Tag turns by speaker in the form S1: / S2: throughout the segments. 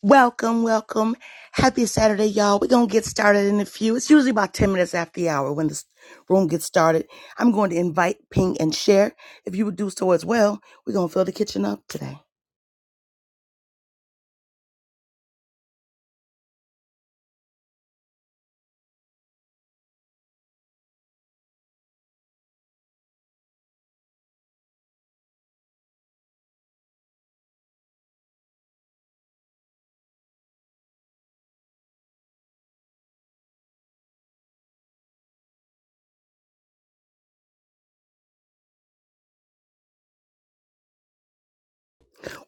S1: Welcome, welcome. Happy Saturday, y'all. We're going to get started in a few. It's usually about 10 minutes after the hour when this room gets started. I'm going to invite, ping, and share. If you would do so as well, we're going to fill the kitchen up today.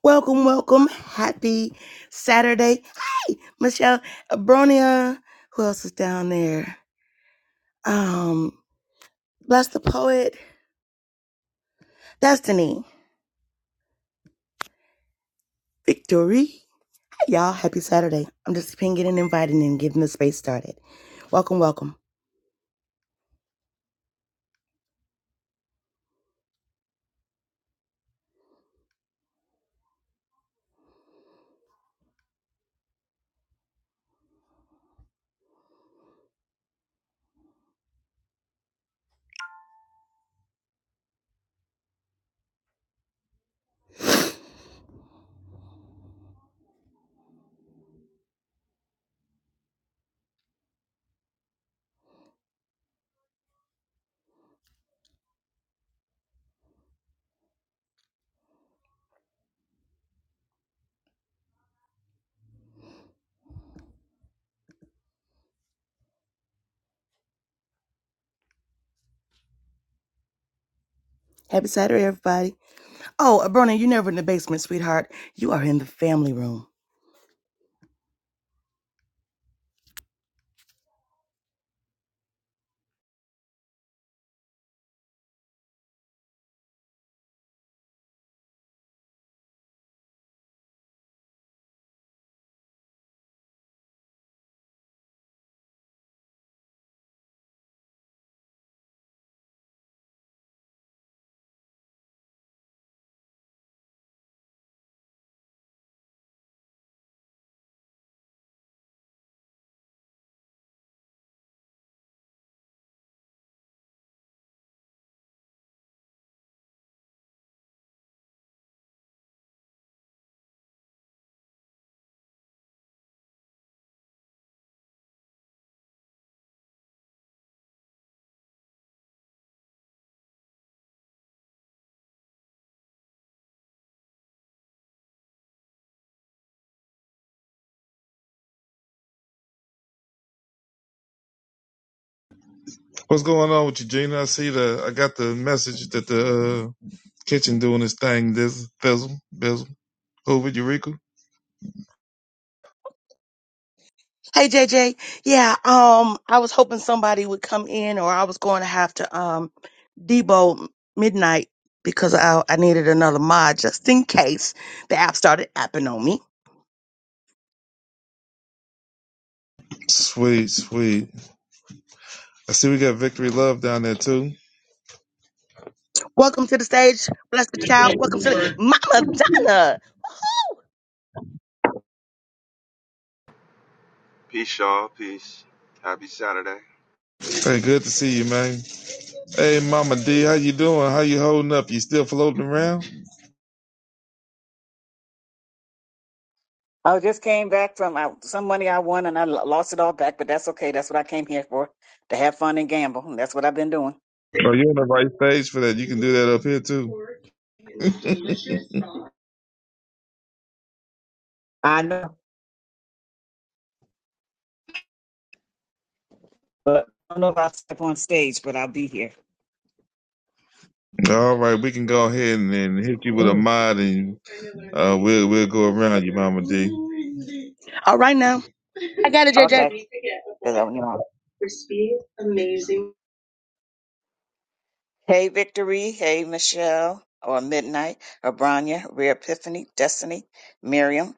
S1: Welcome, welcome. Happy Saturday. Hi, Michelle Abronia. Who else is down there? Um, Bless the Poet, Destiny, Victory. Hi, y'all. Happy Saturday. I'm just pinging and inviting and getting the space started. Welcome, welcome. Happy Saturday, everybody. Oh, Bernie, you're never in the basement, sweetheart. You are in the family room.
S2: What's going on with you, Gina? I see the I got the message that the uh, kitchen doing this thing. This Bizzle, Bizzle, over Eureka.
S1: Hey, JJ. Yeah, um, I was hoping somebody would come in, or I was going to have to um debo midnight because I I needed another mod just in case the app started apping on me.
S2: Sweet, sweet. I see we got Victory Love down there too.
S1: Welcome to the stage, blessed child. Welcome to the Mama Donna.
S3: Peace, y'all. Peace. Happy Saturday.
S2: Hey, good to see you, man. Hey, Mama D, how you doing? How you holding up? You still floating around?
S4: I just came back from I, some money I won and I lo- lost it all back, but that's okay. That's what I came here for to have fun and gamble. And that's what I've been doing.
S2: Oh, you're in the right stage for that. You can do that up here too.
S4: I know, but I don't know if I'll step on stage, but I'll be here.
S2: All right, we can go ahead and, and hit you with a
S4: Mm.
S2: mod, and uh, we'll we'll go around you, Mama D.
S1: All right now, I got it, JJ.
S4: Okay. 'Cause I- you know. Hey, Victory. Hey, Michelle. Or Midnight. Or Branya. Rare Epiphany. Destiny. Miriam.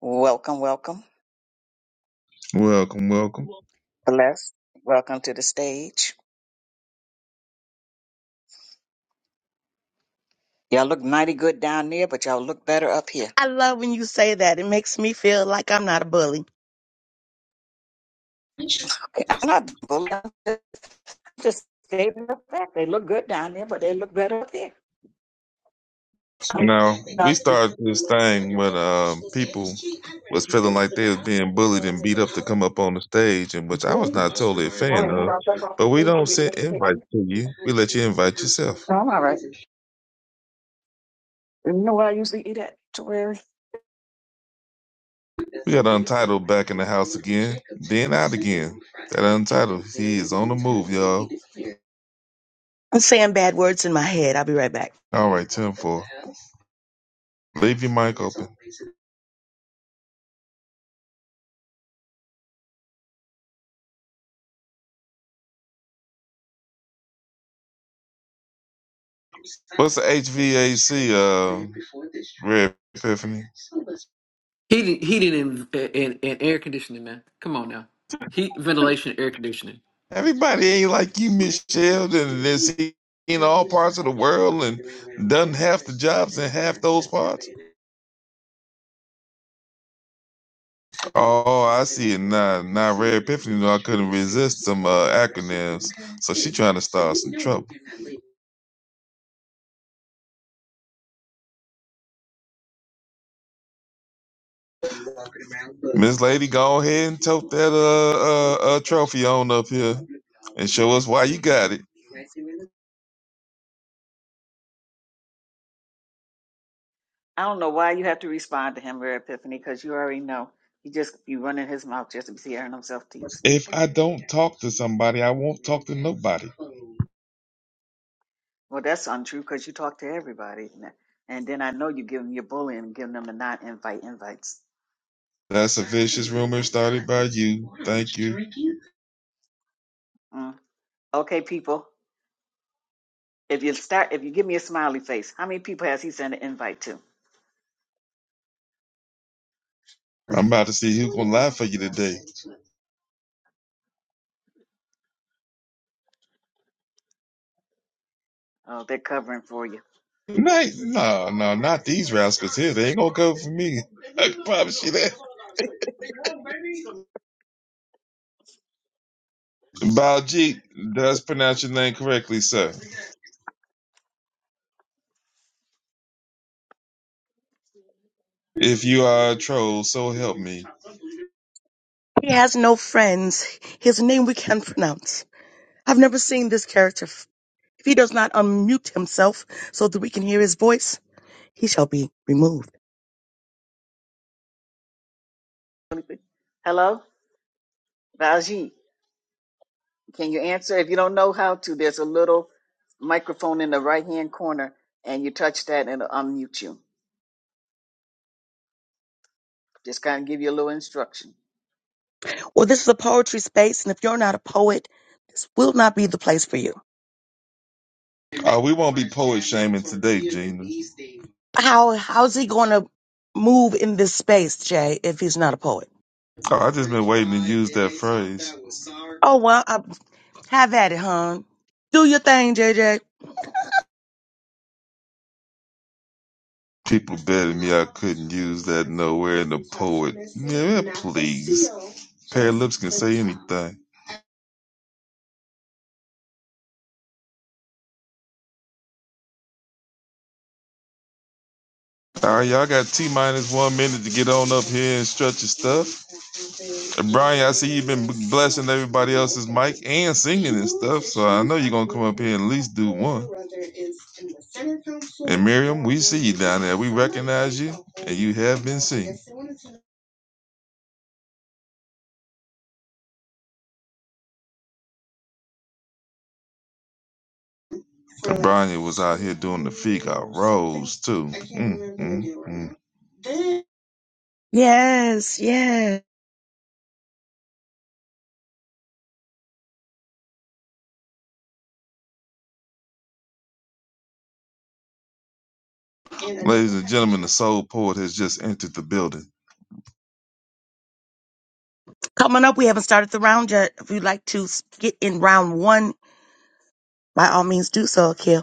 S4: Welcome, welcome.
S2: Welcome, welcome.
S4: Bless. Welcome to the stage. Y'all look mighty good down there, but y'all look better up here.
S1: I love when you say that. It makes me feel like I'm not a bully.
S4: Okay. I'm not bullying. Just statement of fact. They look good down there, but they look better up there.
S2: You
S4: Um, uh,
S2: we started this thing when um, people was feeling like they was being bullied and beat up to come up on the stage, and which I was not totally a fan
S4: right,
S2: of. But we
S4: so
S2: don't send invites to you; we let you invite yourself.
S4: No, I'm all right. You know what I usually eat at, Terry?
S2: We got Untitled back in the house again, then out again. That Untitled, he is on the move, y'all.
S1: I'm saying bad words in my head. I'll be right back.
S2: All right, ten four. Leave your mic open. What's the HVAC? Uh, Red Epiphany.
S5: Heating, heating, and, and, and air conditioning, man. Come on now. Heat, ventilation, air conditioning.
S2: Everybody ain't like you, Michelle, that that's in all parts of the world and done half the jobs in half those parts. Oh, I see it now. Now, Rare Epiphany knew I couldn't resist some uh, acronyms, so she trying to start some trouble. Miss Lady, go ahead and tote that uh, uh, uh trophy on up here and show us why you got it.
S4: I don't know why you have to respond to him, Rare Epiphany, because you already know. He just be running his mouth just to be hearing himself te- speak.
S2: If I don't talk to somebody, I won't talk to nobody.
S4: Well, that's untrue because you talk to everybody. And and then I know you give them your bullying, and giving them the non invite invites.
S2: That's a vicious rumor started by you. Thank you.
S4: Mm. Okay, people. If you start, if you give me a smiley face, how many people has he sent an invite to?
S2: I'm about to see who's gonna lie for you today.
S4: Oh, they're covering for you.
S2: Night, no, no, not these rascals here. They ain't gonna go for me. I can promise you that. Baljeet does pronounce your name correctly, sir. If you are a troll, so help me.
S1: He has no friends. His name we can not pronounce. I've never seen this character. If he does not unmute himself so that we can hear his voice, he shall be removed.
S4: Hello, Valjeet, Can you answer? If you don't know how to, there's a little microphone in the right hand corner, and you touch that, and it'll unmute you. Just kind of give you a little instruction.
S1: Well, this is a poetry space, and if you're not a poet, this will not be the place for you.
S2: Oh, we won't be poet shaming today, Gina.
S1: How how's he going to move in this space, Jay, if he's not a poet?
S2: Oh, I just been waiting to use that phrase.
S1: Oh well, I, have at it, hon. Do your thing, JJ.
S2: People betting me I couldn't use that nowhere in the poet. Yeah, please. Pair of lips can say anything. All right, y'all got T minus one minute to get on up here and stretch your stuff. And Brian, I see you've been blessing everybody else's mic and singing and stuff, so I know you're gonna come up here and at least do one. And Miriam, we see you down there. We recognize you, and you have been seen. And Brian was out here doing the figure rolls too. Mm, mm,
S1: Yes, yes.
S2: mm. Ladies and gentlemen, the soul poet has just entered the building.
S1: Coming up, we haven't started the round yet. If you'd like to get in round one by all means do so, Akil.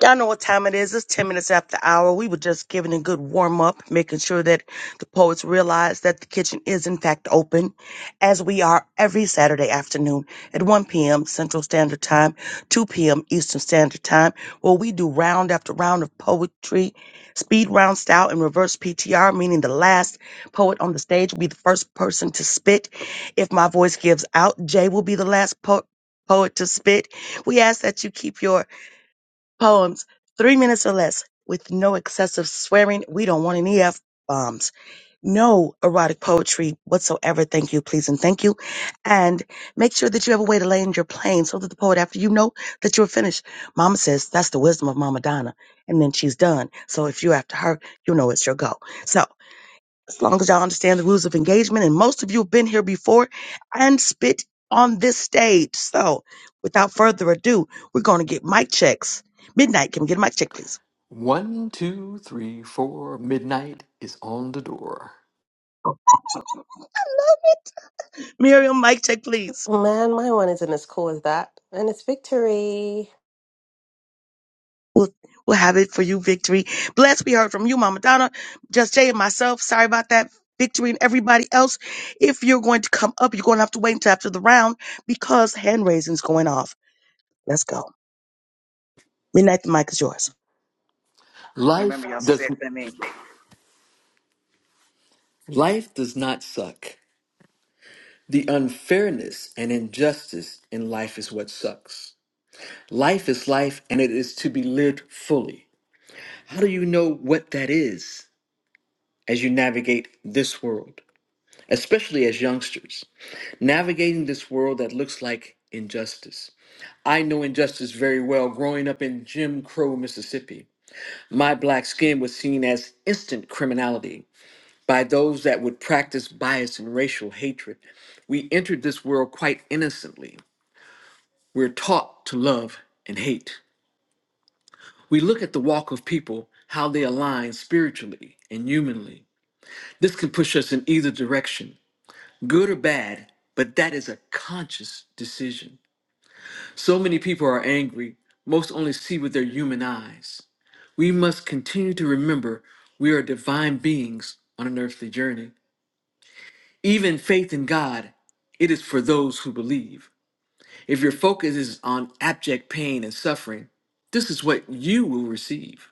S1: Y'all know what time it is. It's 10 minutes after the hour. We were just giving a good warm up, making sure that the poets realize that the kitchen is in fact open as we are every Saturday afternoon at 1 p.m. Central Standard Time, 2 p.m. Eastern Standard Time, where we do round after round of poetry, speed round style and reverse PTR, meaning the last poet on the stage will be the first person to spit. If my voice gives out, Jay will be the last po- poet to spit. We ask that you keep your Poems, three minutes or less, with no excessive swearing. We don't want any F bombs. No erotic poetry whatsoever. Thank you, please, and thank you. And make sure that you have a way to land your plane so that the poet, after you know that you're finished, Mama says, That's the wisdom of Mama Donna. And then she's done. So if you're after her, you know it's your go. So as long as y'all understand the rules of engagement, and most of you have been here before and spit on this stage. So, without further ado, we're going to get mic checks. Midnight, can we get a mic check, please?
S5: One, two, three, four. Midnight is on the door.
S1: Miriam, mic check, please.
S6: Man, my one isn't as cool as that. And it's victory.
S1: We'll, we'll have it for you, Victory. Bless, we heard from you, Mama Donna, Just Jay, and myself. Sorry about that. Victory and everybody else. If you're going to come up, you're going to have to wait until after the round because hand raising's going off. Let's go. Midnight, the mic is yours.
S4: Remember,
S5: Life
S4: y'all
S5: does
S4: said that me.
S5: life does not suck. The unfairness and injustice in life is what sucks. Life is life, and it is to be lived fully. How do you know what that is as you navigate this world, especially as youngsters, navigating this world that looks like injustice? I know injustice very well growing up in Jim Crow, Mississippi. My black skin was seen as instant criminality by those that would practice bias and racial hatred. We entered this world quite innocently. We're taught to love and hate. We look at the walk of people, how they align spiritually and humanly. This can push us in either direction, good or bad, but that is a conscious decision. So many people are angry, most only see with their human eyes. We must continue to remember we are divine beings on an earthly journey. Even faith in God, it is for those who believe. If your focus is on abject pain and suffering, this is what you will receive.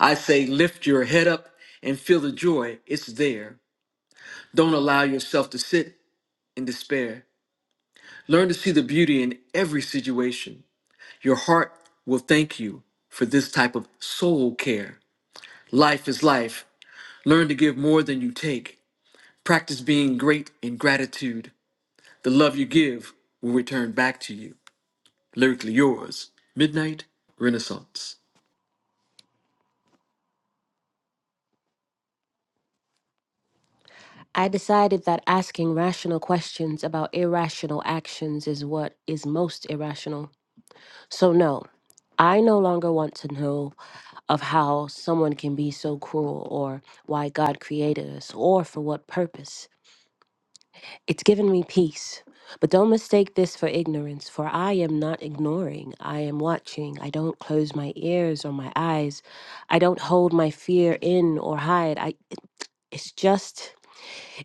S5: I say, lift your head up and feel the joy, it's there. Don't allow yourself to sit in despair. Learn to see the beauty in every situation. Your heart will thank you for this type of soul care. Life is life. Learn to give more than you take. Practice being great in gratitude. The love you give will return back to you. Lyrically yours, Midnight Renaissance.
S6: I decided that asking rational questions about irrational actions is what is most irrational. So, no, I no longer want to know of how someone can be so cruel or why God created us or for what purpose. It's given me peace. But don't mistake this for ignorance, for I am not ignoring. I am watching. I don't close my ears or my eyes. I don't hold my fear in or hide. I. it's just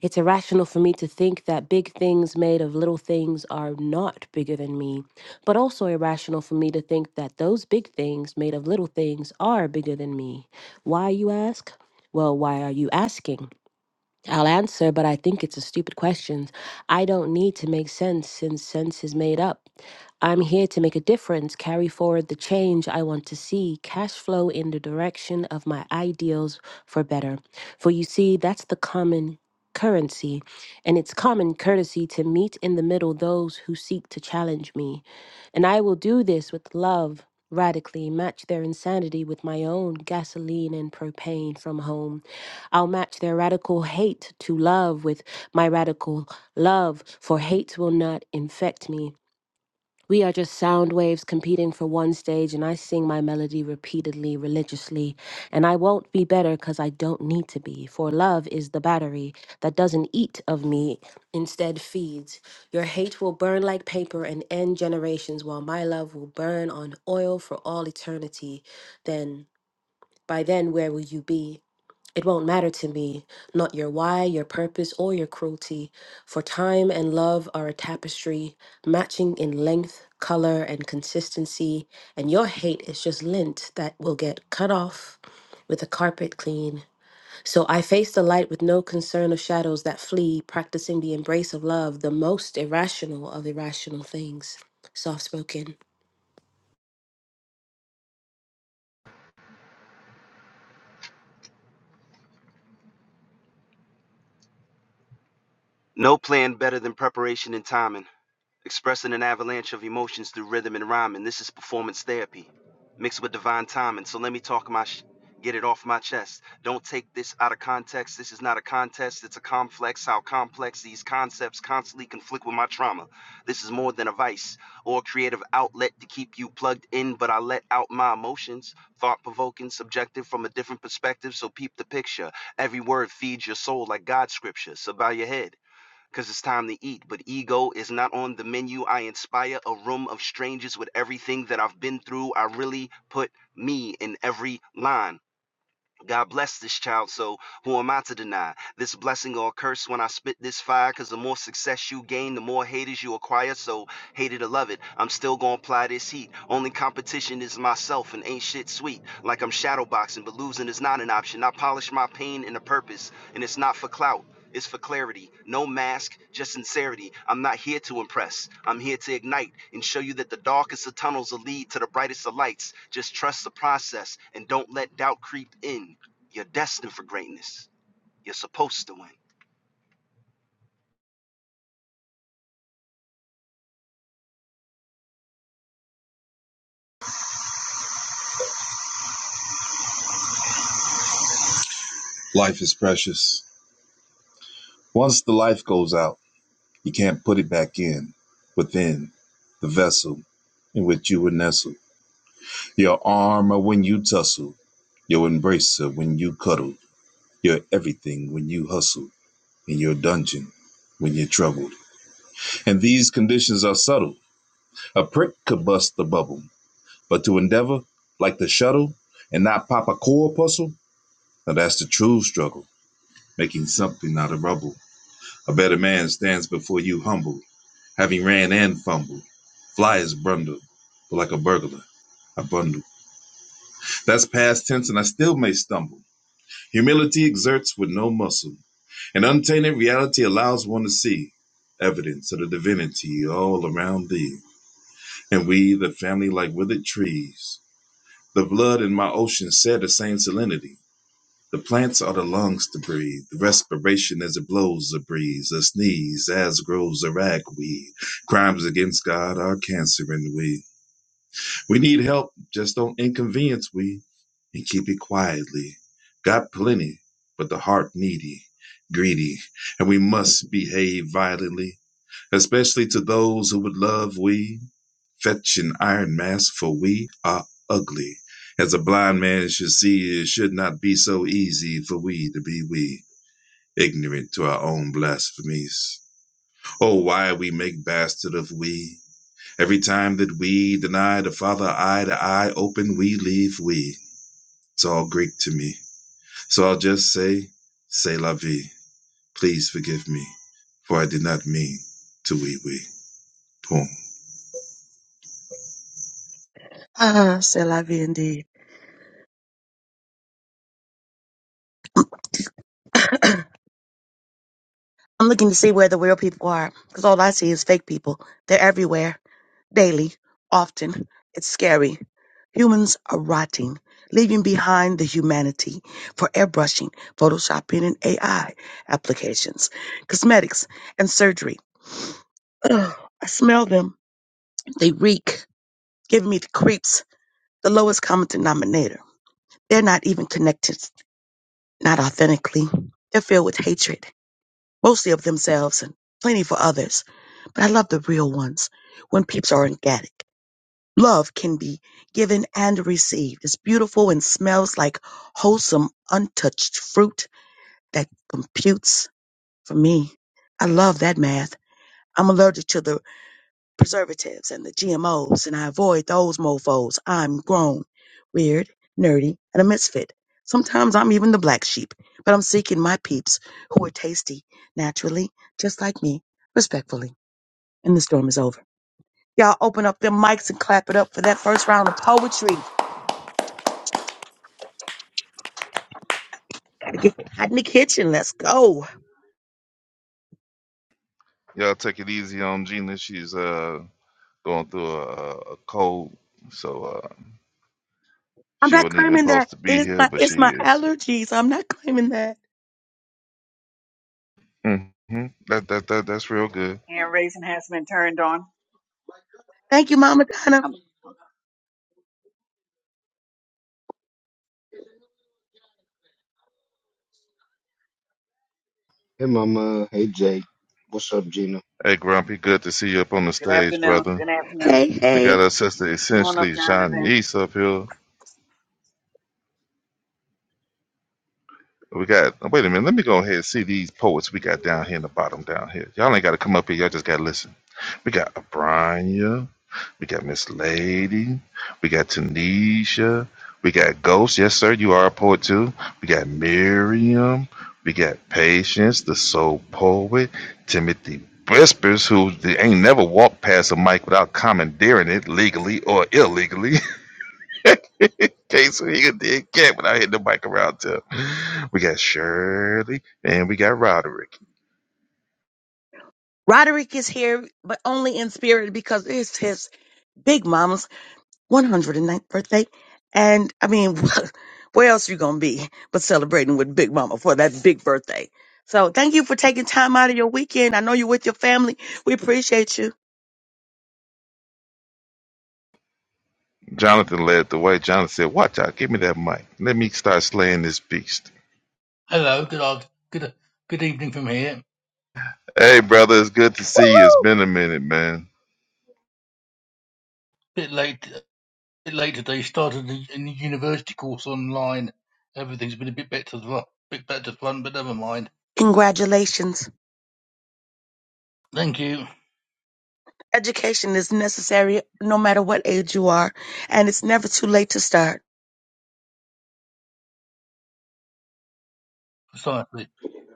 S6: it's irrational for me to think that big things made of little things are not bigger than me but also irrational for me to think that those big things made of little things are bigger than me why you ask well why are you asking I'll answer, but I think it's a stupid question. I don't need to make sense since sense is made up. I'm here to make a difference, carry forward the change I want to see, cash flow in the direction of my ideals for better. For you see, that's the common currency, and it's common courtesy to meet in the middle those who seek to challenge me. And I will do this with love. Radically match their insanity with my own gasoline and propane from home. I'll match their radical hate to love with my radical love, for hate will not infect me. We are just sound waves competing for one stage, and I sing my melody repeatedly, religiously. And I won't be better because I don't need to be, for love is the battery that doesn't eat of me, instead feeds. Your hate will burn like paper and end generations, while my love will burn on oil for all eternity. Then, by then, where will you be? It won't matter to me, not your why, your purpose, or your cruelty, for time and love are a tapestry, matching in length, color, and consistency, and your hate is just lint that will get cut off with a carpet clean. So I face the light with no concern of shadows that flee, practicing the embrace of love, the most irrational of irrational things. Soft spoken.
S3: No plan better than preparation and timing. expressing an avalanche of emotions through rhythm and rhyme, and this is performance therapy mixed with divine timing. So let me talk my sh- get it off my chest. Don't take this out of context. This is not a contest. It's a complex. How complex these concepts constantly conflict with my trauma. This is more than a vice or a creative outlet to keep you plugged in, but I let out my emotions, thought provoking, subjective from a different perspective. So peep the picture. Every word feeds your soul like God's scripture. So bow your head because it's time to eat. But ego is not on the menu. I inspire a room of strangers with everything that I've been through. I really put me in every line. God bless this child, so who am I to deny? This blessing or curse when I spit this fire, cause the more success you gain, the more haters you acquire, so hate it or love it. I'm still gonna apply this heat. Only competition is myself and ain't shit sweet. Like I'm shadowboxing, but losing is not an option. I polish my pain in a purpose, and it's not for clout is for clarity. No mask, just sincerity. I'm not here to impress. I'm here to ignite and show you that the darkest of tunnels will lead to the brightest of lights. Just trust the process and don't let doubt creep in. You're destined for greatness. You're supposed to win.
S2: Life is precious. Once the life goes out. You can't put it back in within the vessel in which you were nestled. Your armor when you tussle, your embracer when you cuddle, your everything when you hustle, in your dungeon when you're troubled. And these conditions are subtle. A prick could bust the bubble, but to endeavor, like the shuttle, and not pop a corpuscle, now that's the true struggle, making something out of rubble. A better man stands before you humble. having ran and fumbled. Fly is brundled, but like a burglar, I bundle. That's past tense, and I still may stumble. Humility exerts with no muscle, and untainted reality allows one to see evidence of the divinity all around thee. And we, the family, like withered trees. The blood in my ocean share the same salinity. The plants are the lungs to breathe, the respiration as it blows a breeze, a sneeze, as grows a ragweed. Crimes against God are cancer and weed. We need help. Just don't inconvenience we and keep it quietly. Got plenty, but the heart needy, greedy, and we must behave violently, especially to those who would love we. Fetch an iron mask, for we are ugly. As a blind man should see, it should not be so easy for we to be we, ignorant to our own blasphemies. Oh, why we make bastard of we? Every time that we deny the Father eye to eye, open we, leave we. It's all Greek to me. So I'll just say, say la vie. Please forgive me, for I did not mean to we we. Boom.
S1: Ah, c'est la vie indeed. I'm looking to see where the real people are because all I see is fake people. They're everywhere, daily, often. It's scary. Humans are rotting, leaving behind the humanity for airbrushing, photoshopping, and AI applications, cosmetics, and surgery. Ugh, I smell them. They reek, giving me the creeps, the lowest common denominator. They're not even connected, not authentically. They're filled with hatred mostly of themselves and plenty for others. But I love the real ones when peeps are organic. Love can be given and received. It's beautiful and smells like wholesome, untouched fruit that computes for me. I love that math. I'm allergic to the preservatives and the GMOs, and I avoid those mofos. I'm grown, weird, nerdy, and a misfit. Sometimes I'm even the black sheep, but I'm seeking my peeps who are tasty, naturally, just like me, respectfully. And the storm is over. Y'all open up their mics and clap it up for that first round of poetry. Gotta get hot in the kitchen. Let's go.
S2: Y'all take it easy on Gina. She's uh going through a, a a cold, so uh
S1: I'm
S2: she
S1: not
S2: wasn't even
S1: claiming that.
S2: supposed to
S1: It
S2: be
S1: is
S2: here,
S1: my
S2: but she
S1: it's my
S2: is.
S1: allergies. I'm not claiming that.
S2: Mm-hmm. That that that that's real good.
S4: Hand raising has been turned on.
S1: Thank you, Mama Donna.
S4: Um,
S7: Hey, Mama. Hey, Jake. What's up, Gina?
S2: Hey Grumpy, good to see you up on the
S4: Good
S2: stage,
S4: afternoon.
S2: brother.
S4: Good afternoon.
S1: Hey,
S2: We
S1: hey.
S2: got our sister
S4: Come on up,
S2: essentially
S4: Jonathan.
S2: Shanice up here. We got. oh, Wait a minute. Let me go ahead and see these poets we got down here in the bottom down here. Y'all ain't got to come up here. Y'all just got to listen. We got Abrania. We got Miss Lady. We got Tanisha. We got Ghost. Yes, sir. You are a poet too. We got Miriam. We got Patience, the soul poet. Timothy Whispers, who they ain't never walked past a mic without commandeering it legally or illegally. Casey so he a dead cat when I hit the mic around tip. We got Shirley and we got Roderick.
S1: Roderick is here, but only in spirit because it's his Big Mama's one hundred and ninth birthday. And I mean, where else you going to be but celebrating with Big Mama for that big birthday? So thank you for taking time out of your weekend. I know you're with your family. We appreciate you.
S2: Jonathan led the way. Jonathan said, Watch out, give me that mic. Let me start slaying this beast.
S8: Hello, good art, good good evening from here.
S2: Hey brother, it's good to
S1: Woo!
S2: see you. It's been a minute, man.
S8: Bit late, bit late today. Started a, a university course online. Everything's been a bit better, a the ru- bit better fun. but never mind.
S1: Congratulations.
S8: Thank you.
S1: Education is necessary no matter what age you are, and it's never too late to start.
S8: Precisely.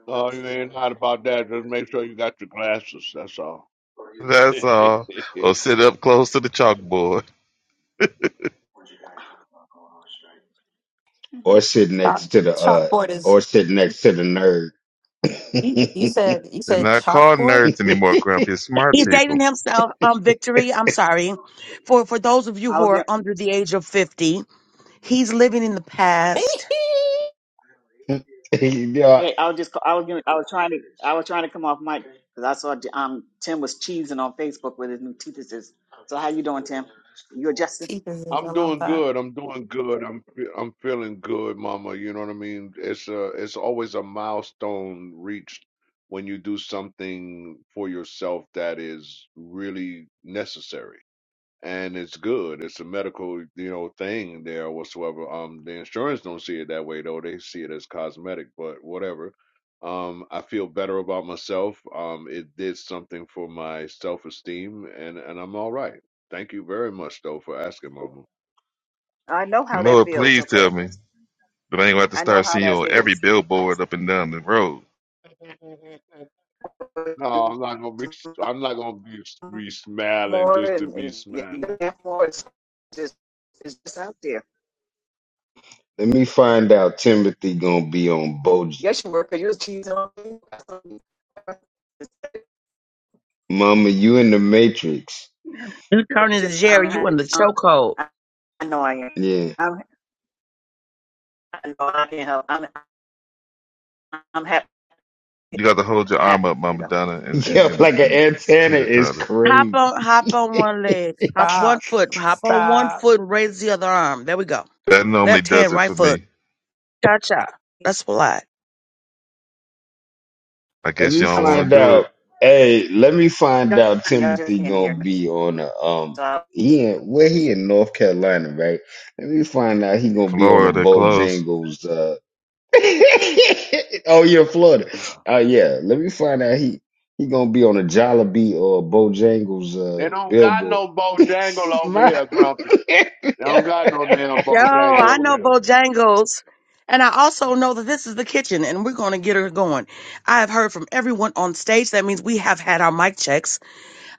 S9: Oh, you ain't hot about that. Just make sure you got your glasses. That's all.
S2: That's all. Or sit up close to the chalkboard.
S7: Or sit next
S6: Chalk-
S7: to the uh,
S6: Chalkboard is
S7: or sit next to the nerd.
S6: you, you said you
S2: They're
S6: said
S2: not called
S6: chalkboard.
S2: nerds anymore, Grumpy. It's smart
S1: He's dating
S2: people.
S1: himself, um, Victory. I'm sorry. For for those of you who
S4: Mhm.
S1: are under the age of 50, he's living in the past.
S7: yeah.
S4: Hey, I was just I was gonna I was trying to I was trying to come off mic because I saw um Tim was cheesing on Facebook with his new teethers. So how you doing, Tim? You adjusting?
S6: Teachers, I
S9: I'm
S6: love
S9: doing
S6: that.
S9: good. I'm doing good. I'm fe- I'm feeling good, Mama. You know what I mean? It's a it's always a milestone reached when you do something for yourself that is really necessary. and it's good. It's a medical, you know, thing there whatsoever. Um, the insurance don't see it that way though. They see it as cosmetic, but whatever. Um, I feel better about myself. Um, it did something for my self esteem, and and I'm all right. Thank you very much though for asking, Mama.
S4: I know how that
S2: Lord,
S4: feels.
S2: please
S4: Okay,
S2: tell me that I ain't gonna have to
S4: I know
S2: start
S4: how
S2: seeing you
S4: that
S2: on every
S4: feels.
S2: billboard up and down the road.
S9: Mhm. No, I'm not gonna be. I'm not gonna be be smiling
S4: More
S9: just to
S4: and
S9: be
S4: and- yeah, you
S9: smiling.
S4: have more. It's just it's just out there.
S7: Let me find
S9: Amen.
S7: out. Timothy gonna be on Boji.
S4: Yes, you were because you're cheesing on me. I saw you.
S7: Mama, you in the Matrix?
S1: You turning
S4: But you
S1: to
S4: know, I'm
S1: Jerry, you in the
S4: ha-
S1: chokehold.
S4: I I know I am.
S7: Yeah.
S4: I'm I know I can't help. I'm I'm happy.
S2: You got to hold your
S4: I'm
S2: arm
S4: happy
S2: up,
S4: for you
S2: Mama
S4: though.
S2: Donna, and and
S7: Yeah,
S2: and,
S7: like an
S2: and
S7: antenna
S2: teeter
S7: is
S2: totter.
S1: Hop
S7: crazy.
S1: on hop on one leg. Hop one
S6: Stop.
S1: foot. Hop on one
S6: Stop.
S1: foot and raise the other arm. There we go.
S2: That normally
S1: Left
S2: does
S1: hand,
S2: it
S1: right
S2: for
S1: foot.
S2: me.
S1: Cha cha. That's a lot.
S2: I
S7: Let
S2: guess
S7: me
S2: y'all
S4: I'm
S2: don't
S4: so
S7: find
S2: want to do it.
S7: out. Hey, let me find
S4: y'all
S7: out.
S4: just
S7: Timothy
S4: can't hear
S7: gonna
S4: me.
S7: be on a um.
S4: So
S7: He in where he in North Carolina, right? Let me find out he gonna be on a
S2: Florida close.
S7: Bojangles. uh, oh, you're in Florida.
S9: Yeah,
S7: Oh yeah. Let me find out he he gonna be on a Jollibee or a Bojangles
S9: they
S7: uh,
S9: don't got
S7: billboard.
S9: no bojangle over
S7: My-
S9: here, Grumpy. They don't got no damn
S1: Yo,
S9: bojangle
S1: I
S9: over
S1: know
S9: here.
S1: Bojangles. And I also know that this is the kitchen and we're gonna get her going. I have heard from everyone on stage. That means we have had our mic checks.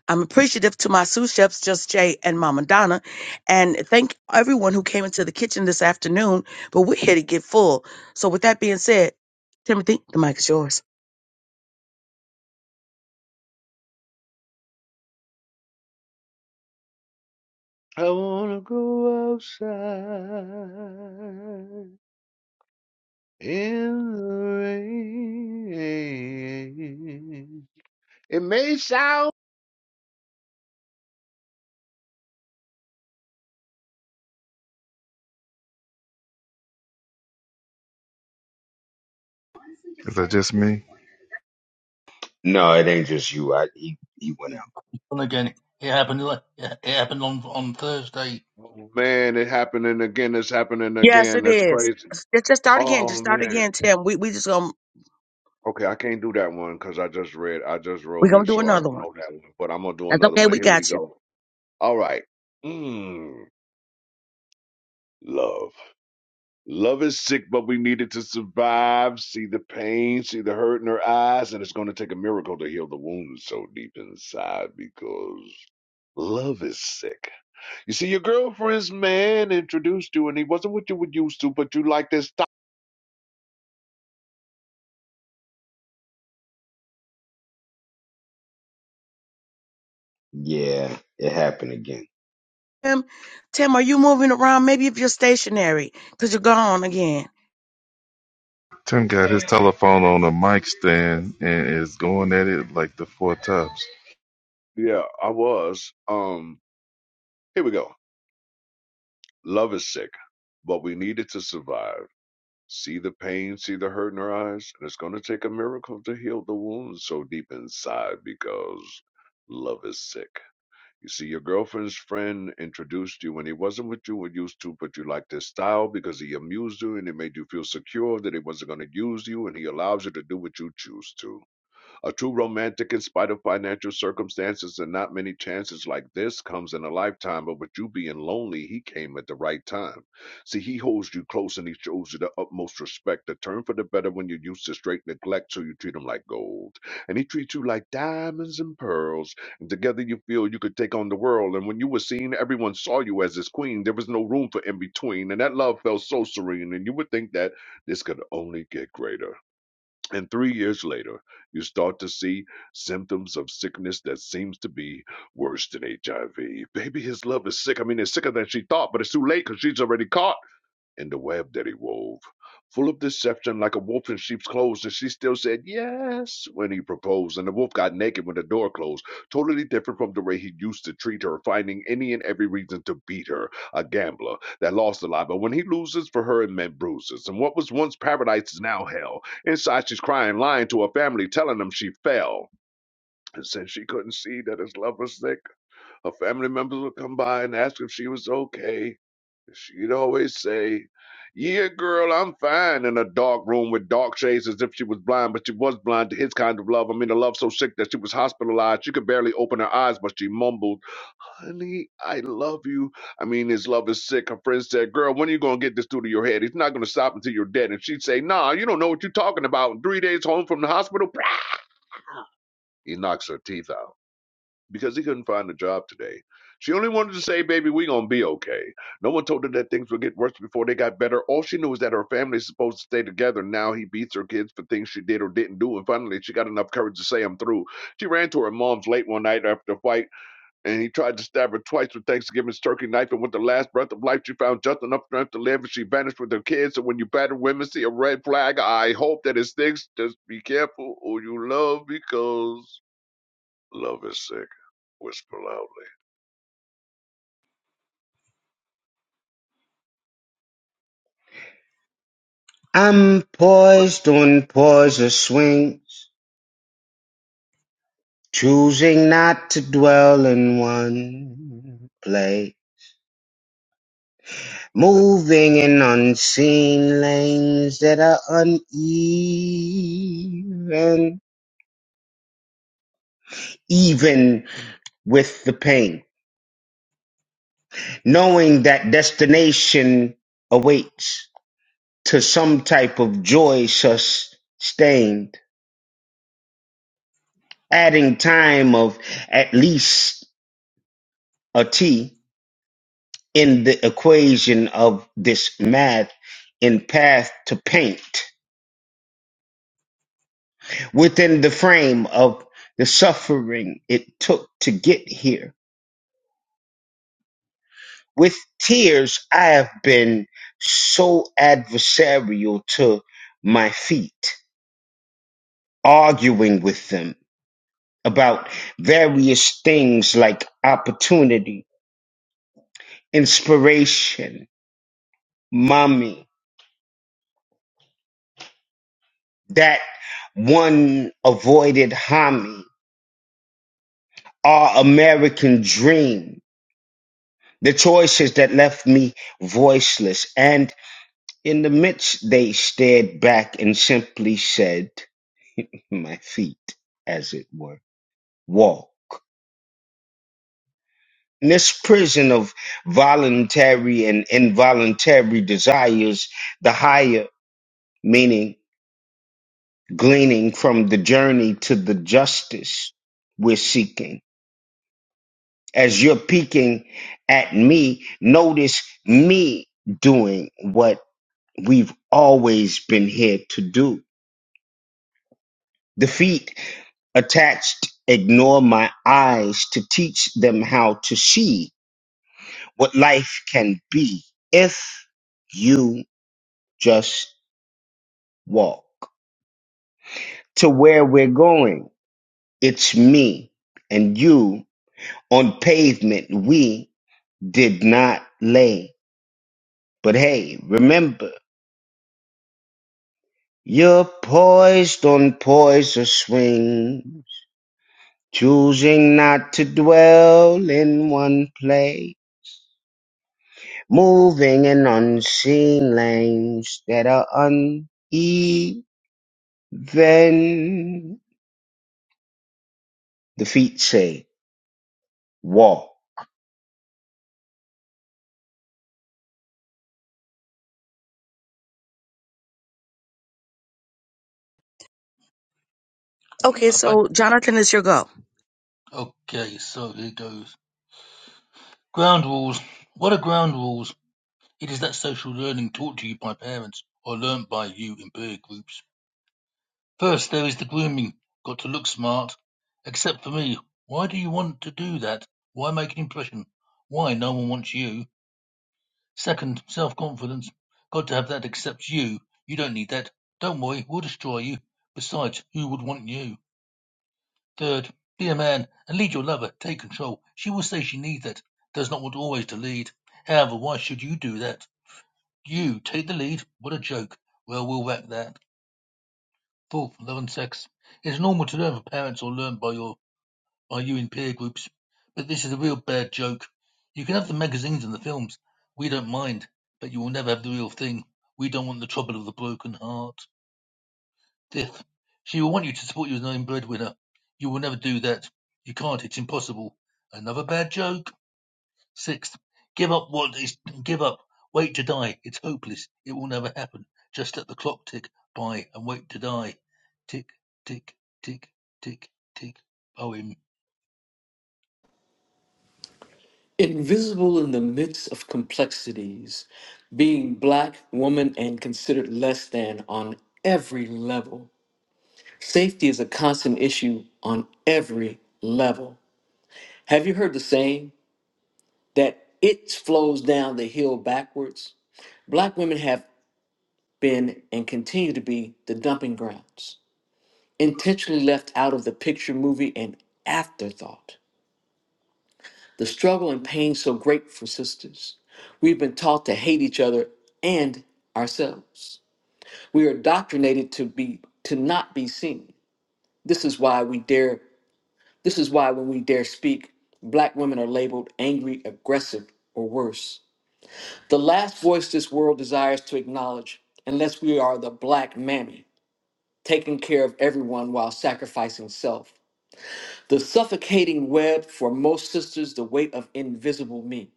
S1: I'm appreciative to my sous chefs, Just Jay and Mama Donna, and thank everyone who came into the kitchen this afternoon. But we're here to get full. So, with that being said, Timothy, the mic is yours.
S9: I wanna go outside in the rain. It may sound,
S2: Is that just me?
S7: no, it ain't just you. I he, he went out.
S8: And again, it happened. li- It it happened on on Thursday.
S9: oh, man, it happening again. It's happening
S1: Yes,
S9: again.
S1: it
S9: That's
S1: is.
S9: crazy.
S1: Just just start again.
S9: Oh
S1: Just start
S9: man.
S1: again, Tim. We we just gonna
S9: Okay, I can't do that one because I just read, I just
S1: we
S9: wrote
S1: gonna
S9: it,
S1: do
S9: so I
S1: another
S9: don't
S1: one.
S9: know that one. But I'm gonna do
S1: That's
S9: another
S1: okay.
S9: one.
S1: We
S9: Here we
S1: got you,
S9: go. All right. Mm, love. Love is sick, but we need it to survive. See the pain, see the hurt in her eyes, and it's going to take a miracle to heal the wound so deep inside because love is sick. You see, your girlfriend's man introduced you, and he wasn't what you were used to, but you like this.
S7: Yeah, it happened again.
S1: Tim. Tim, are you moving around? Maybe if you're stationary, cause you're gone again.
S2: Tim got his telephone on a mic stand and is going at it like the four tops.
S9: Th- yeah, I was. Um, here we go. Love is sick, but we need it to survive. See the pain, see the hurt in her eyes, and it's going to take a miracle to heal the wound so deep inside because love is sick You see, your girlfriend's friend introduced you when he wasn't with you when used to, but you liked his style because he amused you and it made you feel secure that he wasn't going to use you and he allows you to do what you choose to. A true romantic, in spite of financial circumstances and not many chances like this, comes in a lifetime. But with you being lonely, he came at the right time. See, he holds you close and he shows you the utmost respect. A turn for the better when you're used to straight neglect, so you treat him like gold. And he treats you like diamonds and pearls. And together you feel you could take on the world. And when you were seen, everyone saw you as his queen. There was no room for in between. And that love felt so serene. And you would think that this could only get greater. And three years later, you start to see symptoms of sickness that seems to be worse than HIV. Baby, his love is sick. I mean, it's sicker than she thought, but it's too late because she's already caught. In the web that he wove. Full of deception, like a wolf in sheep's clothes, and she still said yes when he proposed. And the wolf got naked when the door closed, totally different from the way he used to treat her, finding any and every reason to beat her. A gambler that lost a lot, but when he loses for her, it meant bruises. And what was once paradise is now hell. Inside, she's crying, lying to her family, telling them she fell. And since she couldn't see that his love was sick, her family members would come by and ask if she was okay She'd always say, Yeah, girl, I'm fine in a dark room with dark shades as if she was blind, but she was blind to his kind of love. I mean, a love so sick that she was hospitalized. She could barely open her eyes, but she mumbled, Honey, I love you. I mean, his love is sick. Her friend said, Girl, when are you going to get this through to your head? He's not going to stop until you're dead. And she'd say, Nah, you don't know what you're talking about. In three days home from the hospital, he knocks her teeth out because he couldn't find a job today. She only wanted to say, baby, we gonna be okay. No one told her that things would get worse before they got better. All she knew was that her family is supposed to stay together. Now he beats her kids for things she did or didn't do, and finally she got enough courage to say I'm through. She ran to her mom's late one night after a fight, and he tried to stab her twice with Thanksgiving's turkey knife, and with the last breath of life, she found just enough strength to live, and she vanished with her kids. So when you batter women see a red flag, I hope that it sticks. Just be careful who you love because love is sick. Whisper loud.
S7: I'm poised on poised swings, choosing not to dwell in one place. Moving in unseen lanes that are uneven, even with the pain, knowing that destination awaits to some type of joy sustained, adding time of at least a T in the equation of this math in path to paint within the frame of the suffering it took to get here with tears I have been so adversarial to my feet, arguing with them about various things like opportunity, inspiration, mommy, that one avoided homie, our American dream. The choices that left me voiceless, and in the midst, they stared back and simply said, My feet, as it were. walk. In this prison of voluntary and involuntary desires, the higher meaning gleaning from the journey to the justice we're seeking. As you're peeking at me, notice me doing what we've always been here to do. The feet attached ignore my eyes to teach them how to see what life can be if you Just walk to where we're going. It's me and you on pavement we did not lay. But hey, remember, you're poised on poised swings, choosing not to dwell in one place, moving in unseen lanes that are uneven. The feet say, walk,
S1: Okay,
S8: Uh, Back,
S1: so Jonathan, it's your go.
S8: okay, so here goes. Ground rules. What are ground rules? It is that social learning taught to you by parents or learnt by you in peer groups. First there is the grooming, got to look smart. Except for me, why do you want to do that? Why make an impression? Why no one wants you? Second, self-confidence, got to have that except you. You don't need that. Don't worry, we'll destroy you. Besides, who would want you? Third, be a man and lead your lover, take control. She will say she needs that, does not want always to lead. However, why should you do that? You take the lead, what a joke. Well, we'll whack that. Fourth, love and sex. It's normal to learn from parents or learn by your Are you in peer groups? But this is a real bad joke. You can have the magazines and the films. We don't mind, but you will never have the real thing. We don't want the trouble of the broken heart. Fifth, she will want you to support you as an own breadwinner. You will never do that. You can't. It's impossible. Another bad joke. Sixth, give up what is give up. Wait to die. It's hopeless. It will never happen. Just let the clock tick by and wait to die. Tick, tick, tick, tick, tick. Poem.
S5: Invisible in the midst of complexities, being black, woman, and considered less than on every level. Safety is a constant issue on every level. Have you heard the saying? that it flows down the hill backwards. Black women have been and continue to be the dumping grounds, intentionally left out of the picture movie and afterthought. The struggle and pain so great for sisters. We've been taught to hate each other and ourselves. We are indoctrinated to be to not be seen. This is why we dare this is why when we dare speak, black women are labeled angry, aggressive, or worse. The last voice this world desires to acknowledge, unless we are the black mammy, taking care of everyone while sacrificing self. The suffocating web for most sisters, the weight of invisible me.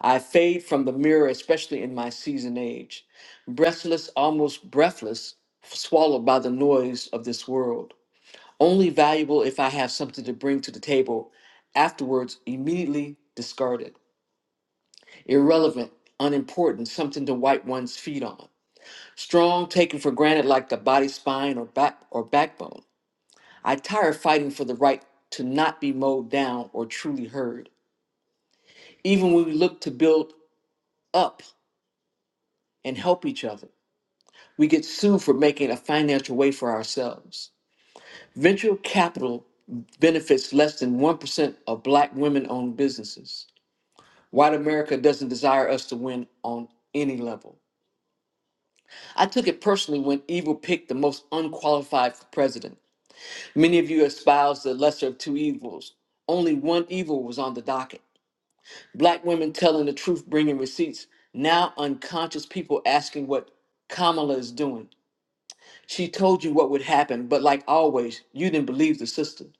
S5: I fade from the mirror, especially in my seasoned age, breathless, almost breathless, swallowed by the noise of this world. Only valuable if I have something to bring to the table, afterwards, immediately discarded. Irrelevant, unimportant, something to wipe one's feet on. strong taken for granted like the body spine or back or backbone i tire fighting for the right to not be mowed down or truly heard even when we look to build up and help each other we get sued for making a financial way for ourselves venture capital benefits less than 1% of black women-owned businesses white america doesn't desire us to win on any level i took it personally when evil picked the most unqualified for president Many of you espouse the lesser of two evils. Only one evil was on the docket. Black women telling the truth, bringing receipts. Now unconscious people asking what Kamala is doing. She told you what would happen, but like always, you didn't believe the system.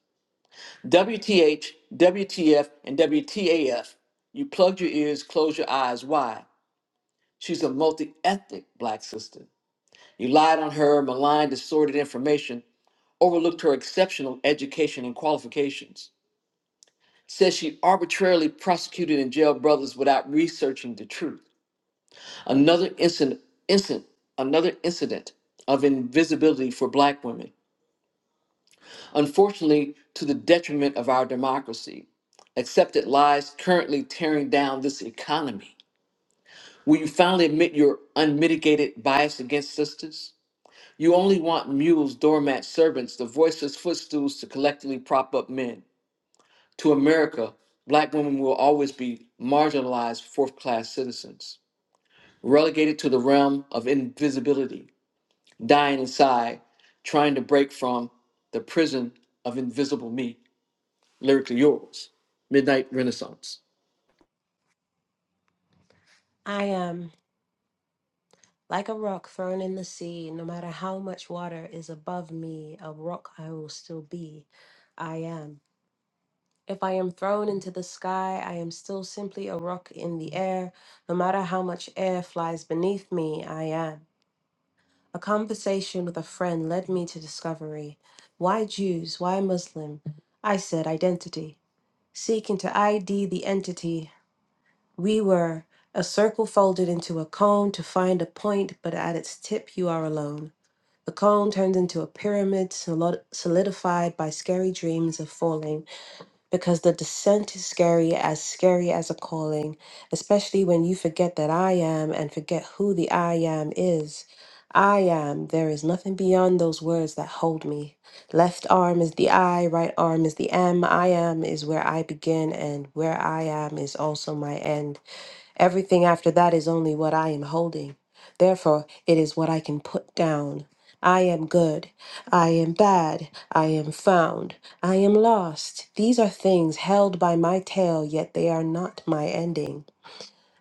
S5: WTH, WTF, and WTAF. You plugged your ears, closed your eyes. Why? She's a multi ethnic black sister. You lied on her, maligned, distorted information, overlooked her exceptional education and qualifications. says she arbitrarily prosecuted and jailed brothers without researching the truth. Another incident, incident, another incident of invisibility for black women, unfortunately to the detriment of our democracy. Accepted lies currently tearing down this economy. Will you finally admit your unmitigated bias against sisters? You only want mules, doormats, servants, the voiceless footstools to collectively prop up men. To America, black women will always be marginalized fourth class citizens, relegated to the realm of invisibility, dying inside, trying to break from the prison of invisible me. Lyrically yours, Midnight Renaissance.
S6: I am like a rock thrown in the sea. No matter how much water is above me, a rock I will still be. I am. If I am thrown into the sky, I am still simply a rock in the air. No matter how much air flies beneath me, I am. A conversation with a friend led me to discovery. Why Jews? Why Muslim? I said identity. Seeking to ID the entity We were a circle folded into a cone to find a point, but at its tip you are alone. The cone turns into a pyramid solo- solidified by scary dreams of falling, because the descent is scary, as scary as a calling, especially when you forget that I am and forget who the I am is. I am, there is nothing beyond those words that hold me. Left arm is the I, right arm is the am. I am is where I begin, and where I am is also my end. Everything after that is only what I am holding. Therefore, it is what I can put down. I am good. I am bad. I am found. I am lost. These are things held by my tail, yet they are not my ending.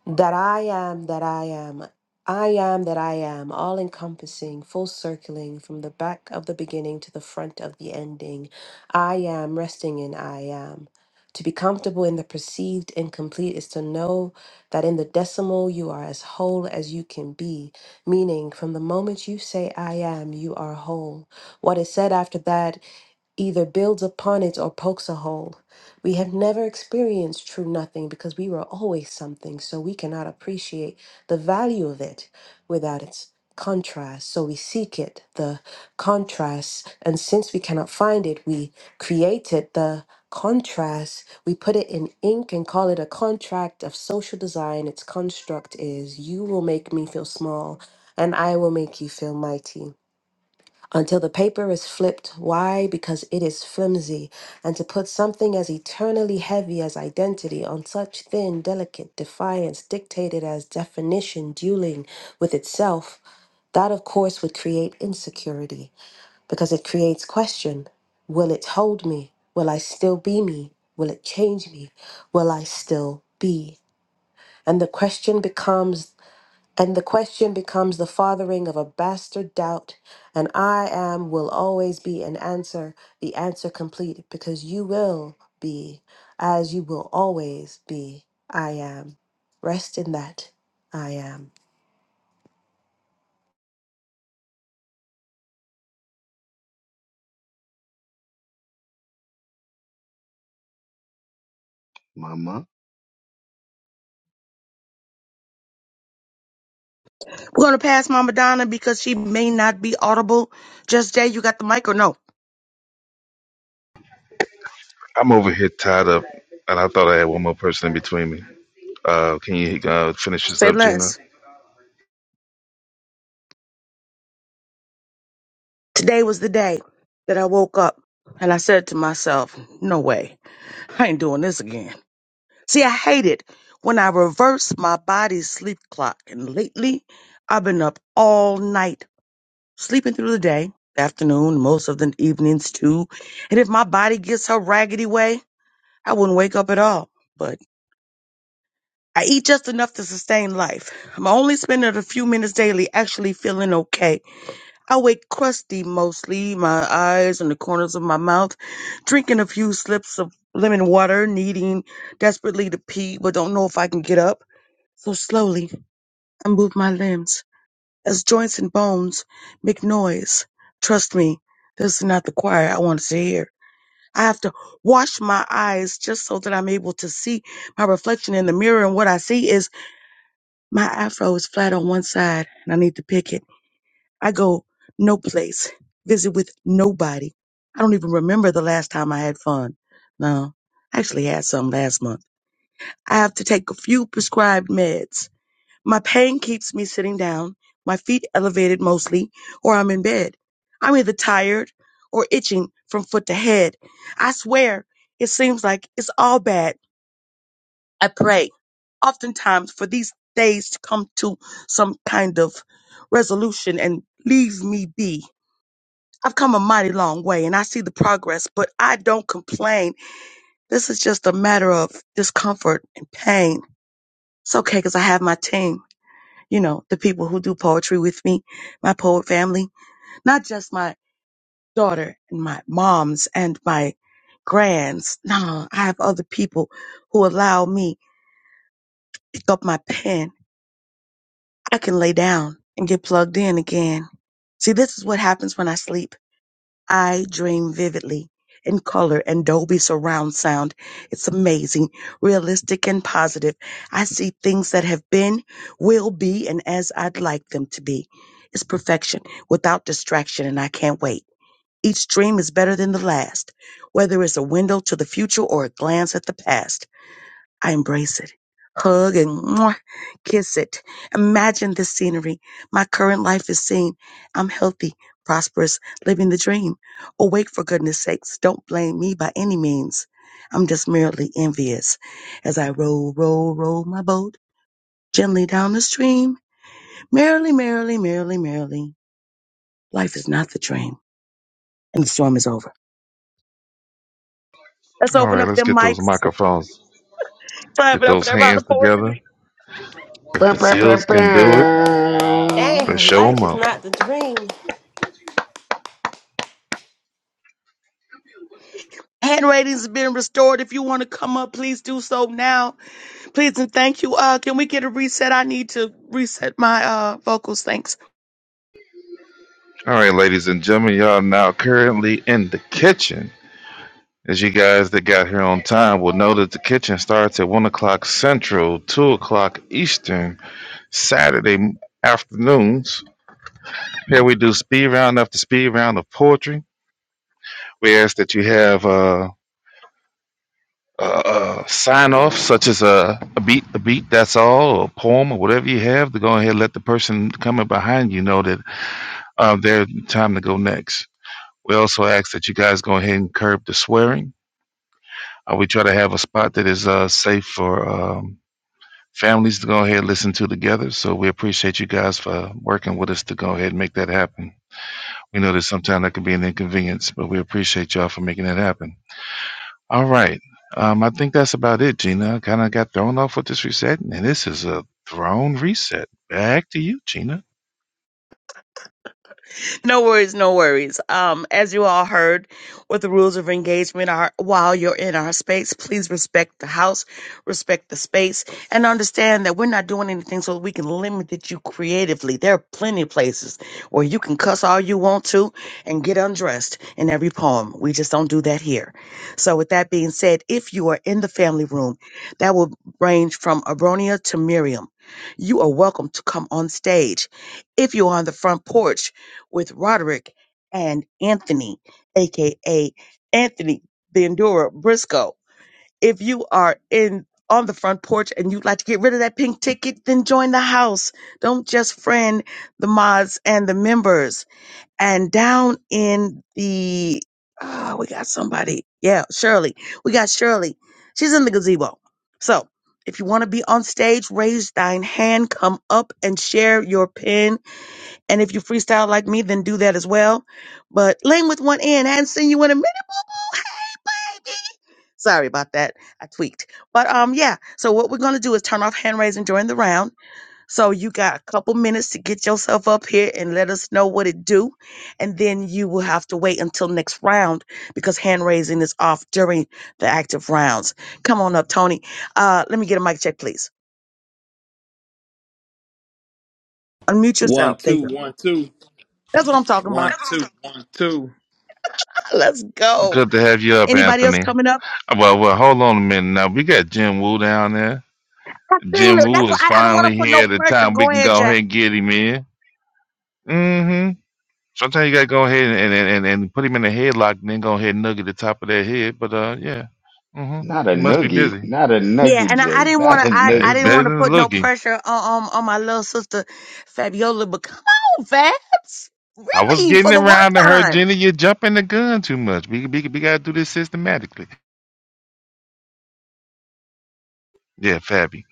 S6: That I am, that I am, I am, that I am, all encompassing, full circling from the back of the beginning to the front of the ending. I am, resting in I am. To be comfortable in the perceived incomplete is to know that in the decimal you are as whole as you can be, meaning from the moment you say I am, you are whole. What is said after that either builds upon it or pokes a hole. We have never experienced true nothing because we were always something, so we cannot appreciate the value of it without its contrast. So we seek it, the contrast, and since we cannot find it, we create it, the contrast. We put it in ink and call it a contract of social design. Its construct is you will make me feel small, and I will make you feel mighty until the paper is flipped. Why? Because it is flimsy. And to put something as eternally heavy as identity on such thin, delicate defiance, dictated as definition, dueling with itself, that of course would create insecurity because it creates question Will it hold me? Will I still be me? Will it change me? Will I still be? And the question becomes and the question becomes the fathering of a bastard doubt. And I am will always be an answer, the answer complete, because you will be as you will always be. I am. Rest in that. I am.
S7: mama.
S1: We're gonna pass Mama Donna because she may not be audible. Just Jay, you got the mic or no?
S2: I'm over here tied up, and I thought I had one more person in between me. Uh, can you uh, finish this
S1: Say
S2: up, Gina?
S1: less. Today was the day that I woke up and I said to myself, no way, I ain't doing this again. See, I hate it when I reverse my body's sleep clock. And lately, I've been up all night, sleeping through the day, afternoon, most of the evenings too. And if my body gets her raggedy way, I wouldn't wake up at all. But I eat just enough to sustain life. I'm only spending a few minutes daily actually feeling okay I wake crusty mostly, my eyes and the corners of my mouth, drinking a few slips of lemon water, needing desperately to pee, but don't know if I can get up. So slowly, I move my limbs as joints and bones make noise. Trust me, this is not the choir I wanted to hear. I have to wash my eyes just so that I'm able to see my reflection in the mirror, and what I see is my afro is flat on one side, and I need to pick it. I go no place, visit with nobody. I don't even remember the last time I had fun. No, I actually had some last month. I have to take a few prescribed meds. My pain keeps me sitting down, my feet elevated mostly, or I'm in bed. I'm either tired or itching from foot to head. I swear, it seems like it's all bad. I pray, oftentimes, for these days to come to some kind of resolution and leave me be. I've come a mighty long way and I see the progress, but I don't complain. This is just a matter of discomfort and pain. It's okay because I have my team, you know, the people who do poetry with me, my poet family, not just my daughter and my moms and my grands. No, I have other people who allow me to pick up my pen. I can lay down and get plugged in again. See, this is what happens when I sleep. I dream vividly in color and Dolby surround sound. It's amazing, realistic and positive. I see things that have been, will be, and as I'd like them to be. It's perfection without distraction and I can't wait. Each dream is better than the last, whether it's a window to the future or a glance at the past. I embrace it. Hug and mwah, kiss it. Imagine this scenery. My current life is seen. I'm healthy, prosperous, living the dream. Awake for goodness sakes. Don't blame me by any means. I'm just merely envious as I roll, roll, roll my boat gently down the stream. Merrily, merrily, merrily, merrily. Life is not the dream. And the storm is over. Let's
S2: All
S1: open
S2: right,
S1: up
S2: let's
S1: them
S2: get those
S1: mics.
S2: microphones.
S1: Clap
S2: Get
S1: it up for
S2: those
S1: that round
S2: hands
S1: of
S2: together.
S1: poetry.
S2: If the
S7: Bam, bam, bam,
S2: seals can do it,
S9: Yeah, nah,
S7: bam.
S2: let's
S6: Damn,
S9: that's
S2: show
S9: it,
S6: life
S2: them
S6: is
S9: man.
S2: up.
S6: not the dream.
S1: Hand ratings have been restored. If you want to come up, please do so now. Please and thank you. Uh, can we get a reset? I need to reset my uh vocals. Thanks.
S2: All right, ladies and gentlemen, y'all now currently in the kitchen As you guys that got here on time will know that the kitchen starts at 1 o'clock Central, 2 o'clock Eastern, Saturday afternoons. Here we do speed round after speed round of poetry. We ask that you have a, a, a sign off, such as a, a beat, a beat, that's all, or a poem, or whatever you have, to go ahead and let the person coming behind you know that uh, are time to go next. We also ask that you guys go ahead and curb the swearing. Uh, we try to have a spot that is uh, safe for. Um, families to go ahead and listen to together. So we appreciate you guys for working with us to go ahead and make that happen. We know that sometimes that can be an inconvenience, but we appreciate y'all for making that happen. All right. Um, I think that's about it, Gina. kind of got thrown off with this reset, and this is a thrown reset. Back to you, Gina.
S1: no worries, no worries. Um, as you all heard, what the rules of engagement are while you're in our space, please respect the house, respect the space, and understand that we're not doing anything so we can limit it you creatively. There are plenty of places where you can cuss all you want to and get undressed in every poem. We just don't do that here. So, with that being said, if you are in the family room, that will range from Abronia to Miriam. You are welcome to come on stage. If you're on the front porch, with Roderick and Anthony, aka Anthony Bandura Briscoe. If you are in on the front porch and you'd like to get rid of that pink ticket, then join the house. Don't just friend the mods and the members. And down in the ah, we got somebody. Yeah, Shirley. We got Shirley. She's in the gazebo. So if you want to be on stage, raise thine hand, come up and share your pin and if you freestyle like me, then do that as well. But Lane with one N, I hadn't seen you in a minute, boo boo. Hey, baby. Sorry about that. I tweaked. But um, yeah. So what we're gonna do is turn off hand raising during the round. So you got a couple minutes to get yourself up here and let us know what it do, and then you will have to wait until next round because hand raising is off during the active rounds. Come on up, Tony. Uh, let me get a mic check, please. Unmute
S10: One,
S1: yourself. There you
S10: two,
S1: go.
S10: one, two,
S1: That's what I'm talking
S10: one,
S1: about.
S10: two, one, two.
S1: Let's go.
S2: Good to have you up,
S1: Anybody else
S2: Anthony.
S1: coming up?
S2: Well, well, hold on a minute. Now we got Jim Wu down there.
S1: I've seen
S2: Jim
S1: it. That's
S2: Woo
S1: why
S2: is
S1: I, I don't want to
S2: finally
S1: put no
S2: here at the
S1: pressure.
S2: time we
S1: Go
S2: can
S1: ahead,
S2: go
S1: Jay.
S2: ahead and get him in. hmm Sometimes you gotta go ahead and, and, and, and put him in a headlock and then go ahead and nugget the top of that head. But uh yeah. hmm
S7: Not a
S2: He must be
S7: noogie.
S2: busy.
S7: Not a
S1: Yeah,
S7: noogie,
S1: and I, I
S7: Jay.
S1: didn't want
S7: Not
S1: to.
S7: a
S1: I,
S2: Uh,
S1: I
S2: It's
S1: didn't
S7: noogie.
S2: better
S1: want to
S2: than
S1: put no
S2: looking.
S1: pressure on, on on my little sister Fabiola. But come on, Fabs,
S2: I was
S1: really for
S2: getting
S1: the one
S2: around to her,
S1: time.
S2: Jenny. You're jumping the gun too much. We, we, we gotta do this systematically. Yeah, Fabby.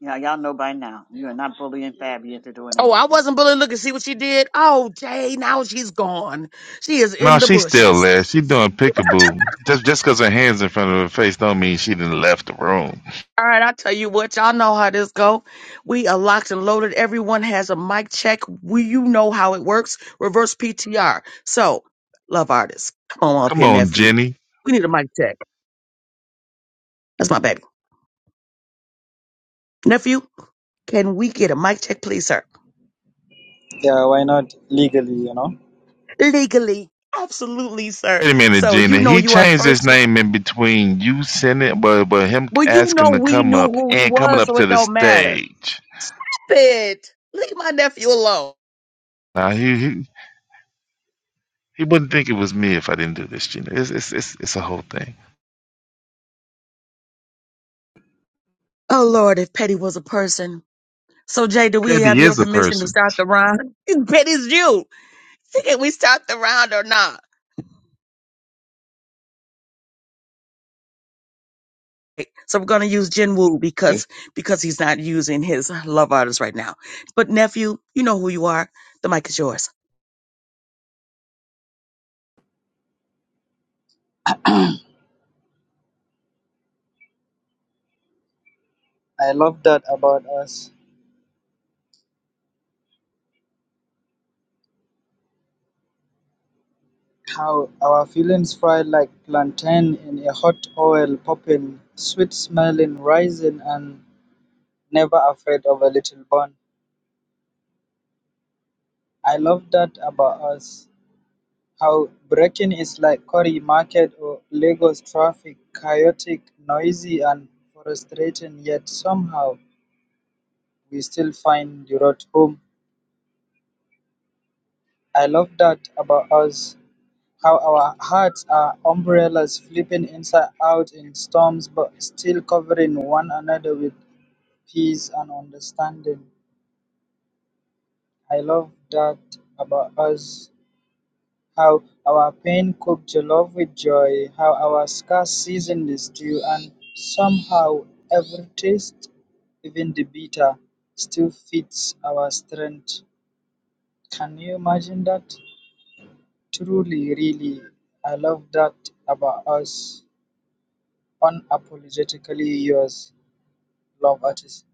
S4: you know, y'all know by now. You are not bullying Fabi into doing
S1: Oh, I
S4: anything.
S1: wasn't bullying. Look and see what she did. Oh, Jay, now she's gone. She is
S2: No,
S1: in the
S2: she's still
S1: bushes.
S2: there. She doing peekaboo. Just just 'cause her hands in front of her face don't mean she didn't left the room.
S1: All right, I tell you what, y'all know how this go. We are locked and loaded. Everyone has a mic check. We, you know how it works. Reverse PTR. So, love artists, come on up
S2: Come
S1: here,
S2: on,
S1: nephew.
S2: Jenny.
S1: We need a mic check. That's my baby. Nephew, can we get a mic check, please, sir?
S11: Yeah, why not legally, you know?
S1: Legally. Absolutely, sir.
S2: Wait a minute,
S1: So you
S2: Gina.
S1: know
S2: He
S1: you are
S2: changed his
S1: first.
S2: name in between you sending, it, but but him
S1: Well, you
S2: asking
S1: know
S2: to
S1: we
S2: come
S1: knew
S2: up
S1: who he
S2: and coming
S1: was,
S2: up
S1: so
S2: to
S1: it
S2: the
S1: don't matter.
S2: stage.
S1: But leave my nephew alone.
S2: Now he he, he wouldn't think it was me if I didn't do this, Gina. It's it's it's, it's a whole thing.
S1: Oh Lord, if Petty was a person. So Jay, do we
S2: Petty
S1: have your
S2: is a
S1: permission to
S2: person.
S1: start the round? Petty's you. Can we start the round or not? Okay, So we're gonna use Jin Woo
S7: It's
S1: because because he's not using his love artist right now. But nephew, you know who you are. The mic is yours.
S11: I love that about us. How our feelings fry like plantain in a hot oil, popping, sweet smelling, rising, and never afraid of a little burn. I love that about us. How breaking is like Cory Market or Lagos traffic, chaotic, noisy, and frustrating, yet somehow we still find the road home. I love that about us. How our hearts are umbrellas flipping inside out in storms but still covering one another with peace and understanding. I love that about us. How our pain cooked jollof with joy, how our scars season the stew, and somehow every taste, even the bitter, still fits our strength. Can you imagine that? Truly, really, I love that about us. Unapologetically Yours, Love Artist.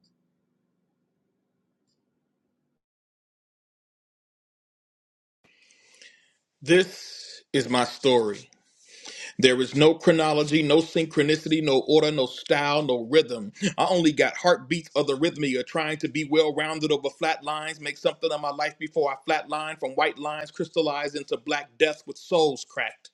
S10: This is my story. There is no chronology, no synchronicity, no order, no style, no rhythm. I only got heartbeats of the rhythmia, trying to be well rounded over flat lines, make something of my life before I flatline from white lines crystallized into black death with souls cracked.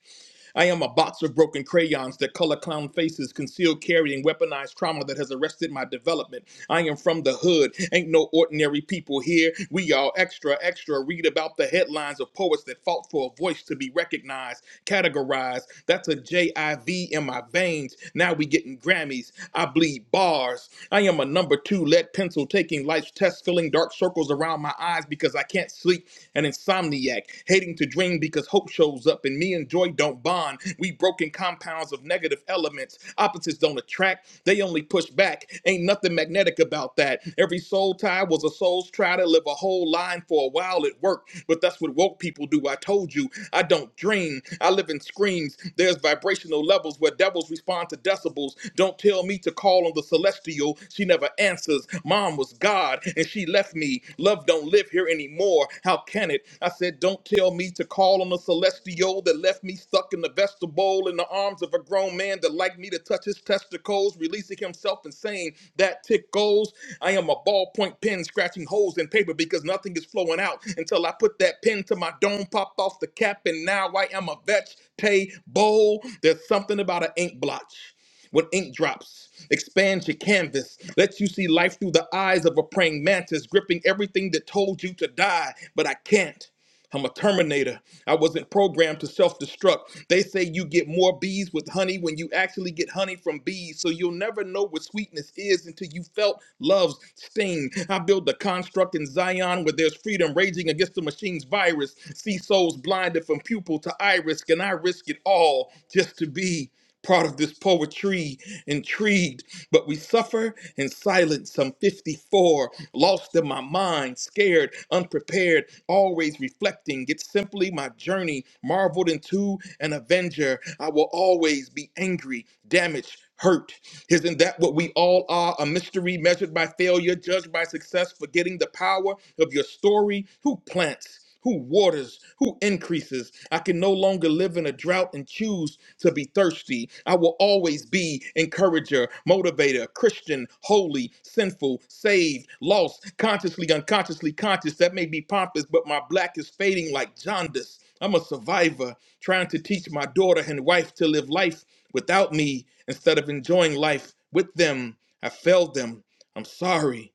S10: I am a box of broken crayons that color clown faces, concealed carrying weaponized trauma that has arrested my development. I am from the hood. Ain't no ordinary people here. We all extra, extra. Read about the headlines of poets that fought for a voice to be recognized, categorized. That's a J I V in my veins. Now we getting Grammys. I bleed bars. I am a number two lead pencil taking life's test, filling dark circles around my eyes because I can't sleep. An insomniac, hating to dream because hope shows up up, and me and joy don't bond. We broken compounds of negative elements. Opposites don't attract, they only push back. Ain't nothing magnetic about that. Every soul tie was a soul's try to live a whole line for a while It worked, but that's what woke people do. I told you, I don't dream. I live in screams. There's vibrational levels where devils respond to decibels. Don't tell me to call on the celestial. She never answers. Mom was God, and she left me. Love don't live here anymore. How can it? I said, don't tell me to to call on a celestial that left me stuck in the vegetable in the arms of a grown man that liked me to touch his testicles, releasing himself and saying, That tickles. I am a ballpoint pen scratching holes in paper because nothing is flowing out until I put that pen to my dome, popped off the cap, and now I am a vegetable. There's something about an ink blotch when ink drops. Expands your canvas, lets you see life through the eyes of a praying mantis, gripping everything that told you to die, but I can't. I'm a terminator. I wasn't programmed to self destruct. They say you get more bees with honey when you actually get honey from bees. So you'll never know what sweetness is until you felt love's sting. I build a construct in Zion where there's freedom raging against the machine's virus. See souls blinded from pupil to iris. Can I risk it all just to be? Part of this poetry, intrigued, but we suffer in silence. Some 54, lost in my mind, scared, unprepared, always reflecting. It's simply my journey, marveled into an avenger. I will always be angry, damaged, hurt. Isn't that what we all are? A mystery measured by failure, judged by success, forgetting the power of your story. Who plants? who waters, who increases. I can no longer live in a drought and choose to be thirsty. I will always be encourager, motivator, Christian, holy, sinful, saved, lost, consciously, unconsciously conscious. That may be pompous, but my black is fading like jaundice. I'm a survivor trying to teach my daughter and wife to live life without me instead of enjoying life with them. I failed them. I'm sorry.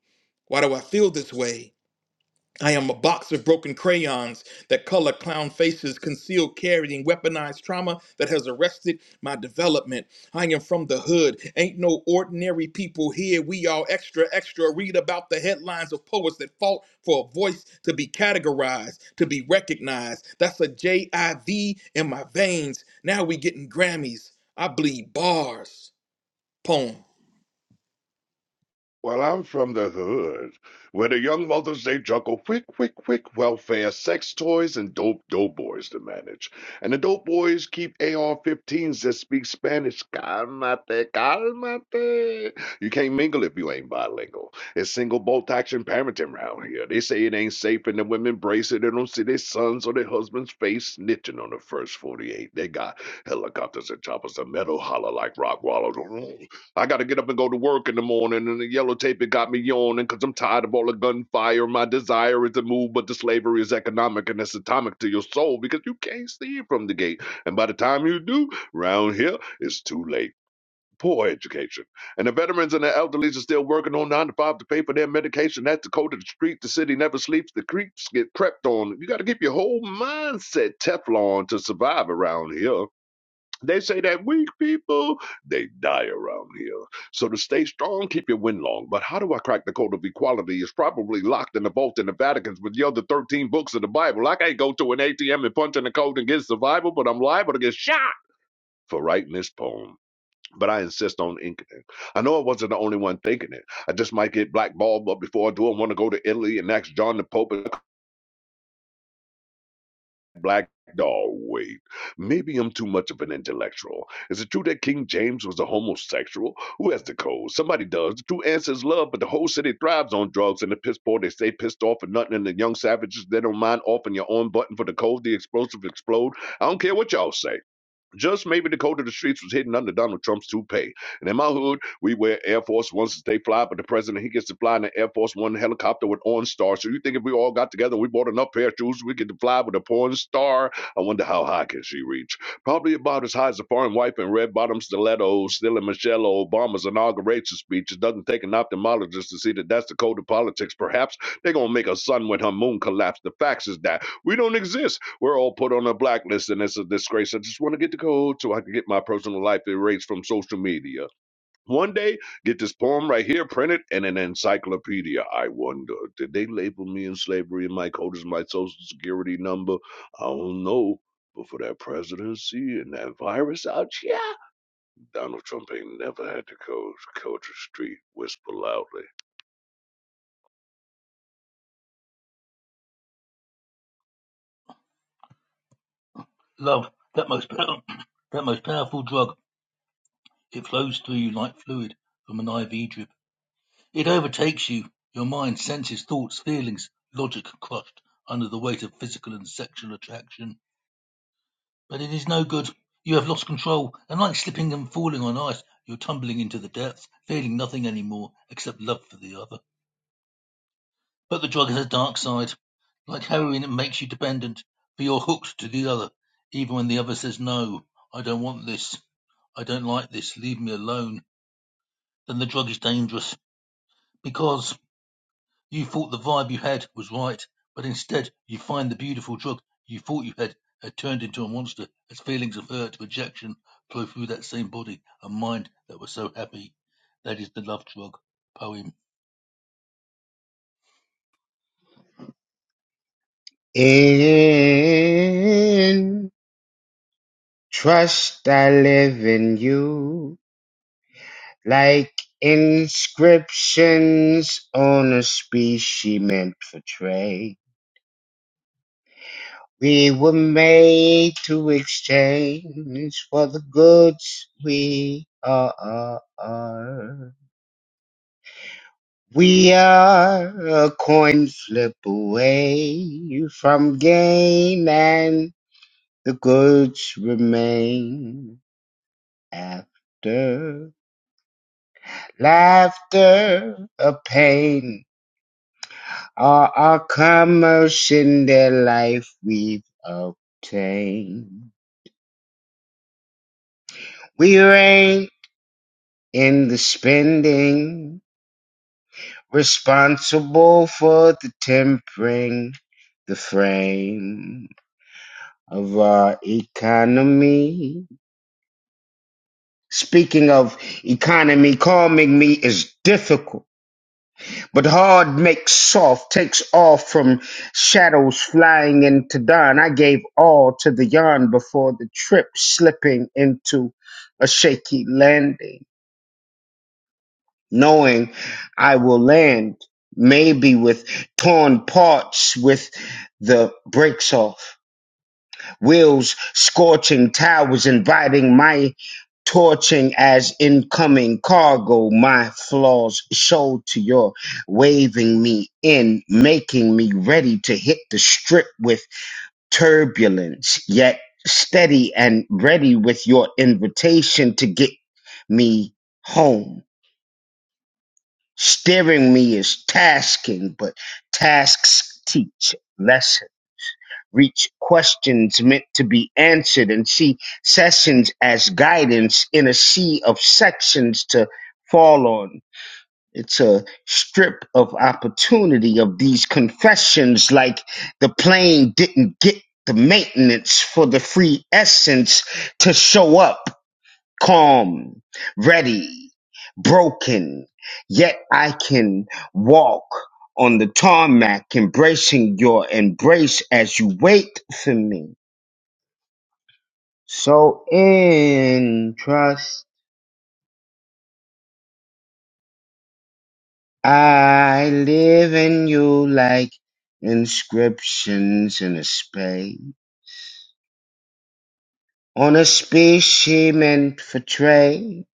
S10: Why do I feel this way? I am a box of broken crayons that color clown faces, concealed carrying weaponized trauma that has arrested my development. I am from the hood. Ain't no ordinary people here. We all extra, extra. Read about the headlines of poets that fought for a voice to be categorized, to be recognized. That's a J I V in my veins. Now we getting Grammys. I bleed bars. Poem.
S9: Well, I'm from the hood, where the young mothers they juggle quick, quick, quick welfare, sex toys, and dope dope boys to manage. And the dope boys keep AR-15s that speak Spanish. Calmate, calmate. You can't mingle if you ain't bilingual. It's single bolt action parenting round here. They say it ain't safe, and the women brace it. They don't see their sons or their husbands' face snitching on the first 48. They got helicopters and choppers of metal holler like rock wallows. I got to get up and go to work in the morning, and the yellow tape it got me yawning because I'm tired of all the gunfire. My desire is to move, but the slavery is economic and it's atomic to your soul because you can't see it from the gate. And by the time you do, round here, it's too late. Poor education. And the veterans and the elderly are still working on nine to five to pay for their medication. That's the code of the street. The city never sleeps. The creeps get crept on. You got to keep your whole mindset Teflon to survive around here. They say that weak people, they die around here. So to stay strong, keep your wind long. But how do I crack the code of equality? It's probably locked in the vault in the Vatican with the other 13 books of the Bible. I can't go to an ATM and punch in the code and get survival, but I'm liable to get shot for writing this poem. But I insist on inking it. I know I wasn't the only one thinking it. I just might get blackballed, but before I do, I want to go to Italy and ask John the Pope black dog wait maybe i'm too much of an intellectual is it true that king james was a homosexual who has the code somebody does the true answer is love but the whole city thrives on drugs and the piss poor they stay pissed off and nothing and the young savages they don't mind offing your own button for the code the explosive explode i don't care what y'all say just maybe the code of the streets was hidden under Donald Trump's toupee. And in my hood, we wear Air Force Ones to stay fly, but the president, he gets to fly in an Air Force One helicopter with OnStar. So you think if we all got together and we bought enough pair of shoes, we get to fly with a porn star? I wonder how high can she reach? Probably about as high as a foreign wife in red bottom stilettos, stealing Michelle Obama's inauguration speech. It doesn't take an ophthalmologist to see that that's the code of politics. Perhaps they're going to make a sun when her moon collapsed. The facts is that we don't exist. We're all put on a blacklist, and it's a disgrace. I just want to get the code so I can get my personal life erased from social media. One day, get this poem right here printed in an encyclopedia. I wonder, did they label me in slavery and my code is my social security number? I don't know. But for that presidency and that virus out, yeah, Donald Trump ain't never had to code. Culture Street whisper loudly.
S8: Love, that most pow- that most powerful drug. It flows through you like fluid from an IV drip. It overtakes you. Your mind, senses, thoughts, feelings, logic crushed under the weight of physical and sexual attraction. But it is no good. You have lost control, and like slipping and falling on ice, you're tumbling into the depths, feeling nothing anymore except love for the other. But the drug has a dark side. Like heroin, it makes you dependent, but you're hooked to the other, even when the other says, No, I don't want this. I don't like this. Leave me alone. Then the drug is dangerous because you thought the vibe you had was right, but instead you find the beautiful drug you thought you had had turned into a monster as feelings of hurt, rejection flow through that same body and mind that were so happy. That is the love drug. Poem.
S7: in trust I live in you. Like inscriptions on a species meant for trade. We were made to exchange for the goods we are. We are a coin flip away from gain, and the goods remain after laughter or pain are our commerce in the life we've obtained. We reign in the spending, responsible for the tempering, the frame. of uh, economy. Speaking of economy, calming me is difficult, but hard makes soft, takes off from shadows flying into dawn. I gave all to the yarn before the trip, slipping into a shaky landing, knowing I will land maybe with torn parts with the brakes off. wheels scorching towers, inviting my torching as incoming cargo. My flaws show to your waving me in, making me ready to hit the strip with turbulence, yet steady and ready with your invitation to get me home. Steering me is tasking, but tasks teach lessons reach questions meant to be answered and see sessions as guidance in a sea of sections to fall on. It's a strip of opportunity of these confessions, like the plane didn't get the maintenance for the free essence to show up calm, ready, broken, yet I can walk on the tarmac, embracing your embrace as you wait for me. So in trust, I live in you like inscriptions in a space. On a species meant for trade,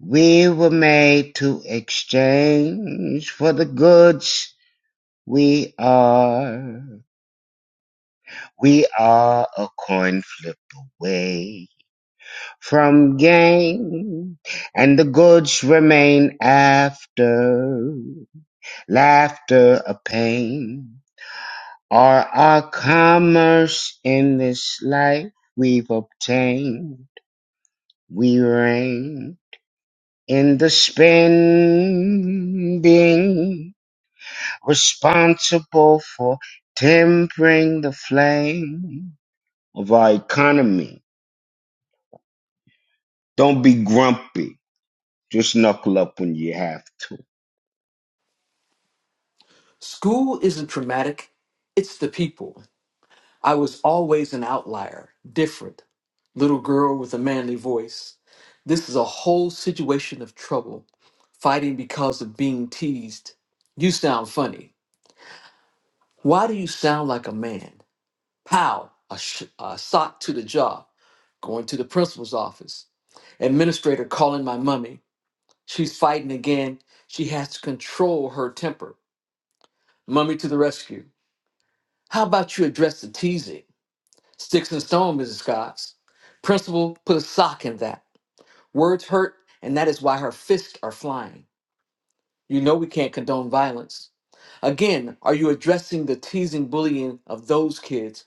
S7: we were made to exchange for the goods we are. We are a coin flip away from gain, and the goods remain after laughter or pain. Are our commerce in this life we've obtained? We reign in the spin, being responsible for tempering the flame of our economy Don't be grumpy. Just knuckle up when you have to.
S5: School isn't traumatic, it's the people. I was always an outlier, different, little girl with a manly voice. This is a whole situation of trouble, fighting because of being teased. You sound funny. Why do you sound like a man? Pow, a, sh- a sock to the jaw, going to the principal's office. Administrator calling my mummy. She's fighting again. She has to control her temper. Mummy to the rescue. How about you address the teasing? Sticks and stone, Mrs. Cox. Principal, put a sock in that. Words hurt, and that is why her fists are flying. You know we can't condone violence. Again, are you addressing the teasing, bullying of those kids?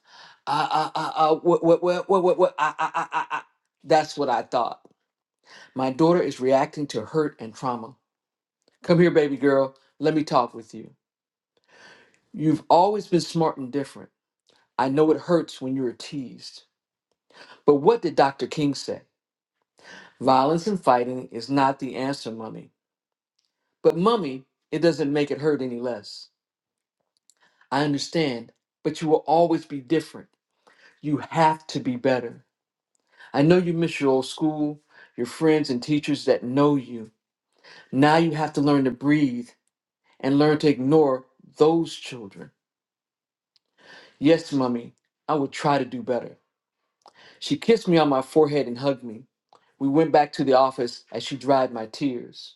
S5: I, I, I, I, what, what, what, what, what, what, I, I, I, I, I. That's what I thought. My daughter is reacting to hurt and trauma. Come here, baby girl. Let me talk with you. You've always been smart and different. I know it hurts when you're teased. But what did Dr. King say? Violence and fighting is not the answer, mummy. But, mummy, it doesn't make it hurt any less. I understand, but you will always be different. You have to be better. I know you miss your old school, your friends and teachers that know you. Now you have to learn to breathe and learn to ignore those children. Yes, Mummy, I will try to do better. She kissed me on my forehead and hugged me. We went back to the office as she dried my tears.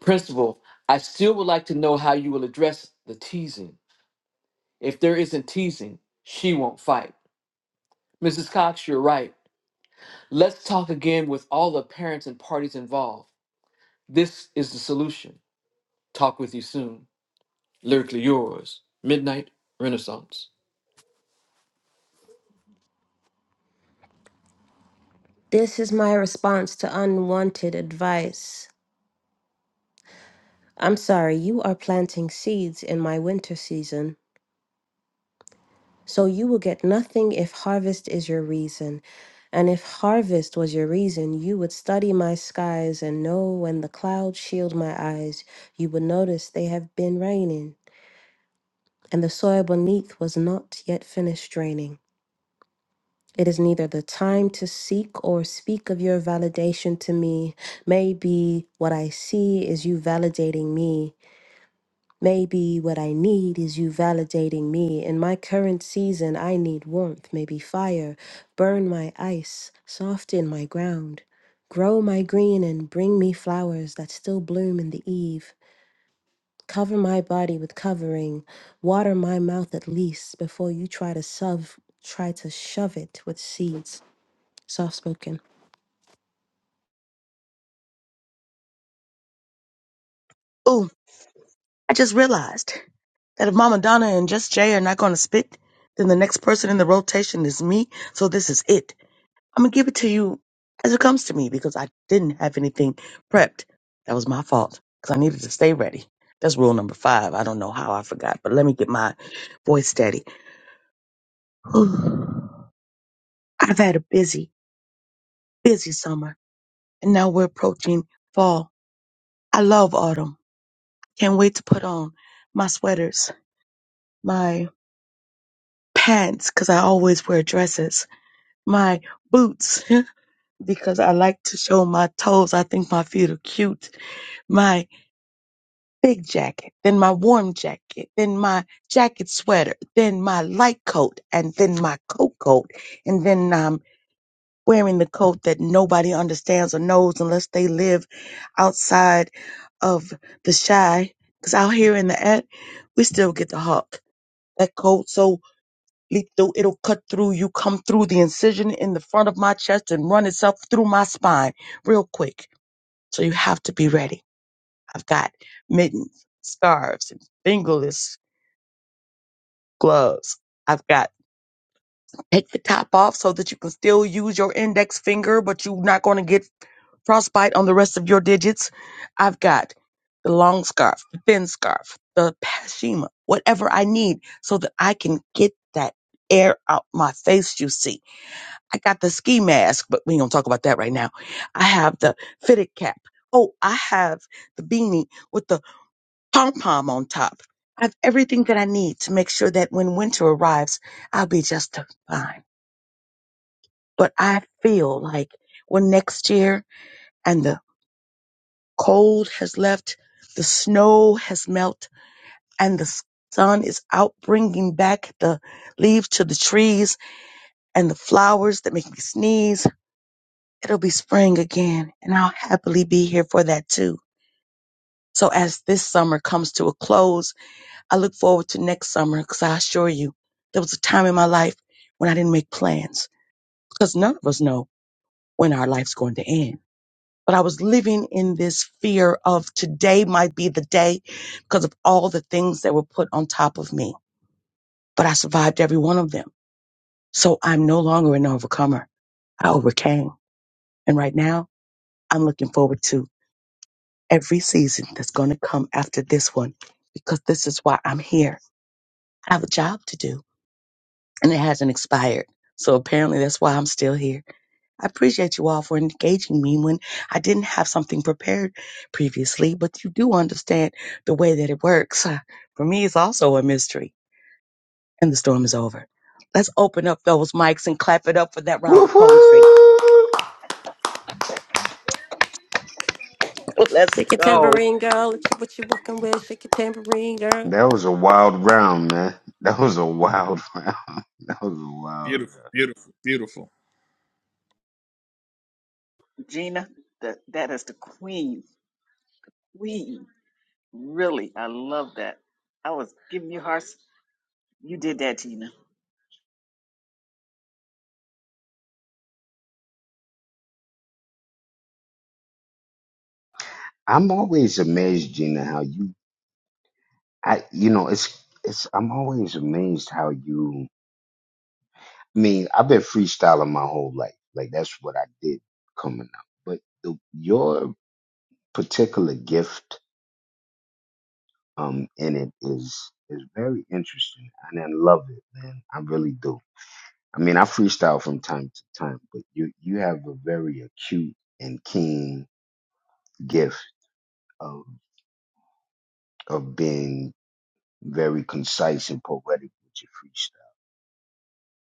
S5: Principal, I still would like to know how you will address the teasing. If there isn't teasing, she won't fight. Mrs. Cox, you're right. Let's talk again with all the parents and parties involved. This is the solution. Talk with you soon. Lyrically yours, Midnight Renaissance.
S6: This is my response to unwanted advice. I'm sorry, you are planting seeds in my winter season. So you will get nothing if harvest is your reason. And if harvest was your reason, you would study my skies and know when the clouds shield my eyes, you would notice they have been raining, and the soil beneath was not yet finished draining. It is neither the time to seek or speak of your validation to me. Maybe what I see is you validating me. Maybe what I need is you validating me. In my current season, I need warmth, maybe fire. Burn my ice, soften my ground. Grow my green and bring me flowers that still bloom in the eve. Cover my body with covering. Water my mouth at least before you try to shove, try to shove it with seeds. Soft spoken.
S1: I just realized that if Mama Donna and Just Jay are not going to spit, then the next person in the rotation is me. So this is it. I'm going to give it to you as it comes to me because I didn't have anything prepped. That was my fault because I needed to stay ready. That's rule number five. I don't know how I forgot, but let me get my voice steady. I've had a busy, busy summer, and now we're approaching fall. I love autumn. Can't wait to put on my sweaters, my pants, because I always wear dresses my boots because I like to show my toes. I think my feet are cute. My big jacket, then my warm jacket, then my jacket sweater, then my light coat, and then my coat coat. And then I'm wearing the coat that nobody understands or knows unless they live outside of the shy. Because out here in the ad, we still get the hawk. That coat. so. Lethal, it'll cut through you, come through the incision in the front of my chest and run itself through my spine real quick. So you have to be ready. I've got mittens, scarves, and fingerless gloves. I've got take the top off so that you can still use your index finger, but you're not going to get frostbite on the rest of your digits. I've got the long scarf, the thin scarf, the pashima, whatever I need so that I can get that air out my face, you see I got the ski mask, but we ain't gonna talk about that right now. I have the fitted cap. Oh, I have the beanie with the pom pom on top. I have everything that I need to make sure that when winter arrives, I'll be just fine. But I feel like when next year and the cold has left, the snow has melted, and the sun is out bringing back the leaves to the trees and the flowers that make me sneeze it'll be spring again, and I'll happily be here for that too. So, as this summer comes to a close, I look forward to next summer because I assure you, there was a time in my life when I didn't make plans because none of us know when our life's going to end. But I was living in this fear of today might be the day because of all the things that were put on top of me. But I survived every one of them. So I'm no longer an overcomer. I overcame. And right now, I'm looking forward to every season that's going to come after this one because this is why I'm here. I have a job to do and it hasn't expired. So apparently that's why I'm still here. I appreciate you all for engaging me when I didn't have something prepared previously, but you do understand the way that it works. Uh, For me, it's also a mystery and the storm is over. Let's open up those mics and clap it up for that round of
S7: Woohoo!
S1: poetry. Let's
S6: Shake your
S1: go.
S6: tambourine, girl. What you, what you working with? Shake your tambourine, girl.
S7: That was a wild round, man. That was a wild round. That was a wild round.
S10: Beautiful, beautiful, beautiful.
S4: Gina, that that is the queen. Queen. Really. I love that. I was giving you hearts. You did that, Gina.
S7: I'm always amazed, Gina, how you I you know, it's it's I'm always amazed how you I mean, I've been freestyling my whole life. Like that's what I did coming up. But the, your particular gift um in it is is very interesting and I love it, man. I really do I mean, I freestyle from time to time, but you you have a very acute and keen gift of of being very concise and poetic with your freestyle.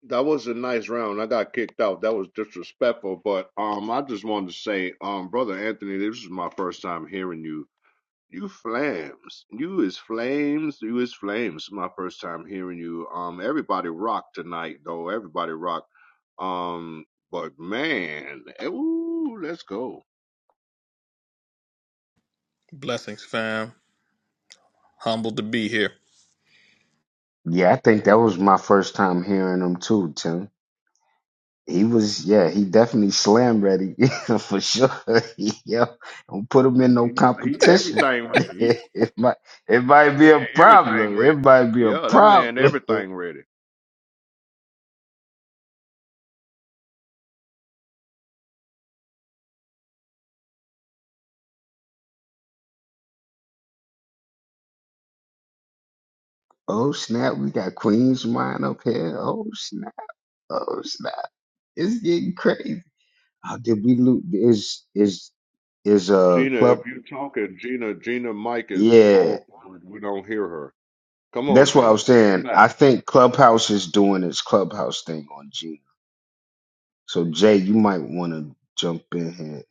S9: That was a nice round. I got kicked out. That was disrespectful. But um, I just wanted to say, um, brother Anthony, this is my first time hearing you. You flames. You is flames. You is flames. My first time hearing you. Um, everybody rocked tonight though. Everybody rocked. Um, but man, ooh, let's go.
S10: Blessings, fam. Humbled to be here.
S7: Yeah, I think that was my first time hearing him too, Tim. He was, yeah, he definitely slam ready yeah, for sure. yeah, don't put him in
S9: He,
S7: no
S9: he
S7: competition.
S9: everything ready. He,
S7: it might, it
S9: that
S7: might be
S9: man
S7: a
S9: everything
S7: problem. It
S9: ready.
S7: might be a
S9: Yeah, that man
S7: problem.
S9: everything ready.
S7: Oh snap, we got Queen's Mind up here. Oh snap. Oh snap! It's getting crazy. Uh, did we lose? Is is is uh
S9: Gina, if
S7: club?
S9: you're talking, Gina, Gina, Mike is
S7: Yeah,
S9: off. We don't hear her. Come on,
S7: that's what I
S9: Gina.
S7: was
S9: Come
S7: saying.
S9: back.
S7: I think Clubhouse is doing its Clubhouse thing on Gina. So Jay, you might want to jump in here,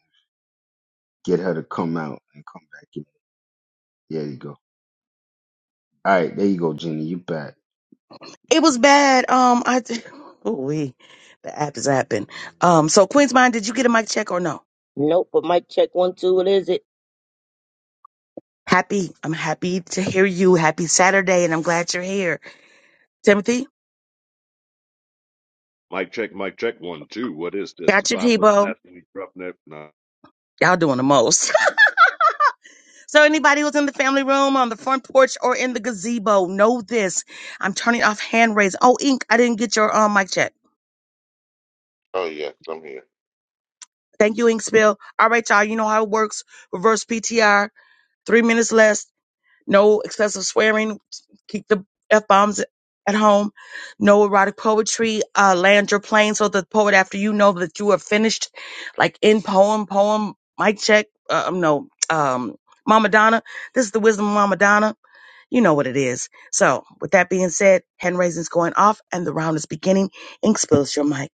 S7: get her to come out and come back in. There you go. All right, there you go, Gina. You back.
S1: It was bad. Um, I oh we the app is apping. Um, so Queen's Mind, did you get a mic check or no?
S12: Nope, but mic check one, two, what is it?
S1: Happy, I'm happy to hear you. Happy Saturday, and I'm glad you're here. Timothy,
S9: Mike check, Mike check. One, two. What is this? The
S1: got your
S9: five foot
S1: Tebow.
S9: assassin, roughneck. Nah.
S1: Y'all doing the most. so anybody who's in the family room, on the front porch, or in the gazebo, know this. I'm turning off hand raise. Oh, Ink, I didn't get your um mic check.
S13: Oh, yes, I'm here.
S1: Thank you, Ink Spill. All right, y'all. You know how it works. Reverse PTR. Three minutes less. no excessive swearing. Keep the f bombs at home. No erotic poetry. Uh, land your plane so the poet after you know that you are finished. Like in poem, poem. Mic check. Uh, um, no. Um, Mama Donna. This is the wisdom of Mama Donna. You know what it is. So, with that being said, hand raising's going off and the round is beginning. Ink spills your mic.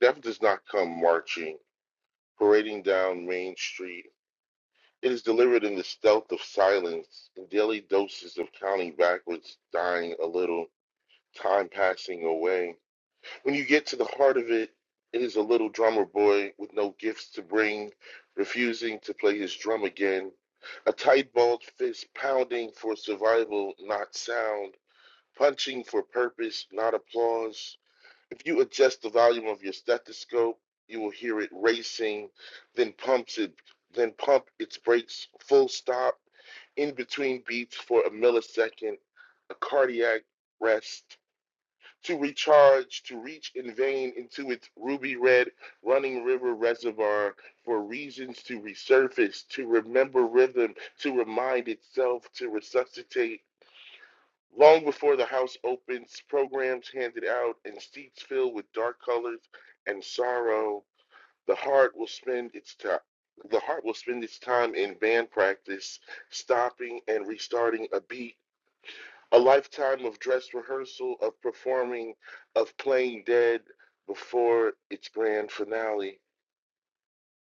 S13: Death does not come marching, parading down Main Street. It is delivered in the stealth of silence, in daily doses of counting backwards, dying a little, time passing away. When you get to the heart of it, it is a little drummer boy with no gifts to bring, refusing to play his drum again. A tight balled fist pounding for survival, not sound, punching for purpose, not applause If you adjust the volume of your stethoscope, you will hear it racing, then pumps it, then pump its brakes full stop in between beats for a millisecond, a cardiac rest to recharge, to reach in vain into its ruby red running river reservoir for reasons to resurface, to remember rhythm, to remind itself, to resuscitate Long before the house opens, programs handed out, and seats filled with dark colors and sorrow, the heart will spend its time. The heart will spend its time in band practice, stopping and restarting a beat, a lifetime of dress rehearsal, of performing, of playing dead before its grand finale,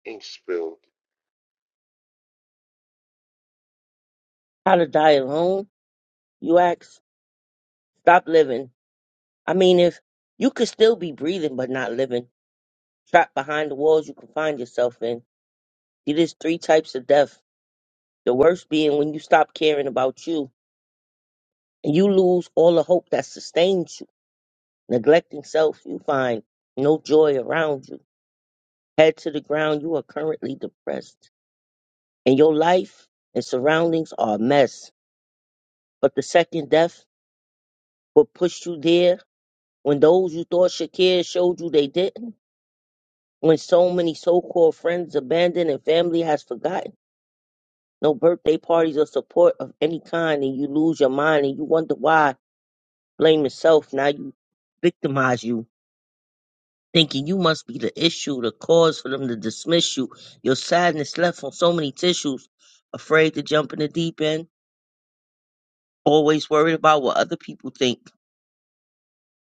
S13: ink spill.
S12: How to die alone? You ask. Stop living. I mean, if you could still be breathing but not living, trapped behind the walls you confine yourself in. See, there's three types of death. The worst being when you stop caring about you and you lose all the hope that sustains you. Neglecting self, you find no joy around you. Head to the ground, you are currently depressed. And your life and surroundings are a mess. But the second death will push you there when those you thought should care showed you they didn't, when so many so called friends abandoned and family has forgotten, no birthday parties or support of any kind, and you lose your mind and you wonder why, blame yourself, now you victimize you. Thinking you must be the issue, the cause for them to dismiss you. Your sadness left on so many tissues. Afraid to jump in the deep end. Always worried about what other people think.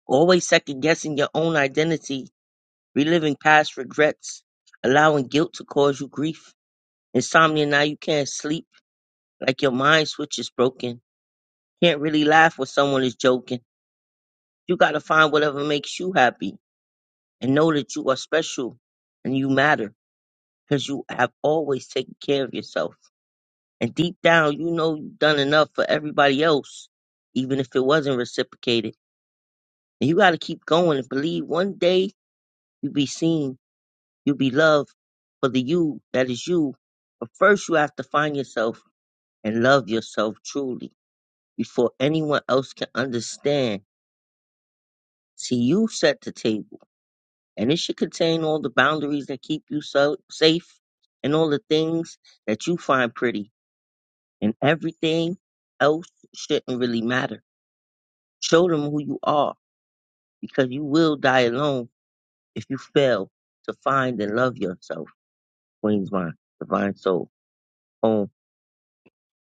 S12: Always second guessing your own identity. Reliving past regrets. Allowing guilt to cause you grief Insomnia now you can't sleep, like your mind switch is broken. Can't really laugh when someone is joking. You gotta find whatever makes you happy and know that you are special and you matter because you have always taken care of yourself. And deep down, you know you've done enough for everybody else, even if it wasn't reciprocated. And you gotta keep going and believe one day you'll be seen, you'll be loved for the you that is you. But first, you have to find yourself and love yourself truly. before anyone else can understand. See, you set the table, and it should contain all the boundaries that keep you so safe and all the things that you find pretty, and everything else shouldn't really matter. Show them who you are because you will die alone if you fail to find and love yourself. Queen's Mind, Divine Soul, Home.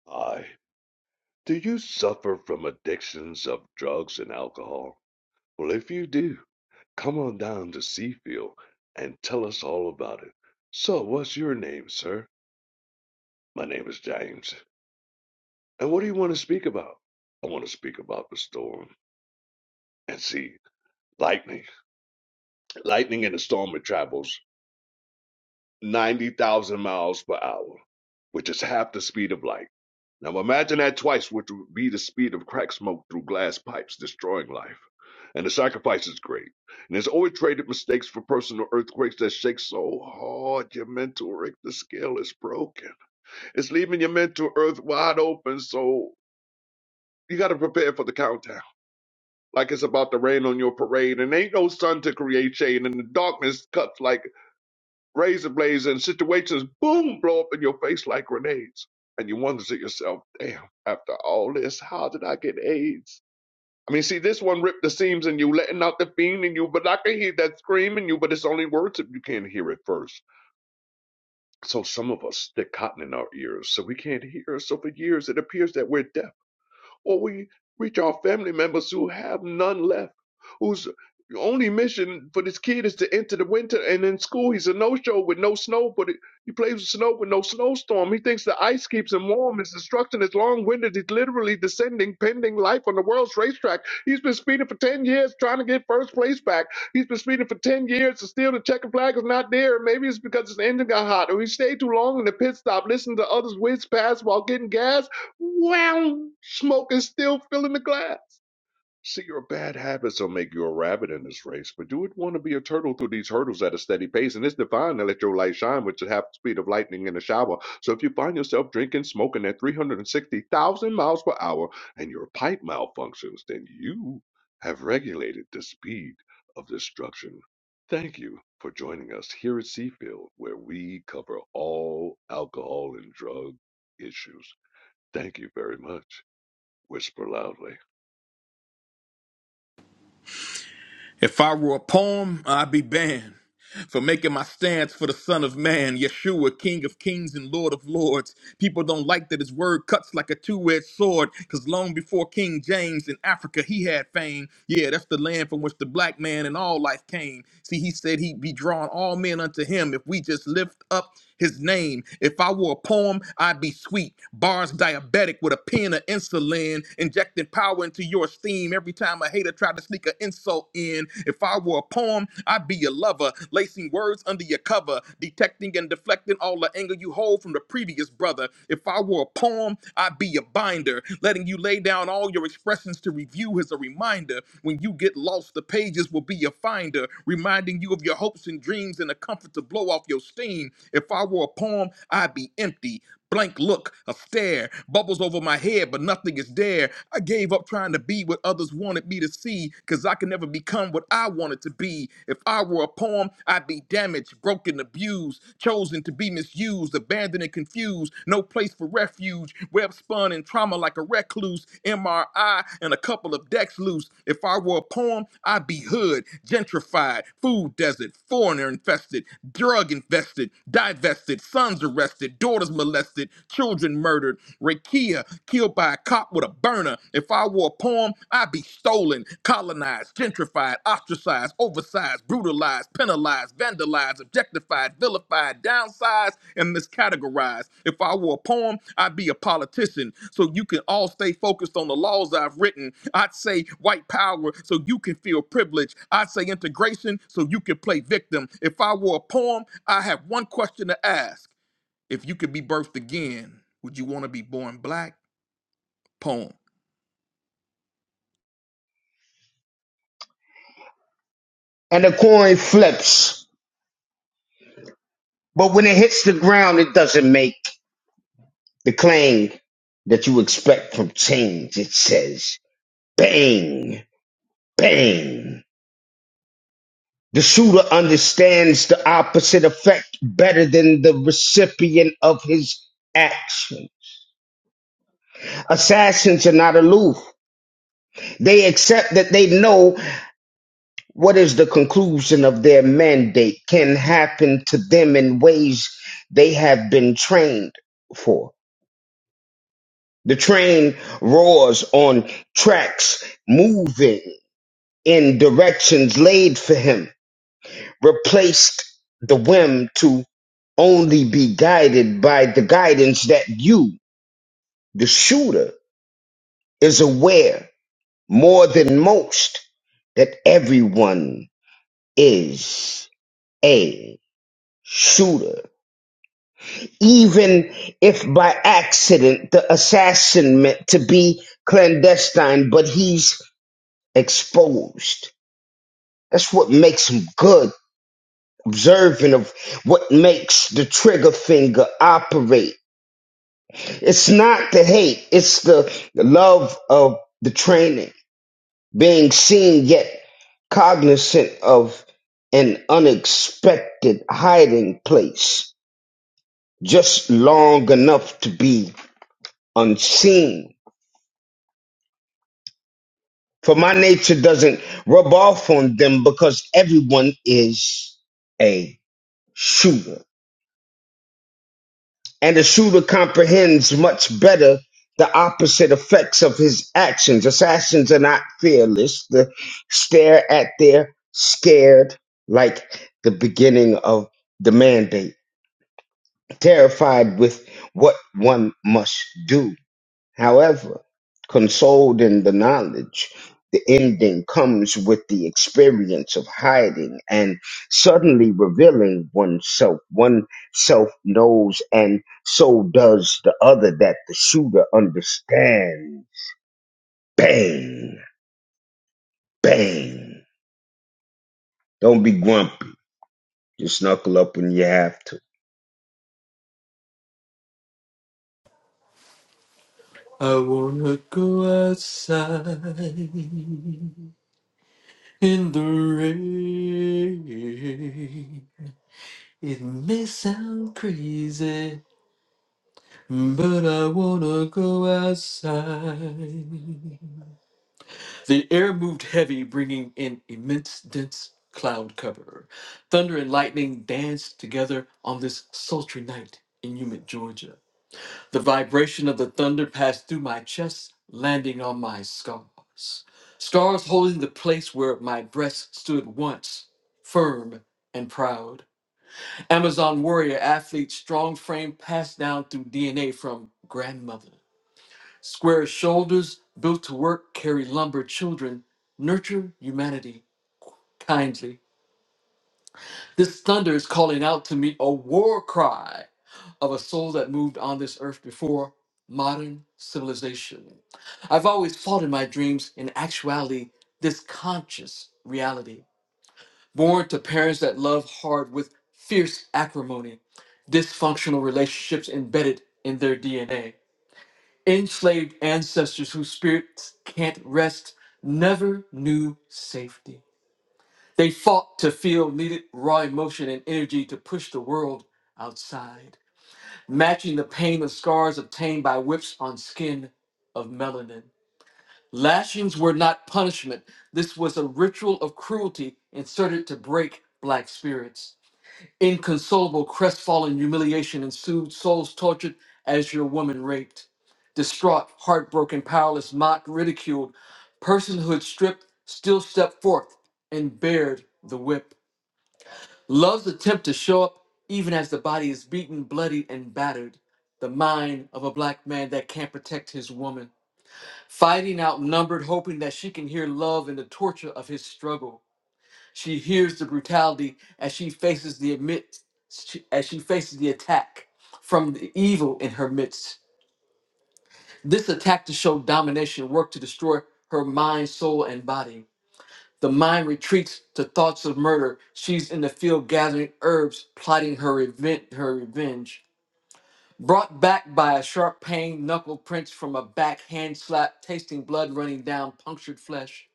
S9: Hi. Do you suffer from addictions of drugs and alcohol? Well, if you do, come on down to Seafield and tell us all about it. So, what's your name, sir? My name is James. And what do you want to speak about? I want to speak about the storm. And see, lightning. Lightning and the storm it travels. 90,000 miles per hour, which is half the speed of light. Now imagine that twice, which would be the speed of crack smoke through glass pipes, destroying life. And the sacrifice is great. And it's always traded mistakes for personal earthquakes that shake so hard your mental Richter scale is broken. It's leaving your mental earth wide open, so you got to prepare for the countdown. Like it's about to rain on your parade, and ain't no sun to create shade, and the darkness cuts like razor blades and situations boom blow up in your face like grenades and you wonder to yourself damn after all this how did i get aids i mean see this one ripped the seams in you letting out the fiend in you but i can hear that scream in you but it's only words if you can't hear it first so some of us stick cotton in our ears so we can't hear so for years it appears that we're deaf or we reach our family members who have none left, whose only mission for this kid is to enter the winter. And in school, he's a no-show with no snow, but it, he plays with snow with no snowstorm. He thinks the ice keeps him warm. His destruction is long-winded. He's literally descending, pending life on the world's racetrack. He's been speeding for 10 years trying to get first place back. He's been speeding for 10 years, and still the checkered flag is not there. Maybe it's because his engine got hot, or he stayed too long in the pit stop, listening to others whiz past while getting gas Wow. Smoke is still filling the glass. See, your bad habits will make you a rabbit in this race, but you would want to be a turtle through these hurdles at a steady pace, and it's divine to let your light shine with the half the speed of lightning in a shower. So if you find yourself drinking, smoking at 360,000 miles per hour, and your pipe malfunctions, then you have regulated the speed of destruction. Thank you for joining us here at Seafield, where we cover all alcohol and drug issues. Thank you very much. Whisper loudly.
S10: If I were a poem, I'd be banned for making my stance for the Son of Man, Yeshua, King of Kings and Lord of Lords. People don't like that his word cuts like a two edged sword, because long before King James in Africa, he had fame. Yeah, that's the land from which the black man in all life came. See, he said he'd be drawing all men unto him if we just lift up his name. If I were a poem, I'd be sweet. Bars diabetic with a pen of insulin, injecting power into your esteem every time a hater tried to sneak an insult in. If I were a poem, I'd be your lover, lacing words under your cover, detecting and deflecting all the anger you hold from the previous brother. If I were a poem, I'd be your binder, letting you lay down all your expressions to review as a reminder reminder. When you get lost, the pages will be your finder, reminding you of your hopes and dreams and a comfort to blow off your steam. If I were a poem, I'd be empty. Blank look, a stare, bubbles over my head, but nothing is there. I gave up trying to be what others wanted me to see, cause I can never become what I wanted to be. If I were a poem, I'd be damaged, broken, abused, chosen to be misused misused, abandoned, and confused. No place for refuge. Web spun in trauma like a recluse. MRI and a couple of decks loose. If I were a poem, I'd be hood, gentrified, food desert, foreigner infested, drug invested, divested, sons arrested, daughters molested, children murdered. Rakia killed by a cop with a burner. If I were a poem, I'd be stolen stolen, colonized, gentrified, ostracized, oversized, brutalized, penalized, vandalized, objectified, vilified, downsized, and miscategorized. If I were a poem, I'd be a politician. So you can all stay focused on the laws I've written. I'd say white power so you can feel privilege. I'd say integration so you can play victim. If I were a poem, I have one question to ask. If you could be birthed again, would you want to be born black? Poem.
S7: And the coin flips, but when it hits the ground, it doesn't make the clang that you expect from change. It says bang, bang. The shooter understands the opposite effect better than the recipient of his action. Assassins are not aloof. They accept that they know what is the conclusion of their mandate can happen to them in ways they have been trained for. The train roars on tracks moving in directions laid for him. replaced the whim to only be guided by the guidance that you, the shooter, is aware more than most that everyone is a shooter. Even if by accident the assassin meant to be clandestine, but he's exposed. That's what makes him good, observant of what makes the trigger finger operate It's not the hate, it's the love of the training, being seen yet cognizant of an unexpected hiding place, just long enough to be unseen. For my nature doesn't rub off on them because everyone is a shooter. and the shooter comprehends much better the opposite effects of his actions. Assassins are not fearless. They stare at their scared like the beginning of the mandate, terrified with what one must do. However, consoled in the knowledge, the ending comes with the experience of hiding and suddenly revealing oneself. One self knows, and so does the other that the shooter understands. Bang, bang. Don't be grumpy. Just knuckle up when you have to.
S5: I wanna go outside in the rain. It may sound crazy, but I wanna go outside. The air moved heavy, bringing an immense dense cloud cover. Thunder and lightning danced together on this sultry night in humid Georgia. The vibration of the thunder passed through my chest, landing on my scars. Scars holding the place where my breast stood once, firm and proud. Amazon warrior athlete, strong frame passed down through DNA from grandmother. Square shoulders built to work carry lumber children. Nurture humanity kindly. This thunder is calling out to me a war cry of a soul that moved on this earth before modern civilization. I've always fought in my dreams, in actuality, this conscious reality. Born to parents that love hard with fierce acrimony, dysfunctional relationships embedded in their DNA. enslaved ancestors whose spirits can't rest never knew safety. They fought to feel needed raw emotion and energy to push the world outside, matching the pain of scars obtained by whips on skin of melanin. Lashings were not punishment, this was a ritual of cruelty inserted to break black spirits. Inconsolable, crestfallen, humiliation ensued, souls tortured as your woman raped. Distraught, heartbroken, powerless, mocked, ridiculed, personhood stripped, still stepped forth and bared the whip. Love's attempt to show up even as the body is beaten, bloodied, and battered. The mind of a black man that can't protect his woman. Fighting outnumbered, hoping that she can hear love in the torture of his struggle. She hears the brutality as she faces the admit, as she faces the attack from the evil in her midst. This attack to show domination worked to destroy her mind, soul, and body. The mind retreats to thoughts of murder. She's in the field gathering herbs, plotting her event, her revenge. Brought back by a sharp pain, knuckle prints from a backhand slap, tasting blood running down punctured flesh,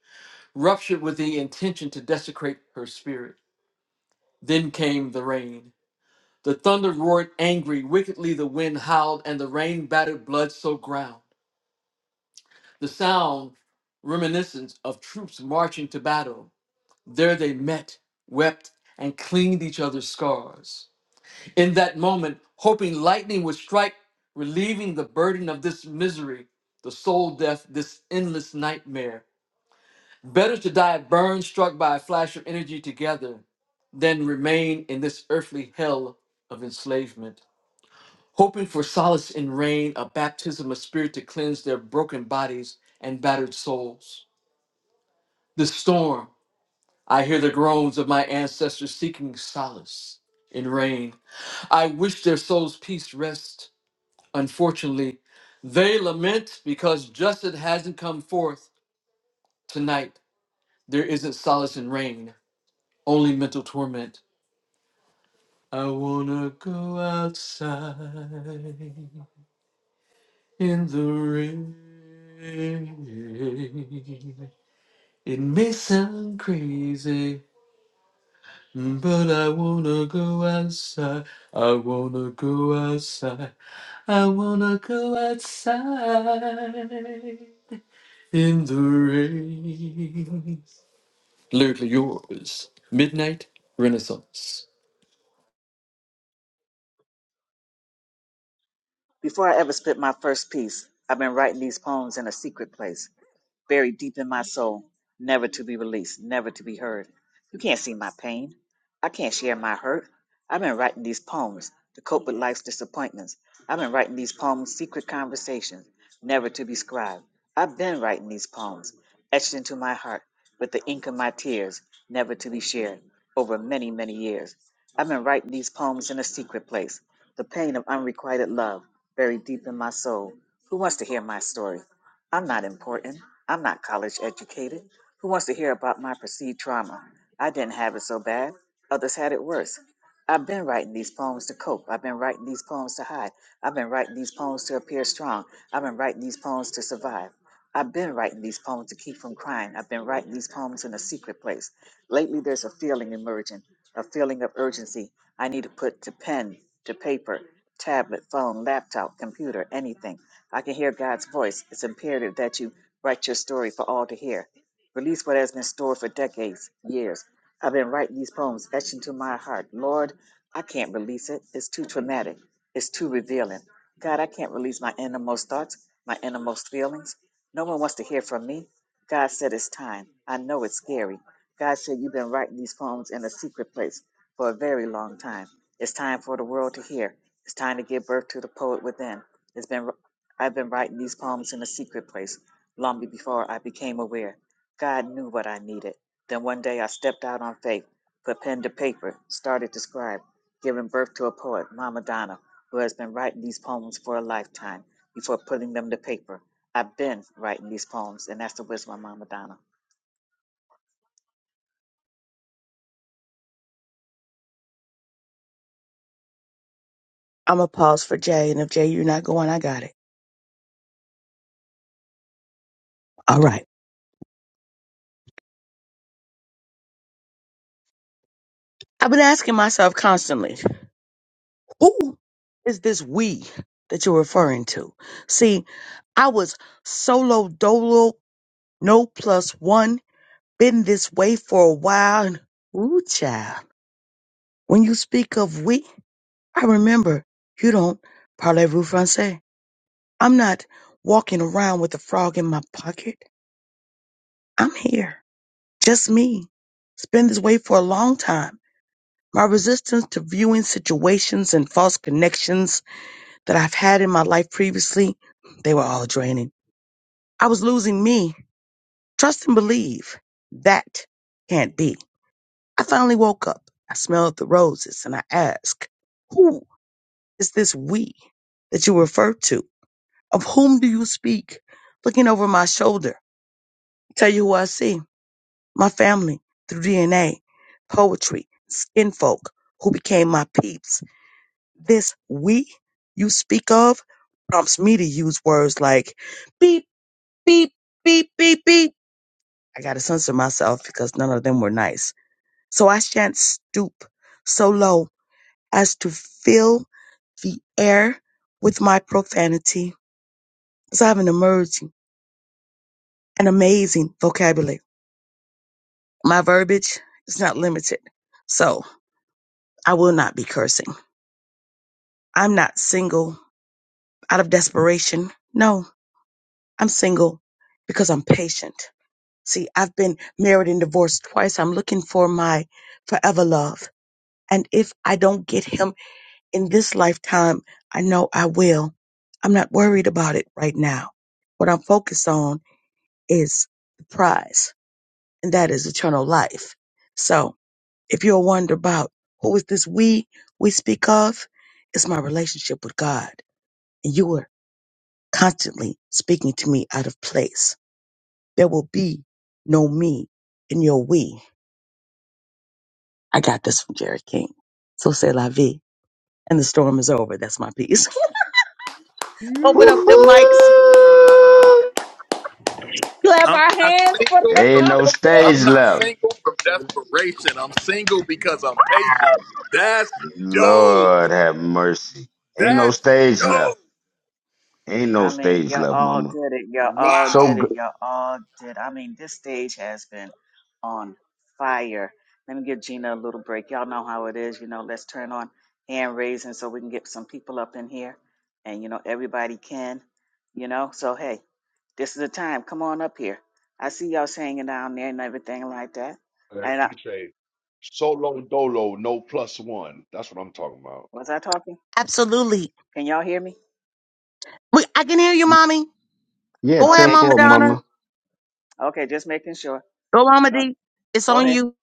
S5: ruptured with the intention to desecrate her spirit. Then came the rain. The thunder roared angry, wickedly the wind howled, and the rain battered blood soaked ground. The sound reminiscent of troops marching to battle. There they met, wept, and cleaned each other's scars. In that moment, hoping lightning would strike, relieving the burden of this misery, the soul death, this endless nightmare. Better to die burned, struck by a flash of energy together, than remain in this earthly hell of enslavement. hoping for solace in rain, a baptism of spirit to cleanse their broken bodies and battered souls. The storm, I hear the groans of my ancestors seeking solace in rain. I wish their souls peace rest. Unfortunately, they lament because justice hasn't come forth tonight. There isn't solace in rain, only mental torment. I wanna go outside. in the rain. It may sound crazy, but I wanna go outside. I wanna go outside. I wanna go outside in the rain. Lyrically yours. Midnight Renaissance.
S4: Before I ever spit my first piece, I've been writing these poems in a secret place, buried deep in my soul, never to be released, never to be heard. You can't see my pain. I can't share my hurt. I've been writing these poems to cope with life's disappointments. I've been writing these poems, secret conversations, never to be scribed. I've been writing these poems, etched into my heart with the ink of my tears, never to be shared, over many, many years. I've been writing these poems in a secret place, the pain of unrequited love, buried deep in my soul. Who wants to hear my story? I'm not important. I'm not college educated. Who wants to hear about my perceived trauma? I didn't have it so bad. Others had it worse. I've been writing these poems to cope. I've been writing these poems to hide. I've been writing these poems to appear strong. I've been writing these poems to survive. I've been writing these poems to keep from crying. I've been writing these poems in a secret place. Lately, there's a feeling emerging, a feeling of urgency. I need to put to pen, to paper, tablet, phone, laptop, computer, anything. I can hear God's voice. It's imperative that you write your story for all to hear. Release what has been stored for decades, years. I've been writing these poems etched into my heart. Lord, I can't release it. It's too traumatic. It's too revealing. God, I can't release my innermost thoughts, my innermost feelings. No one wants to hear from me. God said it's time. I know it's scary. God said, You've been writing these poems in a secret place for a very long time. It's time for the world to hear. It's time to give birth to the poet within. It's been I've been writing these poems in a secret place long before I became aware. God knew what I needed. Then one day I stepped out on faith, put pen to paper, started to scribe, giving birth to a poet, Mama Donna, who has been writing these poems for a lifetime before putting them to paper. I've been writing these poems, and that's the wisdom of Mama Donna.
S1: I'm going to pause for Jay, and if Jay, you're not going, I got it. All right. I've been asking myself constantly Who is this we that you're referring to? See, I was solo dolo, no plus one, been this way for a while. And, ooh, child. When you speak of we, I remember you don't parlez-vous français. I'm not walking around with a frog in my pocket. I'm here, just me. It's been this way for a long time. My resistance to viewing situations and false connections that I've had in my life previously, they were all draining. I was losing me. Trust and believe that can't be. I finally woke up. I smelled the roses and I asked, Who is this we that you refer to? Of whom do you speak? Looking over my shoulder, tell you who I see my family through DNA, poetry, skin folk who became my peeps. This we you speak of prompts me to use words like beep. beep, beep, beep, beep. I got to censor myself because none of them were nice. So I shan't stoop so low as to fill the air with my profanity, as I have an emerging and amazing vocabulary. My verbiage is not limited, so I will not be cursing. I'm not single out of desperation. No, I'm single because I'm patient. See, I've been married and divorced twice. I'm looking for my forever love. And if I don't get him in this lifetime, I know I will. I'm not worried about it right now. What I'm focused on is the prize, and that is eternal life. So if you're wondering about who is this we we speak of, it's my relationship with God. And you are constantly speaking to me out of place. There will be no me in your we. I got this from Jerry King. So say la vie. And the storm is over. That's my piece. Open up
S7: Woohoo!
S1: the
S9: You.
S1: mics.
S10: I'm not single from,
S7: Ain't
S10: de-
S7: no
S10: from
S1: Clap.
S10: I'm
S7: stage
S10: not
S7: left.
S10: single from desperation. I'm single because I'm patient. That's dope.
S7: Lord have mercy. Ain't no
S10: That's
S7: stage left.
S10: dope.
S7: Ain't
S4: I
S7: no
S4: mean,
S7: stage
S4: y'all
S7: left,
S4: all
S7: mama.
S4: did it. Y'all all
S10: Wow.
S4: did
S7: So,
S4: it. Y'all all did. I mean, this stage has been on fire. Let me give Gina a little break. Y'all know how it is. You know, let's turn on hand raising so we can get some people up in here. And, you know, everybody can, you know. So, hey, this is the time. Come on up here. I see y'all singing down there and everything like that.
S9: And
S4: And
S9: she
S4: I,
S9: say, solo dolo, no plus one. That's what I'm talking about.
S4: was I talking?
S1: Absolutely.
S4: Can y'all hear me?
S1: We, I can hear you,
S7: g-
S1: mommy.
S7: yeah,
S1: Go ahead,
S7: ten
S4: Okay,
S1: Mama
S4: just
S7: four,
S4: making
S1: Donna.
S4: sure.
S7: mama.
S4: Okay, just making sure.
S1: Go, Mama
S4: Uh,
S1: D. It's
S4: Go
S1: on
S4: ahead.
S1: you.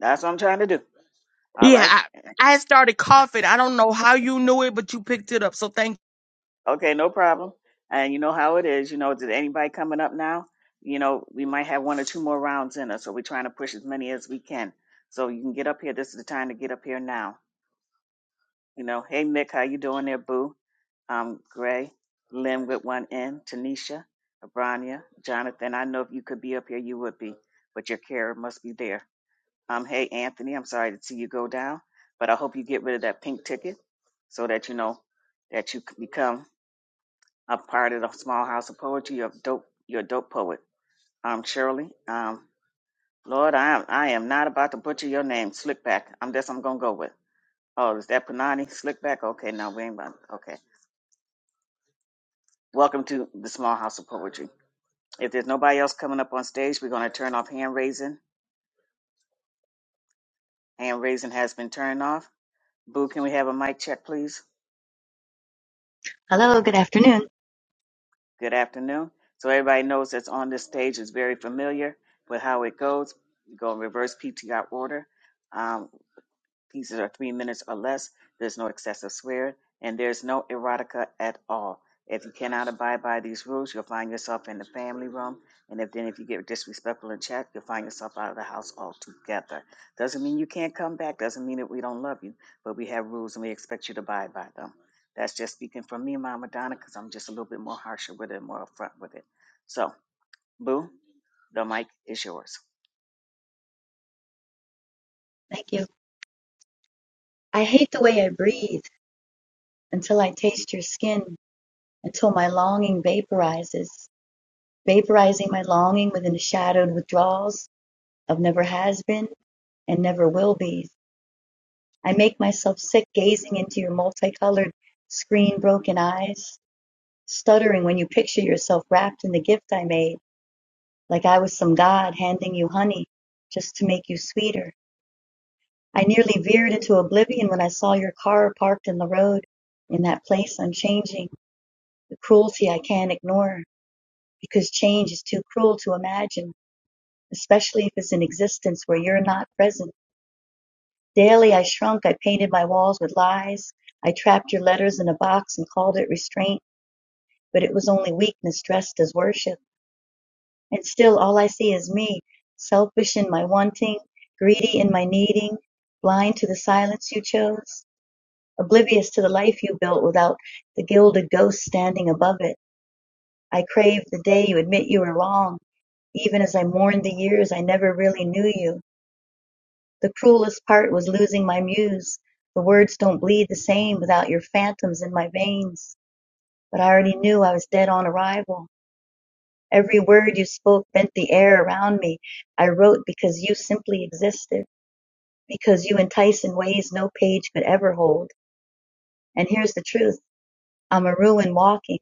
S4: That's what I'm trying to do. All
S1: Yeah,
S4: right.
S1: I, I had started coughing. I don't know how you knew it, but you picked it up. So thank
S4: Okay, no problem. And you know how it is. You know, did anybody coming up now? You know, we might have one or two more rounds in us, so we're trying to push as many as we can. So you can get up here. This is the time to get up here now. You know, hey Mick, how you doing there, Boo? Um, Gray, Lynn with one N, Tanisha, Abrania, Jonathan. I know if you could be up here, you would be, but your care must be there. Um, hey Anthony, I'm sorry to see you go down, but I hope you get rid of that pink ticket so that you know that you c- become a part of the small house of poetry. You're a dope. You're a dope poet. Um, Shirley. Um, Lord, I am. I am not about to butcher your name, Slickback. I'm that's I'm gonna go with. Oh, is that Panani Slickback? Okay, no, we ain't. About, okay. Welcome to the small house of poetry. If there's nobody else coming up on stage, we're gonna turn off hand raising. Hand raising has been turned off. Boo, can we have a mic check, please?
S14: Hello, good afternoon.
S4: Good afternoon. So everybody knows that's on this stage is very familiar with how it goes. We go in reverse PTR order. Um, pieces are three minutes or less. There's no excessive swearing, and there's no erotica at all. If you cannot abide by these rules, you'll find yourself in the family room. And if then if you get disrespectful in chat, you'll find yourself out of the house altogether. Doesn't mean you can't come back. Doesn't mean that we don't love you, but we have rules and we expect you to abide by them. That's just speaking from me, Mama Donna, because I'm just a little bit more harsher with it, and more upfront with it. So, boo, the mic is yours.
S14: Thank you. I hate the way I breathe until I taste your skin, until my longing vaporizes, vaporizing my longing within the shadowed withdrawals of never has been and never will be. I make myself sick gazing into your multicolored, screen broken eyes, stuttering when you picture yourself wrapped in the gift I made, like I was some god handing you honey just to make you sweeter. I nearly veered into oblivion when I saw your car parked in the road, in that place unchanging, the cruelty I can't ignore, because change is too cruel to imagine, especially if it's an existence where you're not present. Daily I shrunk, I painted my walls with lies, I trapped your letters in a box and called it restraint, but it was only weakness dressed as worship. And still all I see is me, selfish in my wanting, greedy in my needing, blind to the silence you chose. Oblivious to the life you built without the gilded ghost standing above it. I crave the day you admit you were wrong. Even as I mourned the years I never really knew you. The cruelest part was losing my muse. The words don't bleed the same without your phantoms in my veins. But I already knew I was dead on arrival. Every word you spoke bent the air around me. I wrote because you simply existed, because you entice in ways no page could ever hold. And here's the truth. I'm a ruin walking,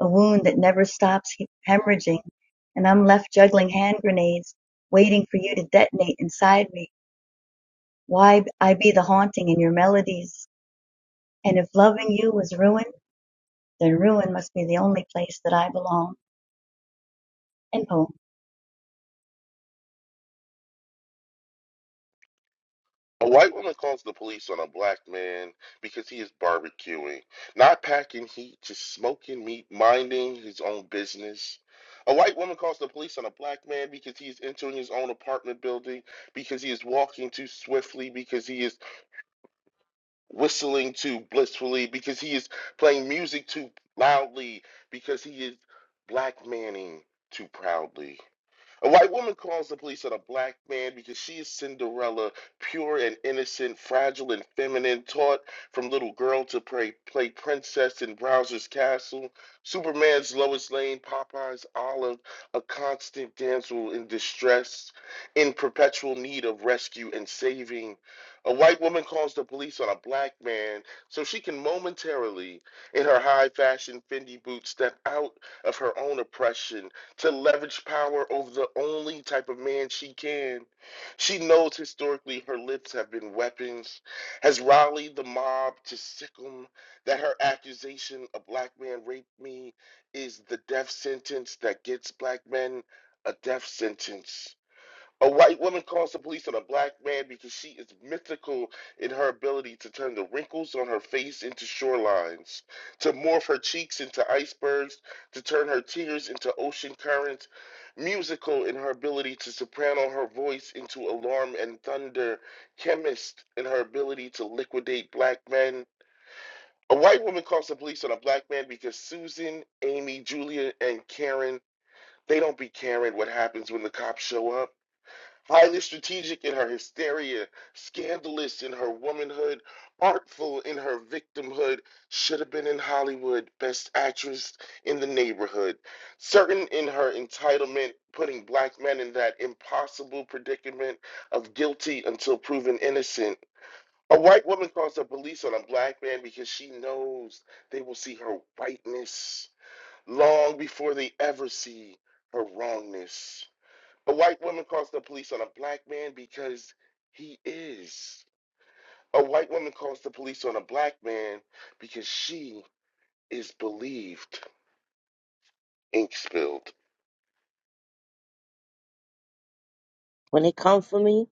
S14: a wound that never stops hemorrhaging, and I'm left juggling hand grenades, waiting for you to detonate inside me. Why I be the haunting in your melodies? And if loving you was ruin, then ruin must be the only place that I belong. And poem.
S13: A white woman calls the police on a black man because he is barbecuing, not packing heat, just smoking meat, minding his own business. A white woman calls the police on a black man because he is entering his own apartment building, because he is walking too swiftly, because he is whistling too blissfully, because he is playing music too loudly, because he is black manning too proudly. A white woman calls the police on a black man because she is Cinderella, pure and innocent, fragile and feminine, taught from little girl to play, play princess in Browser's Castle, Superman's Lois Lane, Popeye's Olive, a constant damsel in distress, in perpetual need of rescue and saving. A white woman calls the police on a black man so she can momentarily, in her high fashion Fendi boots, step out of her own oppression to leverage power over the only type of man she can. She knows historically her lips have been weapons, has rallied the mob to sic 'em. that her accusation a black man raped me is the death sentence that gets black men a death sentence. A white woman calls the police on a black man because she is mythical in her ability to turn the wrinkles on her face into shorelines, to morph her cheeks into icebergs, to turn her tears into ocean currents, musical in her ability to soprano her voice into alarm and thunder, chemist in her ability to liquidate black men. A white woman calls the police on a black man because Susan, Amy, Julia, and Karen, they don't be caring what happens when the cops show up highly strategic in her hysteria, scandalous in her womanhood, artful in her victimhood, should have been in Hollywood, best actress in the neighborhood, certain in her entitlement, putting black men in that impossible predicament of guilty until proven innocent. A white woman calls the police on a black man because she knows they will see her whiteness long before they ever see her wrongness. A white woman calls the police on a black man because he is. A white woman calls the police on a black man because she is believed. Ink spilled.
S12: When it comes for me,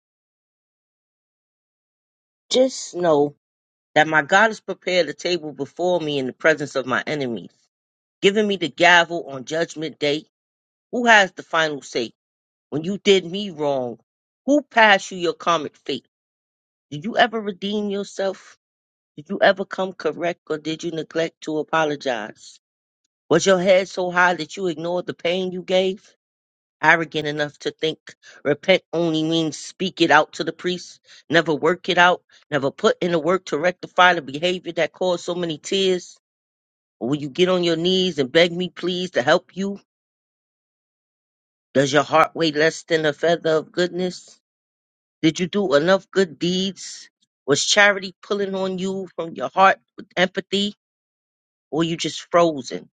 S12: just know that my God has prepared a table before me in the presence of my enemies. giving me the gavel on judgment day? Who has the final say? When you did me wrong, who passed you your karmic fate? Did you ever redeem yourself? Did you ever come correct or did you neglect to apologize? Was your head so high that you ignored the pain you gave? Arrogant enough to think repent only means speak it out to the priest, never work it out, never put in the work to rectify the behavior that caused so many tears? Or will you get on your knees and beg me please to help you? Does your heart weigh less than a feather of goodness? Did you do enough good deeds? Was charity pulling on you from your heart with empathy? Or were you just frozen?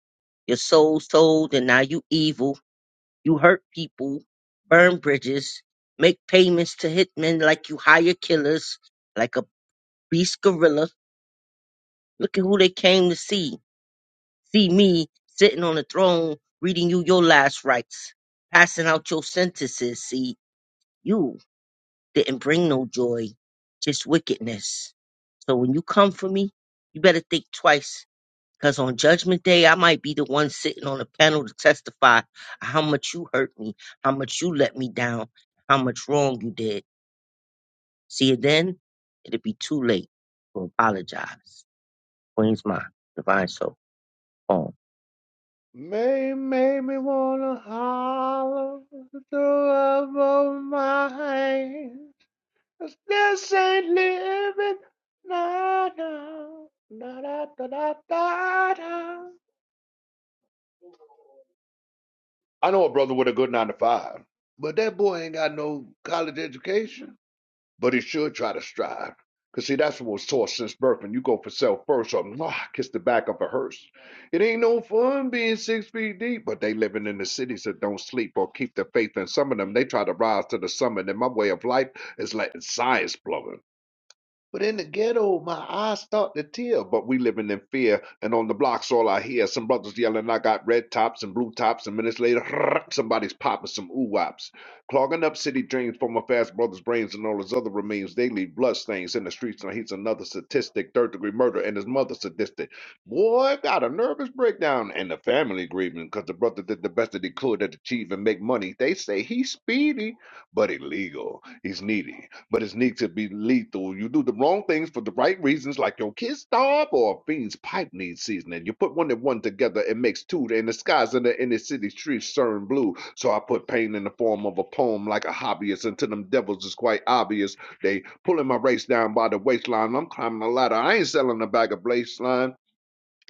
S12: Your soul sold and now you evil. You hurt people, burn bridges, make payments to hitmen like you hire killers, like a beast gorilla. Look at who they came to see. See me sitting on the throne, reading you your last rites, passing out your sentences. See you didn't bring no joy, just wickedness. So when you come for me, you better think twice. Because on judgment day, I might be the one sitting on a panel to testify how much you hurt me, how much you let me down, how much wrong you did. See, then it will be too late to apologize. Queen's mind, divine soul, home.
S9: May made me wanna holler through love of my hands. 'Cause This ain't living. Na na na da da da da da. I know a brother with a good nine to five, but that boy ain't got no college education. but he should try to strive. Cause see, that's what was taught since birth. When you go for self first, or mwah, kiss the back of a hearse, it ain't no fun being six feet deep. But they living in the cities that don't sleep or keep the faith. And some of them, they try to rise to the summit. And my way of life is letting science blow. it. But in the ghetto, my eyes start to tear. But we living in fear, and on the blocks, all I hear some brothers yelling. I got red tops and blue tops, and minutes later, somebody's popping some oo wops, clogging up city drains for my fast brother's brains and all his other remains. They leave bloodstains in the streets, and he's another statistic, third degree murder, and his mother sadistic. Boy, got a nervous breakdown, and the family grieving because the brother did the best that he could to achieve and make money. They say he's speedy, but illegal. He's needy but it's need to be lethal. You do the wrong things for the right reasons, like your kiss stop or a fiend's pipe needs seasoning. You put one and one together, it makes two, and the skies in the inner city streets turn blue. So I put pain in the form of a poem like a hobbyist, and to them devils it's quite obvious. They pulling my race down by the waistline. I'm climbing a ladder. I ain't selling a bag of baseline.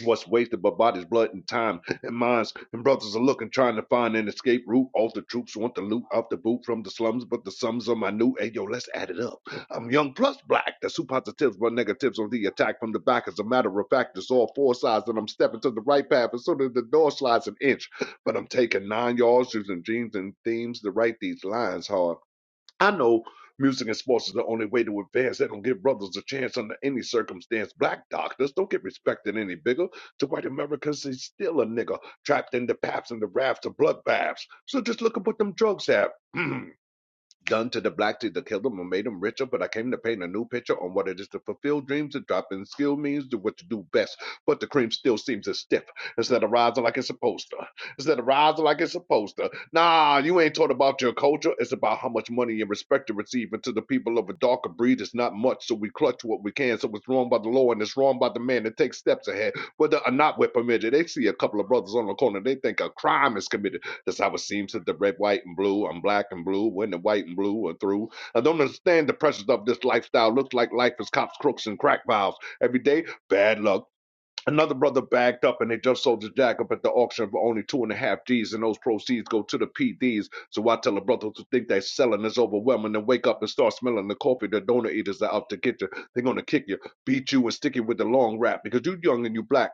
S9: What's wasted but bodies, blood, and time, and minds, and brothers are looking, trying to find an escape route. All the troops want the loot off the boot from the slums, but the sums are minute. Hey, yo, let's add it up. I'm young plus black. That's two positives, but negatives on the attack from the back. As a matter of fact, it's all four sides, and I'm stepping to the right path, and so that the door slides an inch. But I'm taking nine yards, using dreams and themes to write these lines hard. I know music and sports is the only way to advance. they don't give brothers a chance under any circumstance. Black doctors don't get respected any bigger. To white Americans, he's still a nigger trapped in the paps and the rafts of bloodbaths. So just look at what them drugs have. done to the black to the kill them or made them richer, but I came to paint a new picture on what it is to fulfill dreams and drop in skill means do what you do best. But the cream still seems as stiff instead of rising like it's supposed to. Instead of rising like it's supposed to. Nah, you ain't taught about your culture. It's about how much money and respect you receive. And to the people of a darker breed, it's not much, so we clutch what we can. So it's wrong by the law and it's wrong by the man that takes steps ahead. Whether or not we're permitted, they see a couple of brothers on the corner, they think a crime is committed that's how it seems that the red, white, and blue. I'm black and blue when the white and blue are through. I don't understand the pressures of this lifestyle. Looks like life is cops, crooks, and crack valves. Every day, bad luck. Another brother bagged up and they just sold the jack up at the auction for only two and a half G's, and those proceeds go to the PDs. So I tell a brother to think that selling is overwhelming and wake up and start smelling the coffee. The donor eaters are out to get you. They're going to kick you, beat you, and stick you with the long rap because you young and you black.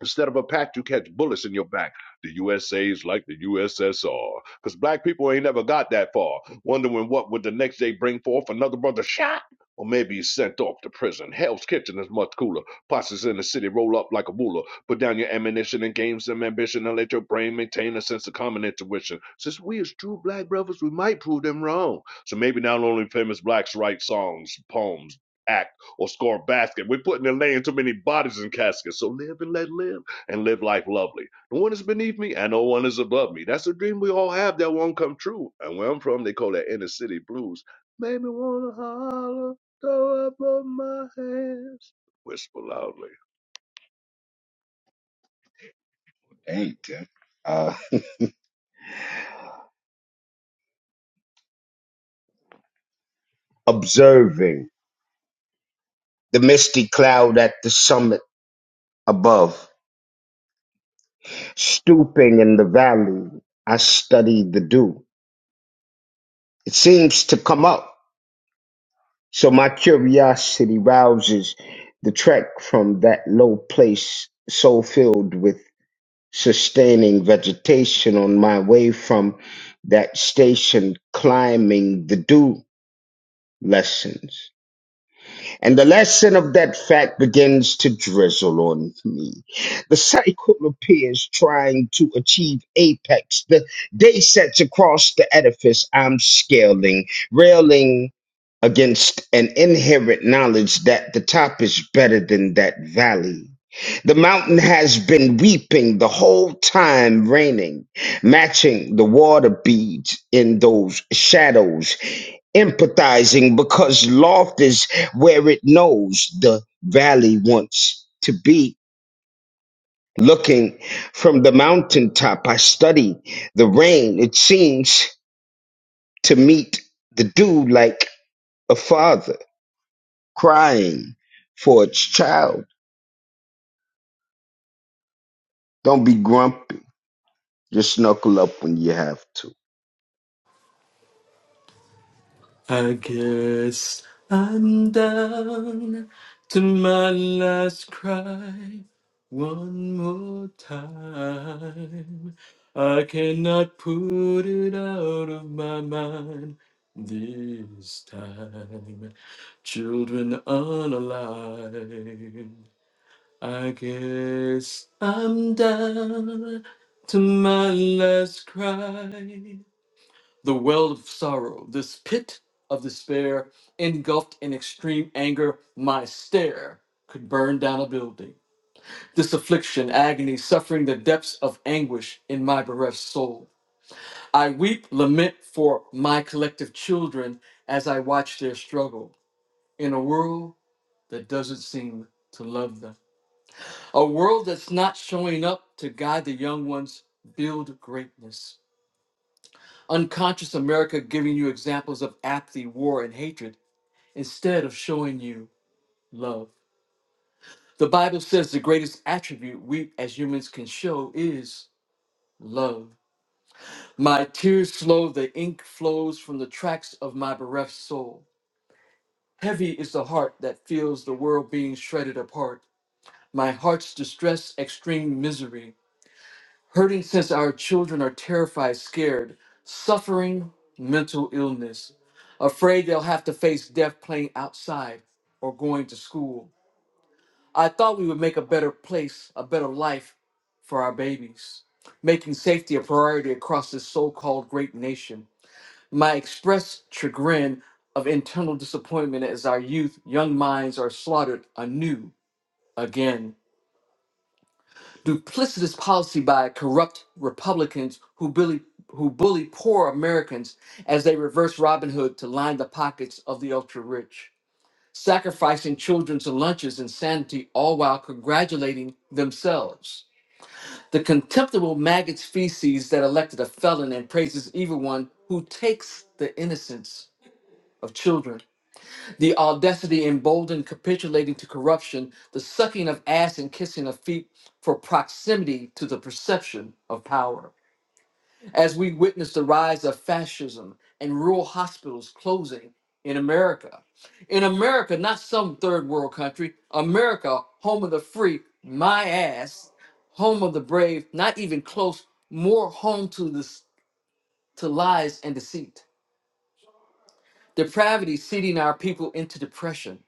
S9: Instead of a pack, you catch bullets in your back. The USA's like the USSR. Because black people ain't never got that far, wondering what would the next day bring forth another brother shot? Or maybe he's sent off to prison. Hell's Kitchen is much cooler. Posses in the city roll up like a ruler. Put down your ammunition and gain some ambition and let your brain maintain a sense of common intuition. Since we as true black brothers, we might prove them wrong. So maybe not only famous blacks write songs, poems, act or score a basket. We're putting and laying too many bodies in caskets. So live and let live and live life lovely. No one is beneath me and no one is above me. That's a dream we all have that won't come true. And where I'm from, they call that inner city blues. Made me wanna holler, throw up both my hands, whisper loudly.
S7: Ain't 10. Uh, observing the misty cloud at the summit above, stooping in the valley, I study the dew. It seems to come up, so my curiosity rouses the trek from that low place, so filled with sustaining vegetation on my way from that station, climbing the dew lessons. and the lesson of that fact begins to drizzle on me. The cycle appears trying to achieve apex. The day sets across the edifice I'm scaling, railing against an inherent knowledge that the top is better than that valley. The mountain has been weeping the whole time raining, matching the water beads in those shadows empathizing because loft is where it knows the valley wants to be. Looking from the mountaintop, I study the rain. It seems to meet the dew like a father crying for its child. Don't be grumpy. Just knuckle up when you have to.
S5: I guess I'm down to my last cry one more time. I cannot put it out of my mind this time. Children unalive. I guess I'm down to my last cry the well of sorrow, this pit of despair, engulfed in extreme anger, my stare could burn down a building. This affliction, agony, suffering the depths of anguish in my bereft soul. I weep, lament for my collective children as I watch their struggle in a world that doesn't seem to love them. A world that's not showing up to guide the young ones build greatness. Unconscious America giving you examples of apathy, war, and hatred instead of showing you love. The Bible says the greatest attribute we as humans can show is love. My tears flow, the ink flows from the tracks of my bereft soul. Heavy is the heart that feels the world being shredded apart. My heart's distress, extreme misery, hurting since our children are terrified, scared, suffering mental illness, afraid they'll have to face death playing outside or going to school I thought we would make a better place, a better life for our babies, making safety a priority across this so called great nation. My expressed chagrin of internal disappointment as our youth, young minds are slaughtered anew again. Duplicitous policy by corrupt Republicans who bully, who bully poor Americans as they reverse Robin Hood to line the pockets of the ultra rich, sacrificing children to lunches and sanity, all while congratulating themselves. The contemptible maggot's feces that elected a felon and praises evil one who takes the innocence of children. The audacity emboldened capitulating to corruption, the sucking of ass and kissing of feet for proximity to the perception of power as we witness the rise of fascism and rural hospitals closing in America. In America, not some third world country, America, home of the free, my ass, home of the brave, not even close, more home to this to lies and deceit. Depravity seeding our people into depression,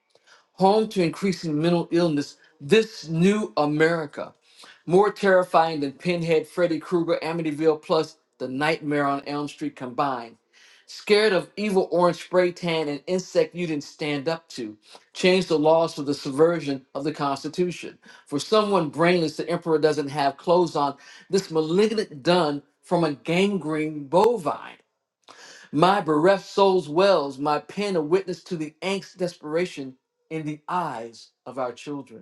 S5: home to increasing mental illness, this new America. More terrifying than Pinhead, Freddy Krueger, Amityville, plus the Nightmare on Elm Street combined Scared of evil orange spray tan and insect you didn't stand up to. Change the laws for the subversion of the Constitution. For someone brainless, the emperor doesn't have clothes on. This malignant dun from a gangrene bovine. My bereft soul's wells, my pen a witness to the angst desperation in the eyes of our children.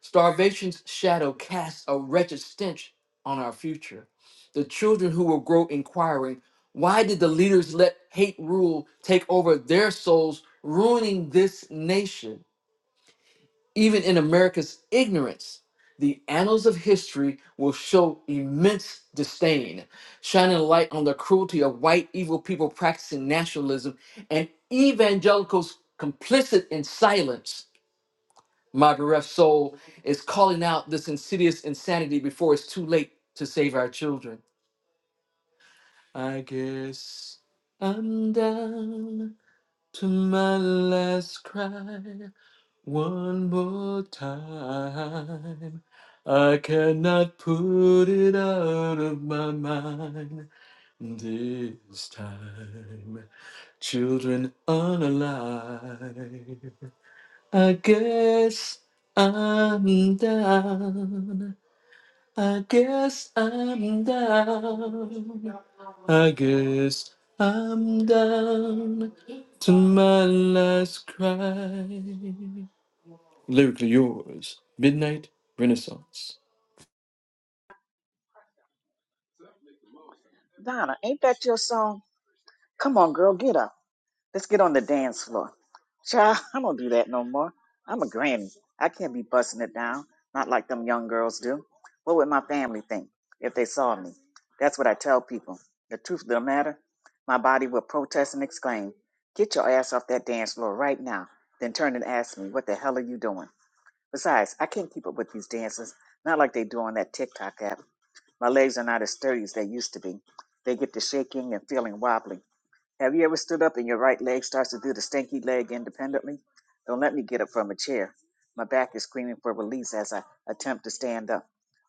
S5: Starvation's shadow casts a wretched stench on our future. The children who will grow inquiring, why did the leaders let hate rule take over their souls, ruining this nation? Even in America's ignorance, the annals of history will show immense disdain, shining a light on the cruelty of white evil people practicing nationalism and evangelicals complicit in silence. My bereft soul is calling out this insidious insanity before it's too late to save our children. I guess I'm down to my last cry one more time. I cannot put it out of my mind this time. Children unalive. I guess I'm down I guess I'm down. I guess I'm down to my last cry. Lyrically yours, Midnight Renaissance.
S4: Donna, ain't that your song? Come on, girl, get up. Let's get on the dance floor. Child, I don't do that no more. I'm a granny. I can't be busting it down, not like them young girls do. What would my family think if they saw me? That's what I tell people. The truth of the matter, my body will protest and exclaim, Get your ass off that dance floor right now. Then turn and ask me, What the hell are you doing? Besides, I can't keep up with these dances, not like they do on that TikTok app. My legs are not as sturdy as they used to be. They get to shaking and feeling wobbly. Have you ever stood up and your right leg starts to do the stinky leg independently? Don't let me get up from a chair. My back is screaming for release as I attempt to stand up,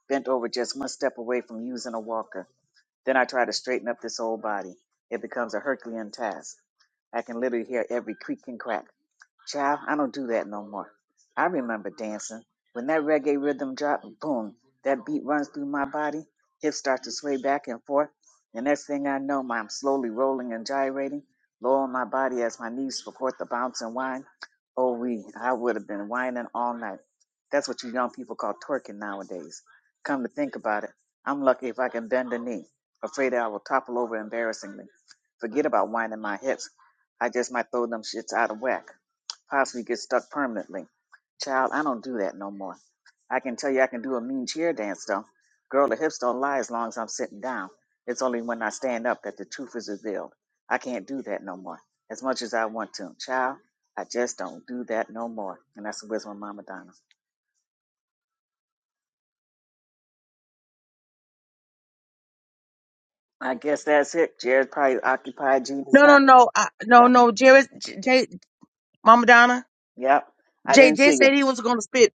S4: bent over just one step away from using a walker. Then I try to straighten up this old body. It becomes a Herculean task. I can literally hear every creak and crack Child, I don't do that no more. I remember dancing. When that reggae rhythm drops. boom, that beat runs through my body. Hips start to sway back and forth. The next thing I know, I'm slowly rolling and gyrating, low on my body as my knees support the bounce and whine. Oh, we, I would have been whining all night. That's what you young people call twerking nowadays. Come to think about it, I'm lucky if I can bend a knee, afraid I will topple over embarrassingly. Forget about whining my hips. I just might throw them shits out of whack possibly get stuck permanently. Child, I don't do that no more. I can tell you I can do a mean chair dance though. Girl, the hips don't lie as long as I'm sitting down. It's only when I stand up that the truth is revealed. I can't do that no more. As much as I want to. Child, I just don't do that no more. And that's the wisdom of Mama Donna. I guess that's it. Jared probably occupied
S1: you.
S4: Jesus
S1: No, no,
S4: not.
S1: no. I, no,
S4: Yeah.
S1: no. Jared, J, J, Mama Donna.
S4: Yep. I
S1: Jay,
S4: didn't
S1: Jay
S4: see you.
S1: said he was going to spit.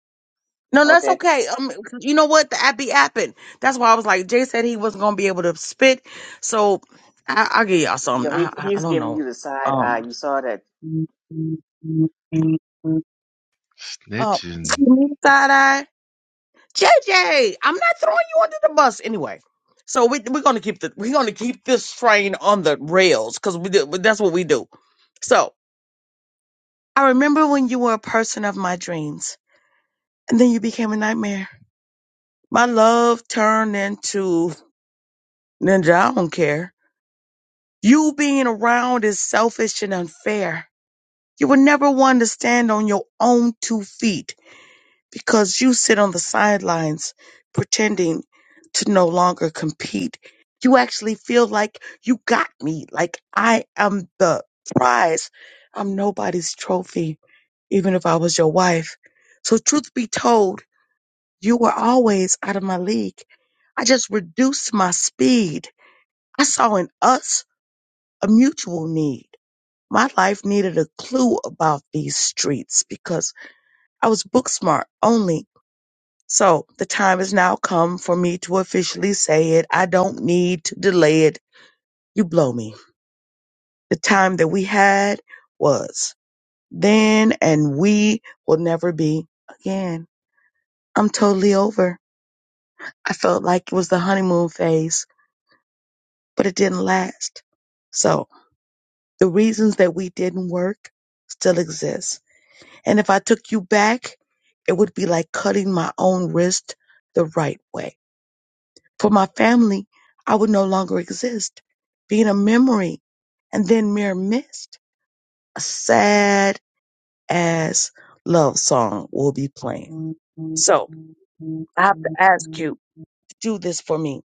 S1: No, that's
S4: Okay.
S1: okay. Um, you know what? The app be apping. That's why I was like, Jay said he wasn't going to be able to spit. So I, I'll give y'all
S4: You
S1: something.
S4: know,
S1: I,
S4: he
S1: I, I
S4: he's
S1: don't
S4: giving
S1: know.
S4: you the side
S1: Um,
S4: eye. You saw that.
S1: Oh,
S2: Snitching.
S1: side eye. JJ, I'm not throwing you under the bus anyway. So we we're gonna keep the we're gonna keep this train on the rails because we do, that's what we do. So I remember when you were a person of my dreams, and then you became a nightmare. My love turned into ninja. I don't care. You being around is selfish and unfair. You were never one to stand on your own two feet. because you sit on the sidelines pretending to no longer compete. You actually feel like you got me, like I am the prize. I'm nobody's trophy, even if I was your wife. So, truth be told, you were always out of my league. I just reduced my speed. I saw in us a mutual need. My life needed a clue about these streets because I was book smart only So the time has now come for me to officially say it. I don't need to delay it. You blow me. The time that we had was then and we will never be again. I'm totally over. I felt like it was the honeymoon phase, but it didn't last. So the reasons that we didn't work still exist. And if I took you back, it would be like cutting my own wrist the right way. For my family, I would no longer exist, being a memory and then mere mist. A sad ass love song will be playing. So I have to ask you to do this for me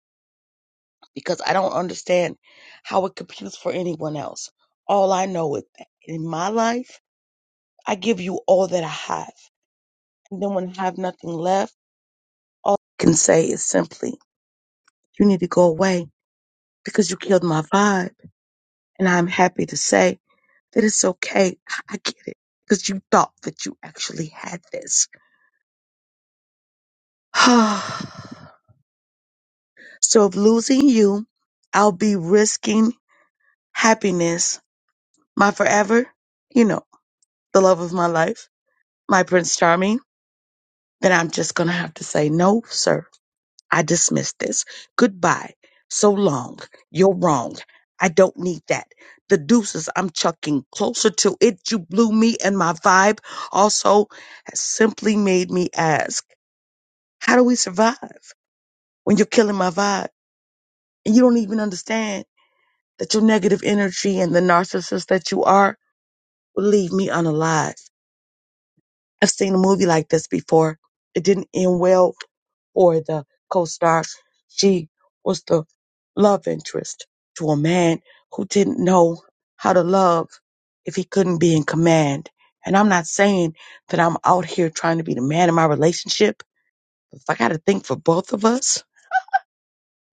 S1: because I don't understand how it computes for anyone else. All I know is that in my life, I give you all that I have. And then when I have nothing left, all I can say is simply, you need to go away because you killed my vibe. And I'm happy to say That It is okay. I I get it. Because you thought that you actually had this. so if losing you, I'll be risking happiness, my forever, you know, the love of my life, my Prince Charming, then I'm just going to have to say, no, sir, I dismiss this. Goodbye. So long. You're wrong. I don't need that. The deuces I'm chucking closer to it. You blew me and my vibe also has simply made me ask. How do we survive when you're killing my vibe and you don't even understand that your negative energy and the narcissist that you are will leave me unalive? I've seen a movie like this before. It didn't end well for the co-star. She was the love interest to a man who didn't know how to love if he couldn't be in command. And I'm not saying that I'm out here trying to be the man in my relationship. If I got to think for both of us,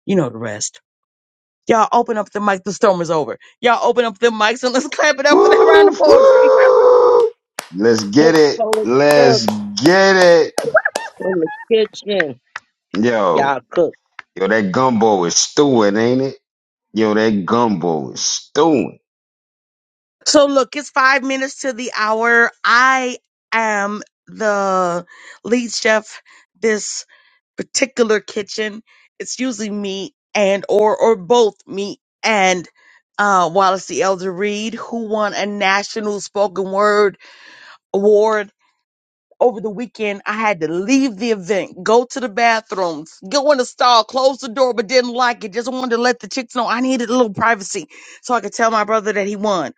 S1: you know the rest. Y'all open up the mic. The storm is over. Y'all open up the mics and let's clap it up for that round of
S7: Woof,
S1: poetry.
S7: woof. Let's get
S12: Cook,
S7: it.
S12: cook, cook
S7: Let's get it.
S12: in the kitchen.
S7: Yo,
S12: Y'all cook.
S7: yo, that gumbo is stewing, ain't it? Yo, that gumbo is stewing.
S1: So look, it's five minutes to the hour. I am the lead chef this particular kitchen. It's usually me and or or both me and uh Wallace the Elder Reed, who won a national spoken word award over the weekend, I had to leave the event, go to the bathrooms, go in the stall, close the door, but didn't like it. Just wanted to let the chicks know I needed a little privacy so I could tell my brother that he won.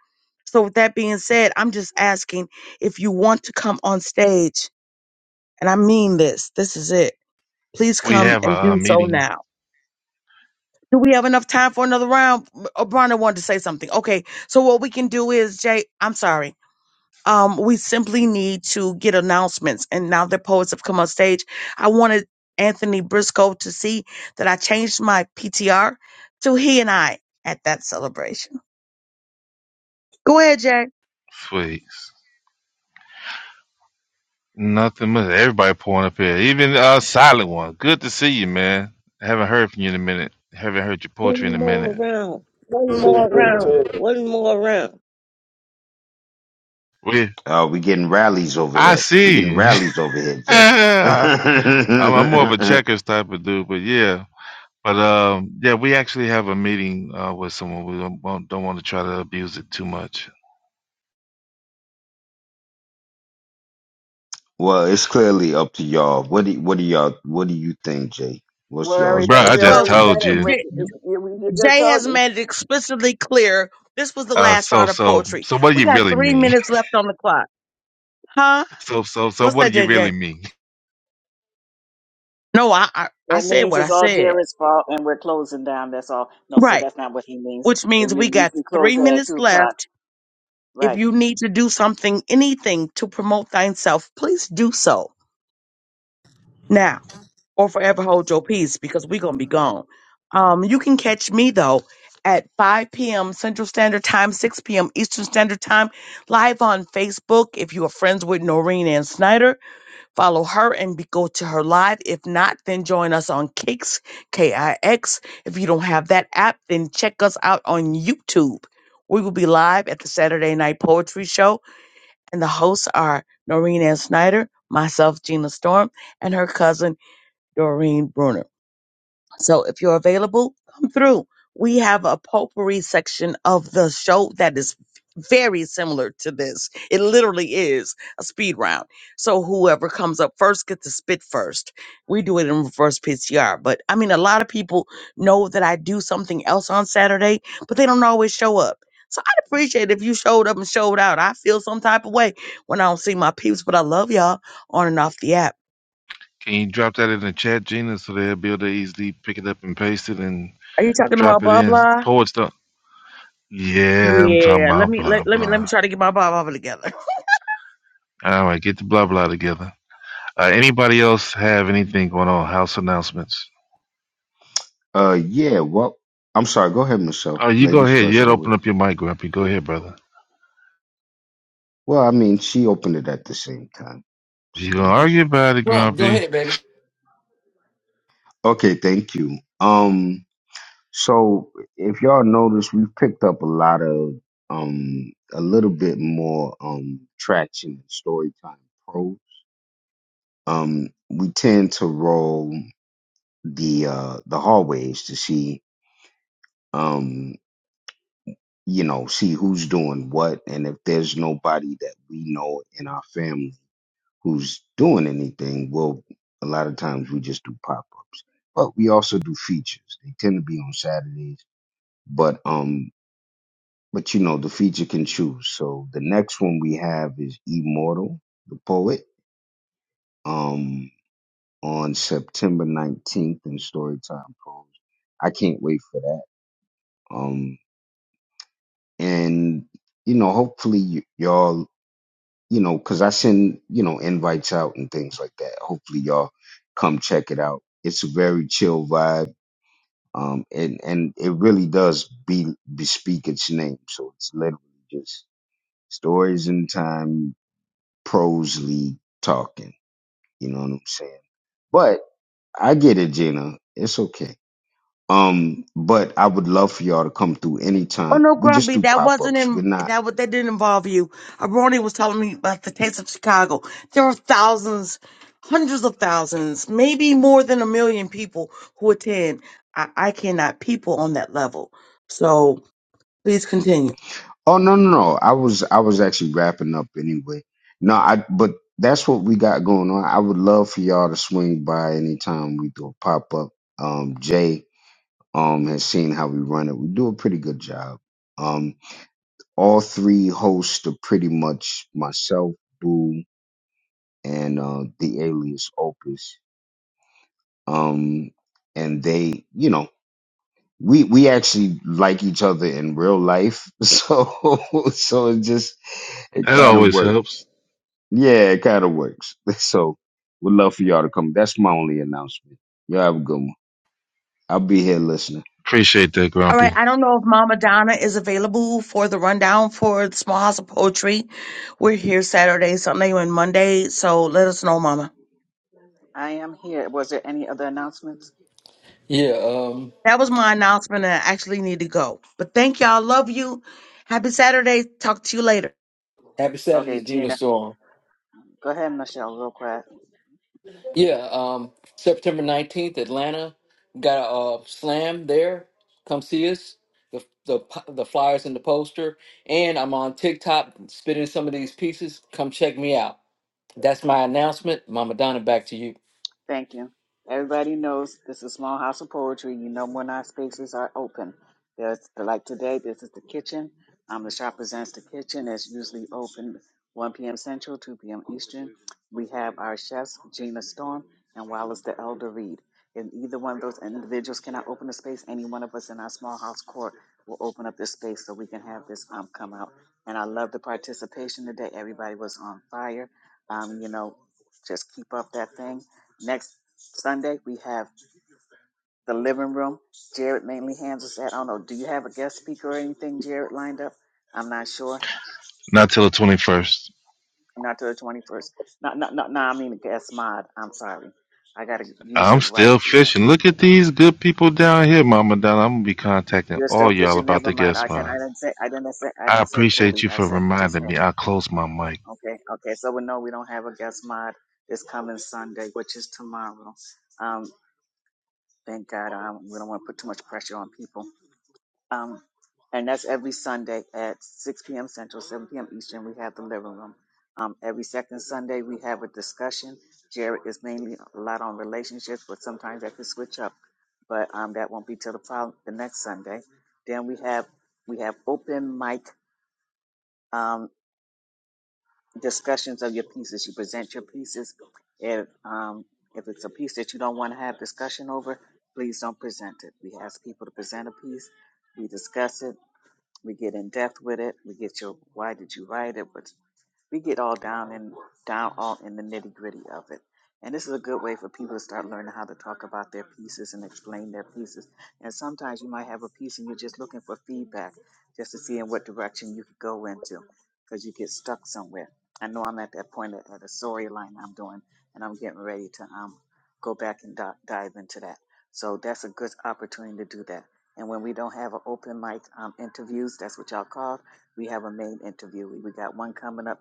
S1: So, with that being said, I'm just asking if you want to come on stage, and I mean this, this is it. Please
S2: We
S1: come
S2: have
S1: and
S2: a uh,
S1: do so
S2: meeting.
S1: now. Do we have enough time for another round? O'Brien wanted to say something. Okay, so what we can do is, Jay, I'm sorry um, we simply need to get announcements. And now the poets have come on stage, I wanted Anthony Briscoe to see that I changed my PTR to he and I at that celebration. Go ahead, Jay.
S2: Please. Nothing much. Everybody pulling up here. Even uh silent one. Good to see you, man. Haven't heard from you in a minute. Haven't heard your poetry in
S12: One
S2: a
S12: more
S2: minute.
S12: round. One
S15: See,
S12: more
S15: real
S12: round. One more round.
S2: We
S7: Oh, we getting rallies over
S2: I
S7: here. We getting
S2: see.
S7: rallies over here, Jay.
S2: I'm, I'm more of a
S7: well,
S2: checkers type of dude, but yeah. But um yeah, we actually have a meeting uh with someone. We don't won't- don't want to try to abuse it too much.
S7: it's clearly up to y'all. What do what do y'all what do you think, Jay?
S4: We
S7: What's y'all's
S4: already
S2: Bruh, I
S4: we
S7: best
S2: just
S1: Well,
S4: already said
S7: judgment?
S2: told
S4: it
S2: you.
S4: with
S1: Jay,
S4: we we just
S1: Jay
S4: told
S1: has
S4: you.
S1: made it explicitly clear this was the
S2: Uh
S1: last
S2: so
S1: round of
S2: so
S1: poetry.
S2: so what do
S1: We
S2: you
S1: got
S2: really
S1: three
S2: mean?
S1: minutes left on the clock. Huh?
S2: So so so
S1: What's
S2: what
S1: that,
S2: do you
S1: Jay?
S2: really
S1: Jay?
S2: mean?
S1: No, I, I, I
S4: That
S1: said
S4: means
S1: what I
S4: it's all
S1: said.
S4: Jared's fault and we're closing down. That's all. No, so
S1: Right.
S4: that's not what he means.
S1: Which
S4: It,
S1: means
S4: we,
S1: we
S4: you
S1: got
S4: can
S1: three
S4: close at
S1: minutes
S4: 2
S1: left
S4: o'clock.
S1: If
S4: Right.
S1: you need to do something, anything to promote thyself, please do so now or forever hold your peace because we're going to be gone. Um, you can catch me though at 5 p.m. Central Standard Time, 6 p.m. Eastern Standard Time, live on Facebook. If you are friends with Noreen and Snyder, follow her and be, go to her live. If not, then join us on Kix, K I X. If you don't have that app, then check us out on YouTube. We will be live at the Saturday Night Poetry Show and the hosts are Noreen Ann Snyder, myself, Gina Storm, and her cousin, Doreen Bruner. So if you're available, come through. We have a potpourri section of the show that is very similar to this. It literally is a speed round. So whoever comes up first gets to spit first. We do it in reverse PCR. But I mean, a lot of people know that I do something else on Saturday, but they don't always show up. So I'd appreciate if you showed up and showed out. I feel some type of way when I don't see my peeps, but I love y'all on and off the app.
S2: Can you drop that in the chat, Gina, so they'll be able to easily pick it up and paste it and
S1: Are you talking about
S2: Drop it
S1: blah
S2: in.
S1: blah?
S2: poets don't. Yeah, I'm talking
S1: Yeah, let
S2: about
S1: me
S2: blah
S1: let, let me let me
S2: blah.
S1: try to get my Bible together.
S2: All right, get the blah blah together. Uh, anybody else have anything going on? House announcements.
S7: Uh, yeah. Well, I'm sorry. Go ahead, Michelle.
S2: Oh, you go
S7: Ladies
S2: ahead. You
S7: first,
S2: had to open
S7: always.
S2: up your mic, Grumpy. Go ahead, brother.
S7: Well, I mean, she opened it at the same time.
S2: If you
S7: So
S2: gonna
S7: ladies
S2: argue
S7: first.
S2: about it,
S5: Rob, go
S2: Grumpy,
S5: ahead, baby.
S7: Okay, thank you. Um. So if y'all notice, we've picked up a lot of um a little bit more um traction in story time pros. Um we tend to roll the uh the hallways to see um you know see who's doing what and if there's nobody that we know in our family who's doing anything, well a lot of times we just do pop ups. But we also do features. They tend to be on Saturdays. But um But you know, the feature can choose. So the next one we have is Immortal, the poet, um, on September 19th in Storytime Pros. I can't wait for that. Um, and, you know, hopefully y- y'all, you know, cause I send, you know, invites out and things like that. Hopefully y'all come check it out. It's a very chill vibe. Um, and, and it really does be, bespeak its name. So it's literally just stories in time, Prosely talking. You know what I'm saying? But I get it, Gina. It's okay. Um, but I would love for y'all to come through
S1: Oh
S7: anytime.
S1: no,
S7: We just
S1: Grumpy,
S7: do
S1: that
S7: pop
S1: wasn't
S7: ups. We're
S1: in
S7: not.
S1: that what that didn't involve you. Aroni was telling me about the taste of Chicago. There are thousands, hundreds of thousands, maybe more than a million people who attend. I, I cannot people on that level. So please continue.
S7: Oh no, no, no. I was, I was actually wrapping up anyway. No, I. But that's what we got going on. I would love for y'all to swing by anytime we do a pop up. Um, Jay, um, has seen how we run it. We do a pretty good job. Um, all three hosts are pretty much myself, Boo, and uh, the alias Opus. Um, and they, you know, we we actually like each other in real life, so so it just it
S2: that
S7: kind of
S2: always helps.
S7: works. Yeah, it kind of works. So we'd love for y'all to come. That's my only announcement. Y'all have a good one. I'll be here listening.
S2: Appreciate that,
S1: All right,
S2: Grumpy.
S1: I don't know if Mama Donna is available for the rundown for the Small House of Poetry. We're here Saturday, Sunday, and Monday, so let us know, Mama.
S4: I am here. Was there any other announcements?
S5: Yeah, um,
S1: That was my announcement, and I actually need to go. But thank y'all. Love you. Happy Saturday. Talk to you later.
S5: happy Saturday,
S4: Okay,
S5: Gina
S4: Gina.
S5: Storm.
S4: Go ahead, Michelle, real quick.
S5: Yeah, um, September 19th, Atlanta. Got a uh, slam there. Come see us. The, the, po- the flyers and the poster. And I'm on TikTok spitting some of these pieces. Come check me out. That's my announcement. Mama Donna, back to you.
S4: Thank you. Everybody knows this is Small House of Poetry. You know when our spaces are open. There's like today, this is the kitchen. Um, the shop presents the kitchen. It's usually open 1 p.m. Central, 2 p.m. Eastern. We have our chefs, Gina Storm and Wallace the Elder Reed. And either one of those individuals cannot open the space. Any one of us in our small house court will open up this space so we can have this um, come out. And I love the participation today. Everybody was on fire. Um, you know, just keep up that thing. Next Sunday, we have the living room. Jared mainly handles that. I don't know. Do you have a guest speaker or anything, Jared, lined up? I'm not sure.
S2: Not till the twenty first.
S4: Not till the 21st. No, no, no, no. I mean, a guest mod. I'm sorry. I gotta use
S2: I'm
S4: it right.
S2: still
S4: You know,
S2: fishing. Look
S4: you
S2: at
S4: know.
S2: these good people down here, Mama Donna. I'm gonna be contacting
S4: You're
S2: all
S4: still
S2: y'all
S4: fishing.
S2: about
S4: Never
S2: the
S4: mind.
S2: guest
S4: I can.
S2: spot.
S4: I didn't say. I didn't say. I
S2: I
S4: didn't say
S2: appreciate
S4: bully.
S2: you
S4: I
S2: for
S4: said. I just
S2: reminding
S4: said.
S2: me. I close my mic.
S4: Okay. Okay. So we know we don't have a guest mod this coming Sunday, which is tomorrow. Um, thank God. Um, we don't want to put too much pressure on people. Um, and that's every Sunday at 6 p.m. Central, 7 p.m. Eastern. We have the living room. Um, every second Sunday, we have a discussion. Jared is mainly a lot on relationships, but sometimes that could switch up. But um, that won't be till the, following, the next Sunday. Then we have we have open mic um, discussions of your pieces. You present your pieces. If um, if it's a piece that you don't want to have discussion over, please don't present it. We ask people to present a piece. We discuss it we get in depth with it. We get your why did you write it? What we get all down and down all in the nitty gritty of it. And this is a good way for people to start learning how to talk about their pieces and explain their pieces. And sometimes you might have a piece and you're just looking for feedback just to see in what direction you could go into because you get stuck somewhere. I know I'm at that point at, at a storyline I'm doing and I'm getting ready to um, go back and di- dive into that. So that's a good opportunity to do that. And when we don't have an open mic um, interviews, that's what y'all call we have a main interview. We we got one coming up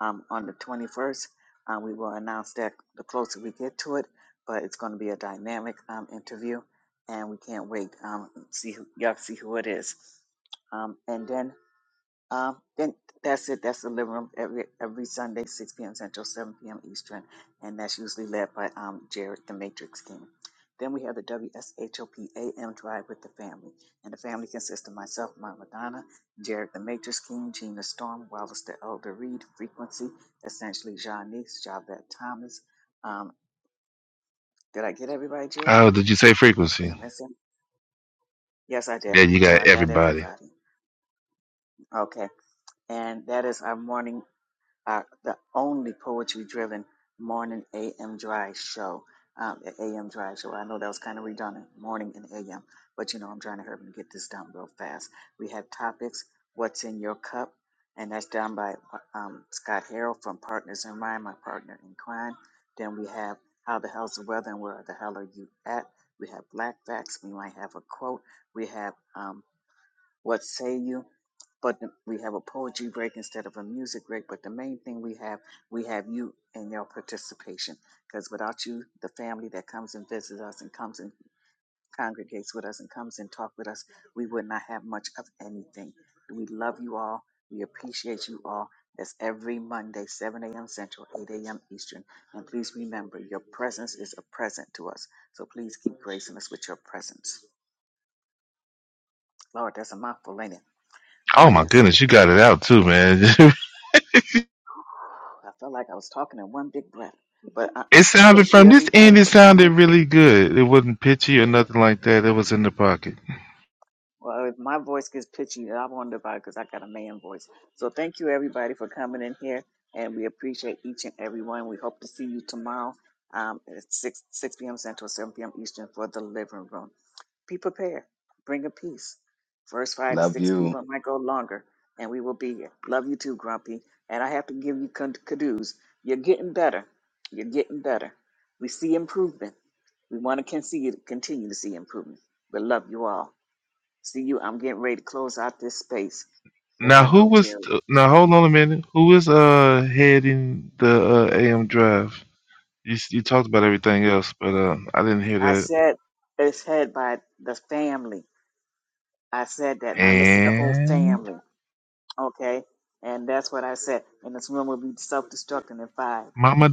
S4: um, on the 21st. Uh, we will announce that the closer we get to it, but it's going to be a dynamic um, interview, and we can't wait. Um, see, who, y'all see who it is. Um, and then um, then that's it. That's the living room every every Sunday, 6 p.m. Central, 7 p.m. Eastern, and that's usually led by um, Jared, the Matrix King. Then we have the W S H O P A M Drive with the family, and the family consists of myself, Mama Donna, Jared, the Matrix King, Gina Storm, Wallace, the Elder Reed, Frequency, essentially Janice, Javette Thomas. Um, did I get everybody, Jared?
S2: Oh, did you say
S4: Did
S2: frequency?
S4: I miss him? Yes, I did.
S2: Yeah, you
S4: So
S2: got
S4: I got
S2: everybody.
S4: everybody. Okay, and that is our morning. our the only poetry driven morning AM drive show. Um, a- AM drive show. I know that was kind of redundant, morning and AM, but you know I'm trying to hurry and get this done real fast. We have topics. What's in your cup? And that's done by um, Scott Harrell from Partners in Rhyme, my partner in crime. Then we have How the Hell's the Weather and Where the Hell Are You At? We have Black Facts. We might have a quote. We have um, what say you? But the- we have a poetry break instead of a music break. But the main thing we have, we have you and your participation. Because without you, the family that comes and visits us and comes and congregates with us and comes and talk with us, we would not have much of anything. We love you all. We appreciate you all. That's every Monday, 7 a.m. Central, 8 a.m. Eastern. And please remember, your presence is a present to us. So please keep gracing us with your presence. Lord, that's a mouthful, ain't it? Oh,
S2: Oh my
S4: yes.
S2: goodness, you got it out too, man.
S4: I felt like I was talking in one big breath. But I,
S2: it sounded
S4: thank you,
S2: from this end.
S4: everybody,
S2: It
S4: for
S2: sounded
S4: coming.
S2: really good. It wasn't pitchy or nothing like that. It was in the pocket.
S4: Well, if my voice gets pitchy, I wonder about it because I got a man voice. So thank you, everybody, for coming in here, and we appreciate each and every one. We hope to see you tomorrow um, at 6, 6 p.m. Central, 7 p.m. Eastern for the living room. Be prepared. Bring a piece. First five to
S7: Love
S4: six
S7: you.
S4: people. It might go longer, and we will be here. Love you too, Grumpy. And I have to give you con- kudos. You're getting better. You're getting better. We see improvement. We want to continue, continue to see improvement. But love you all. See you. I'm getting ready to close out this space because
S2: Now
S4: I
S2: who
S4: know
S2: was?
S4: Jerry.
S2: Now hold on a minute. Who was uh heading the uh, AM drive? You s- you talked about everything else, but uh, I didn't hear
S4: I
S2: that.
S4: said it's head by the family. I said that, and I listed the whole
S2: And
S4: family. Okay, and that's what I said. And this room will be self-destructing in five
S2: Mama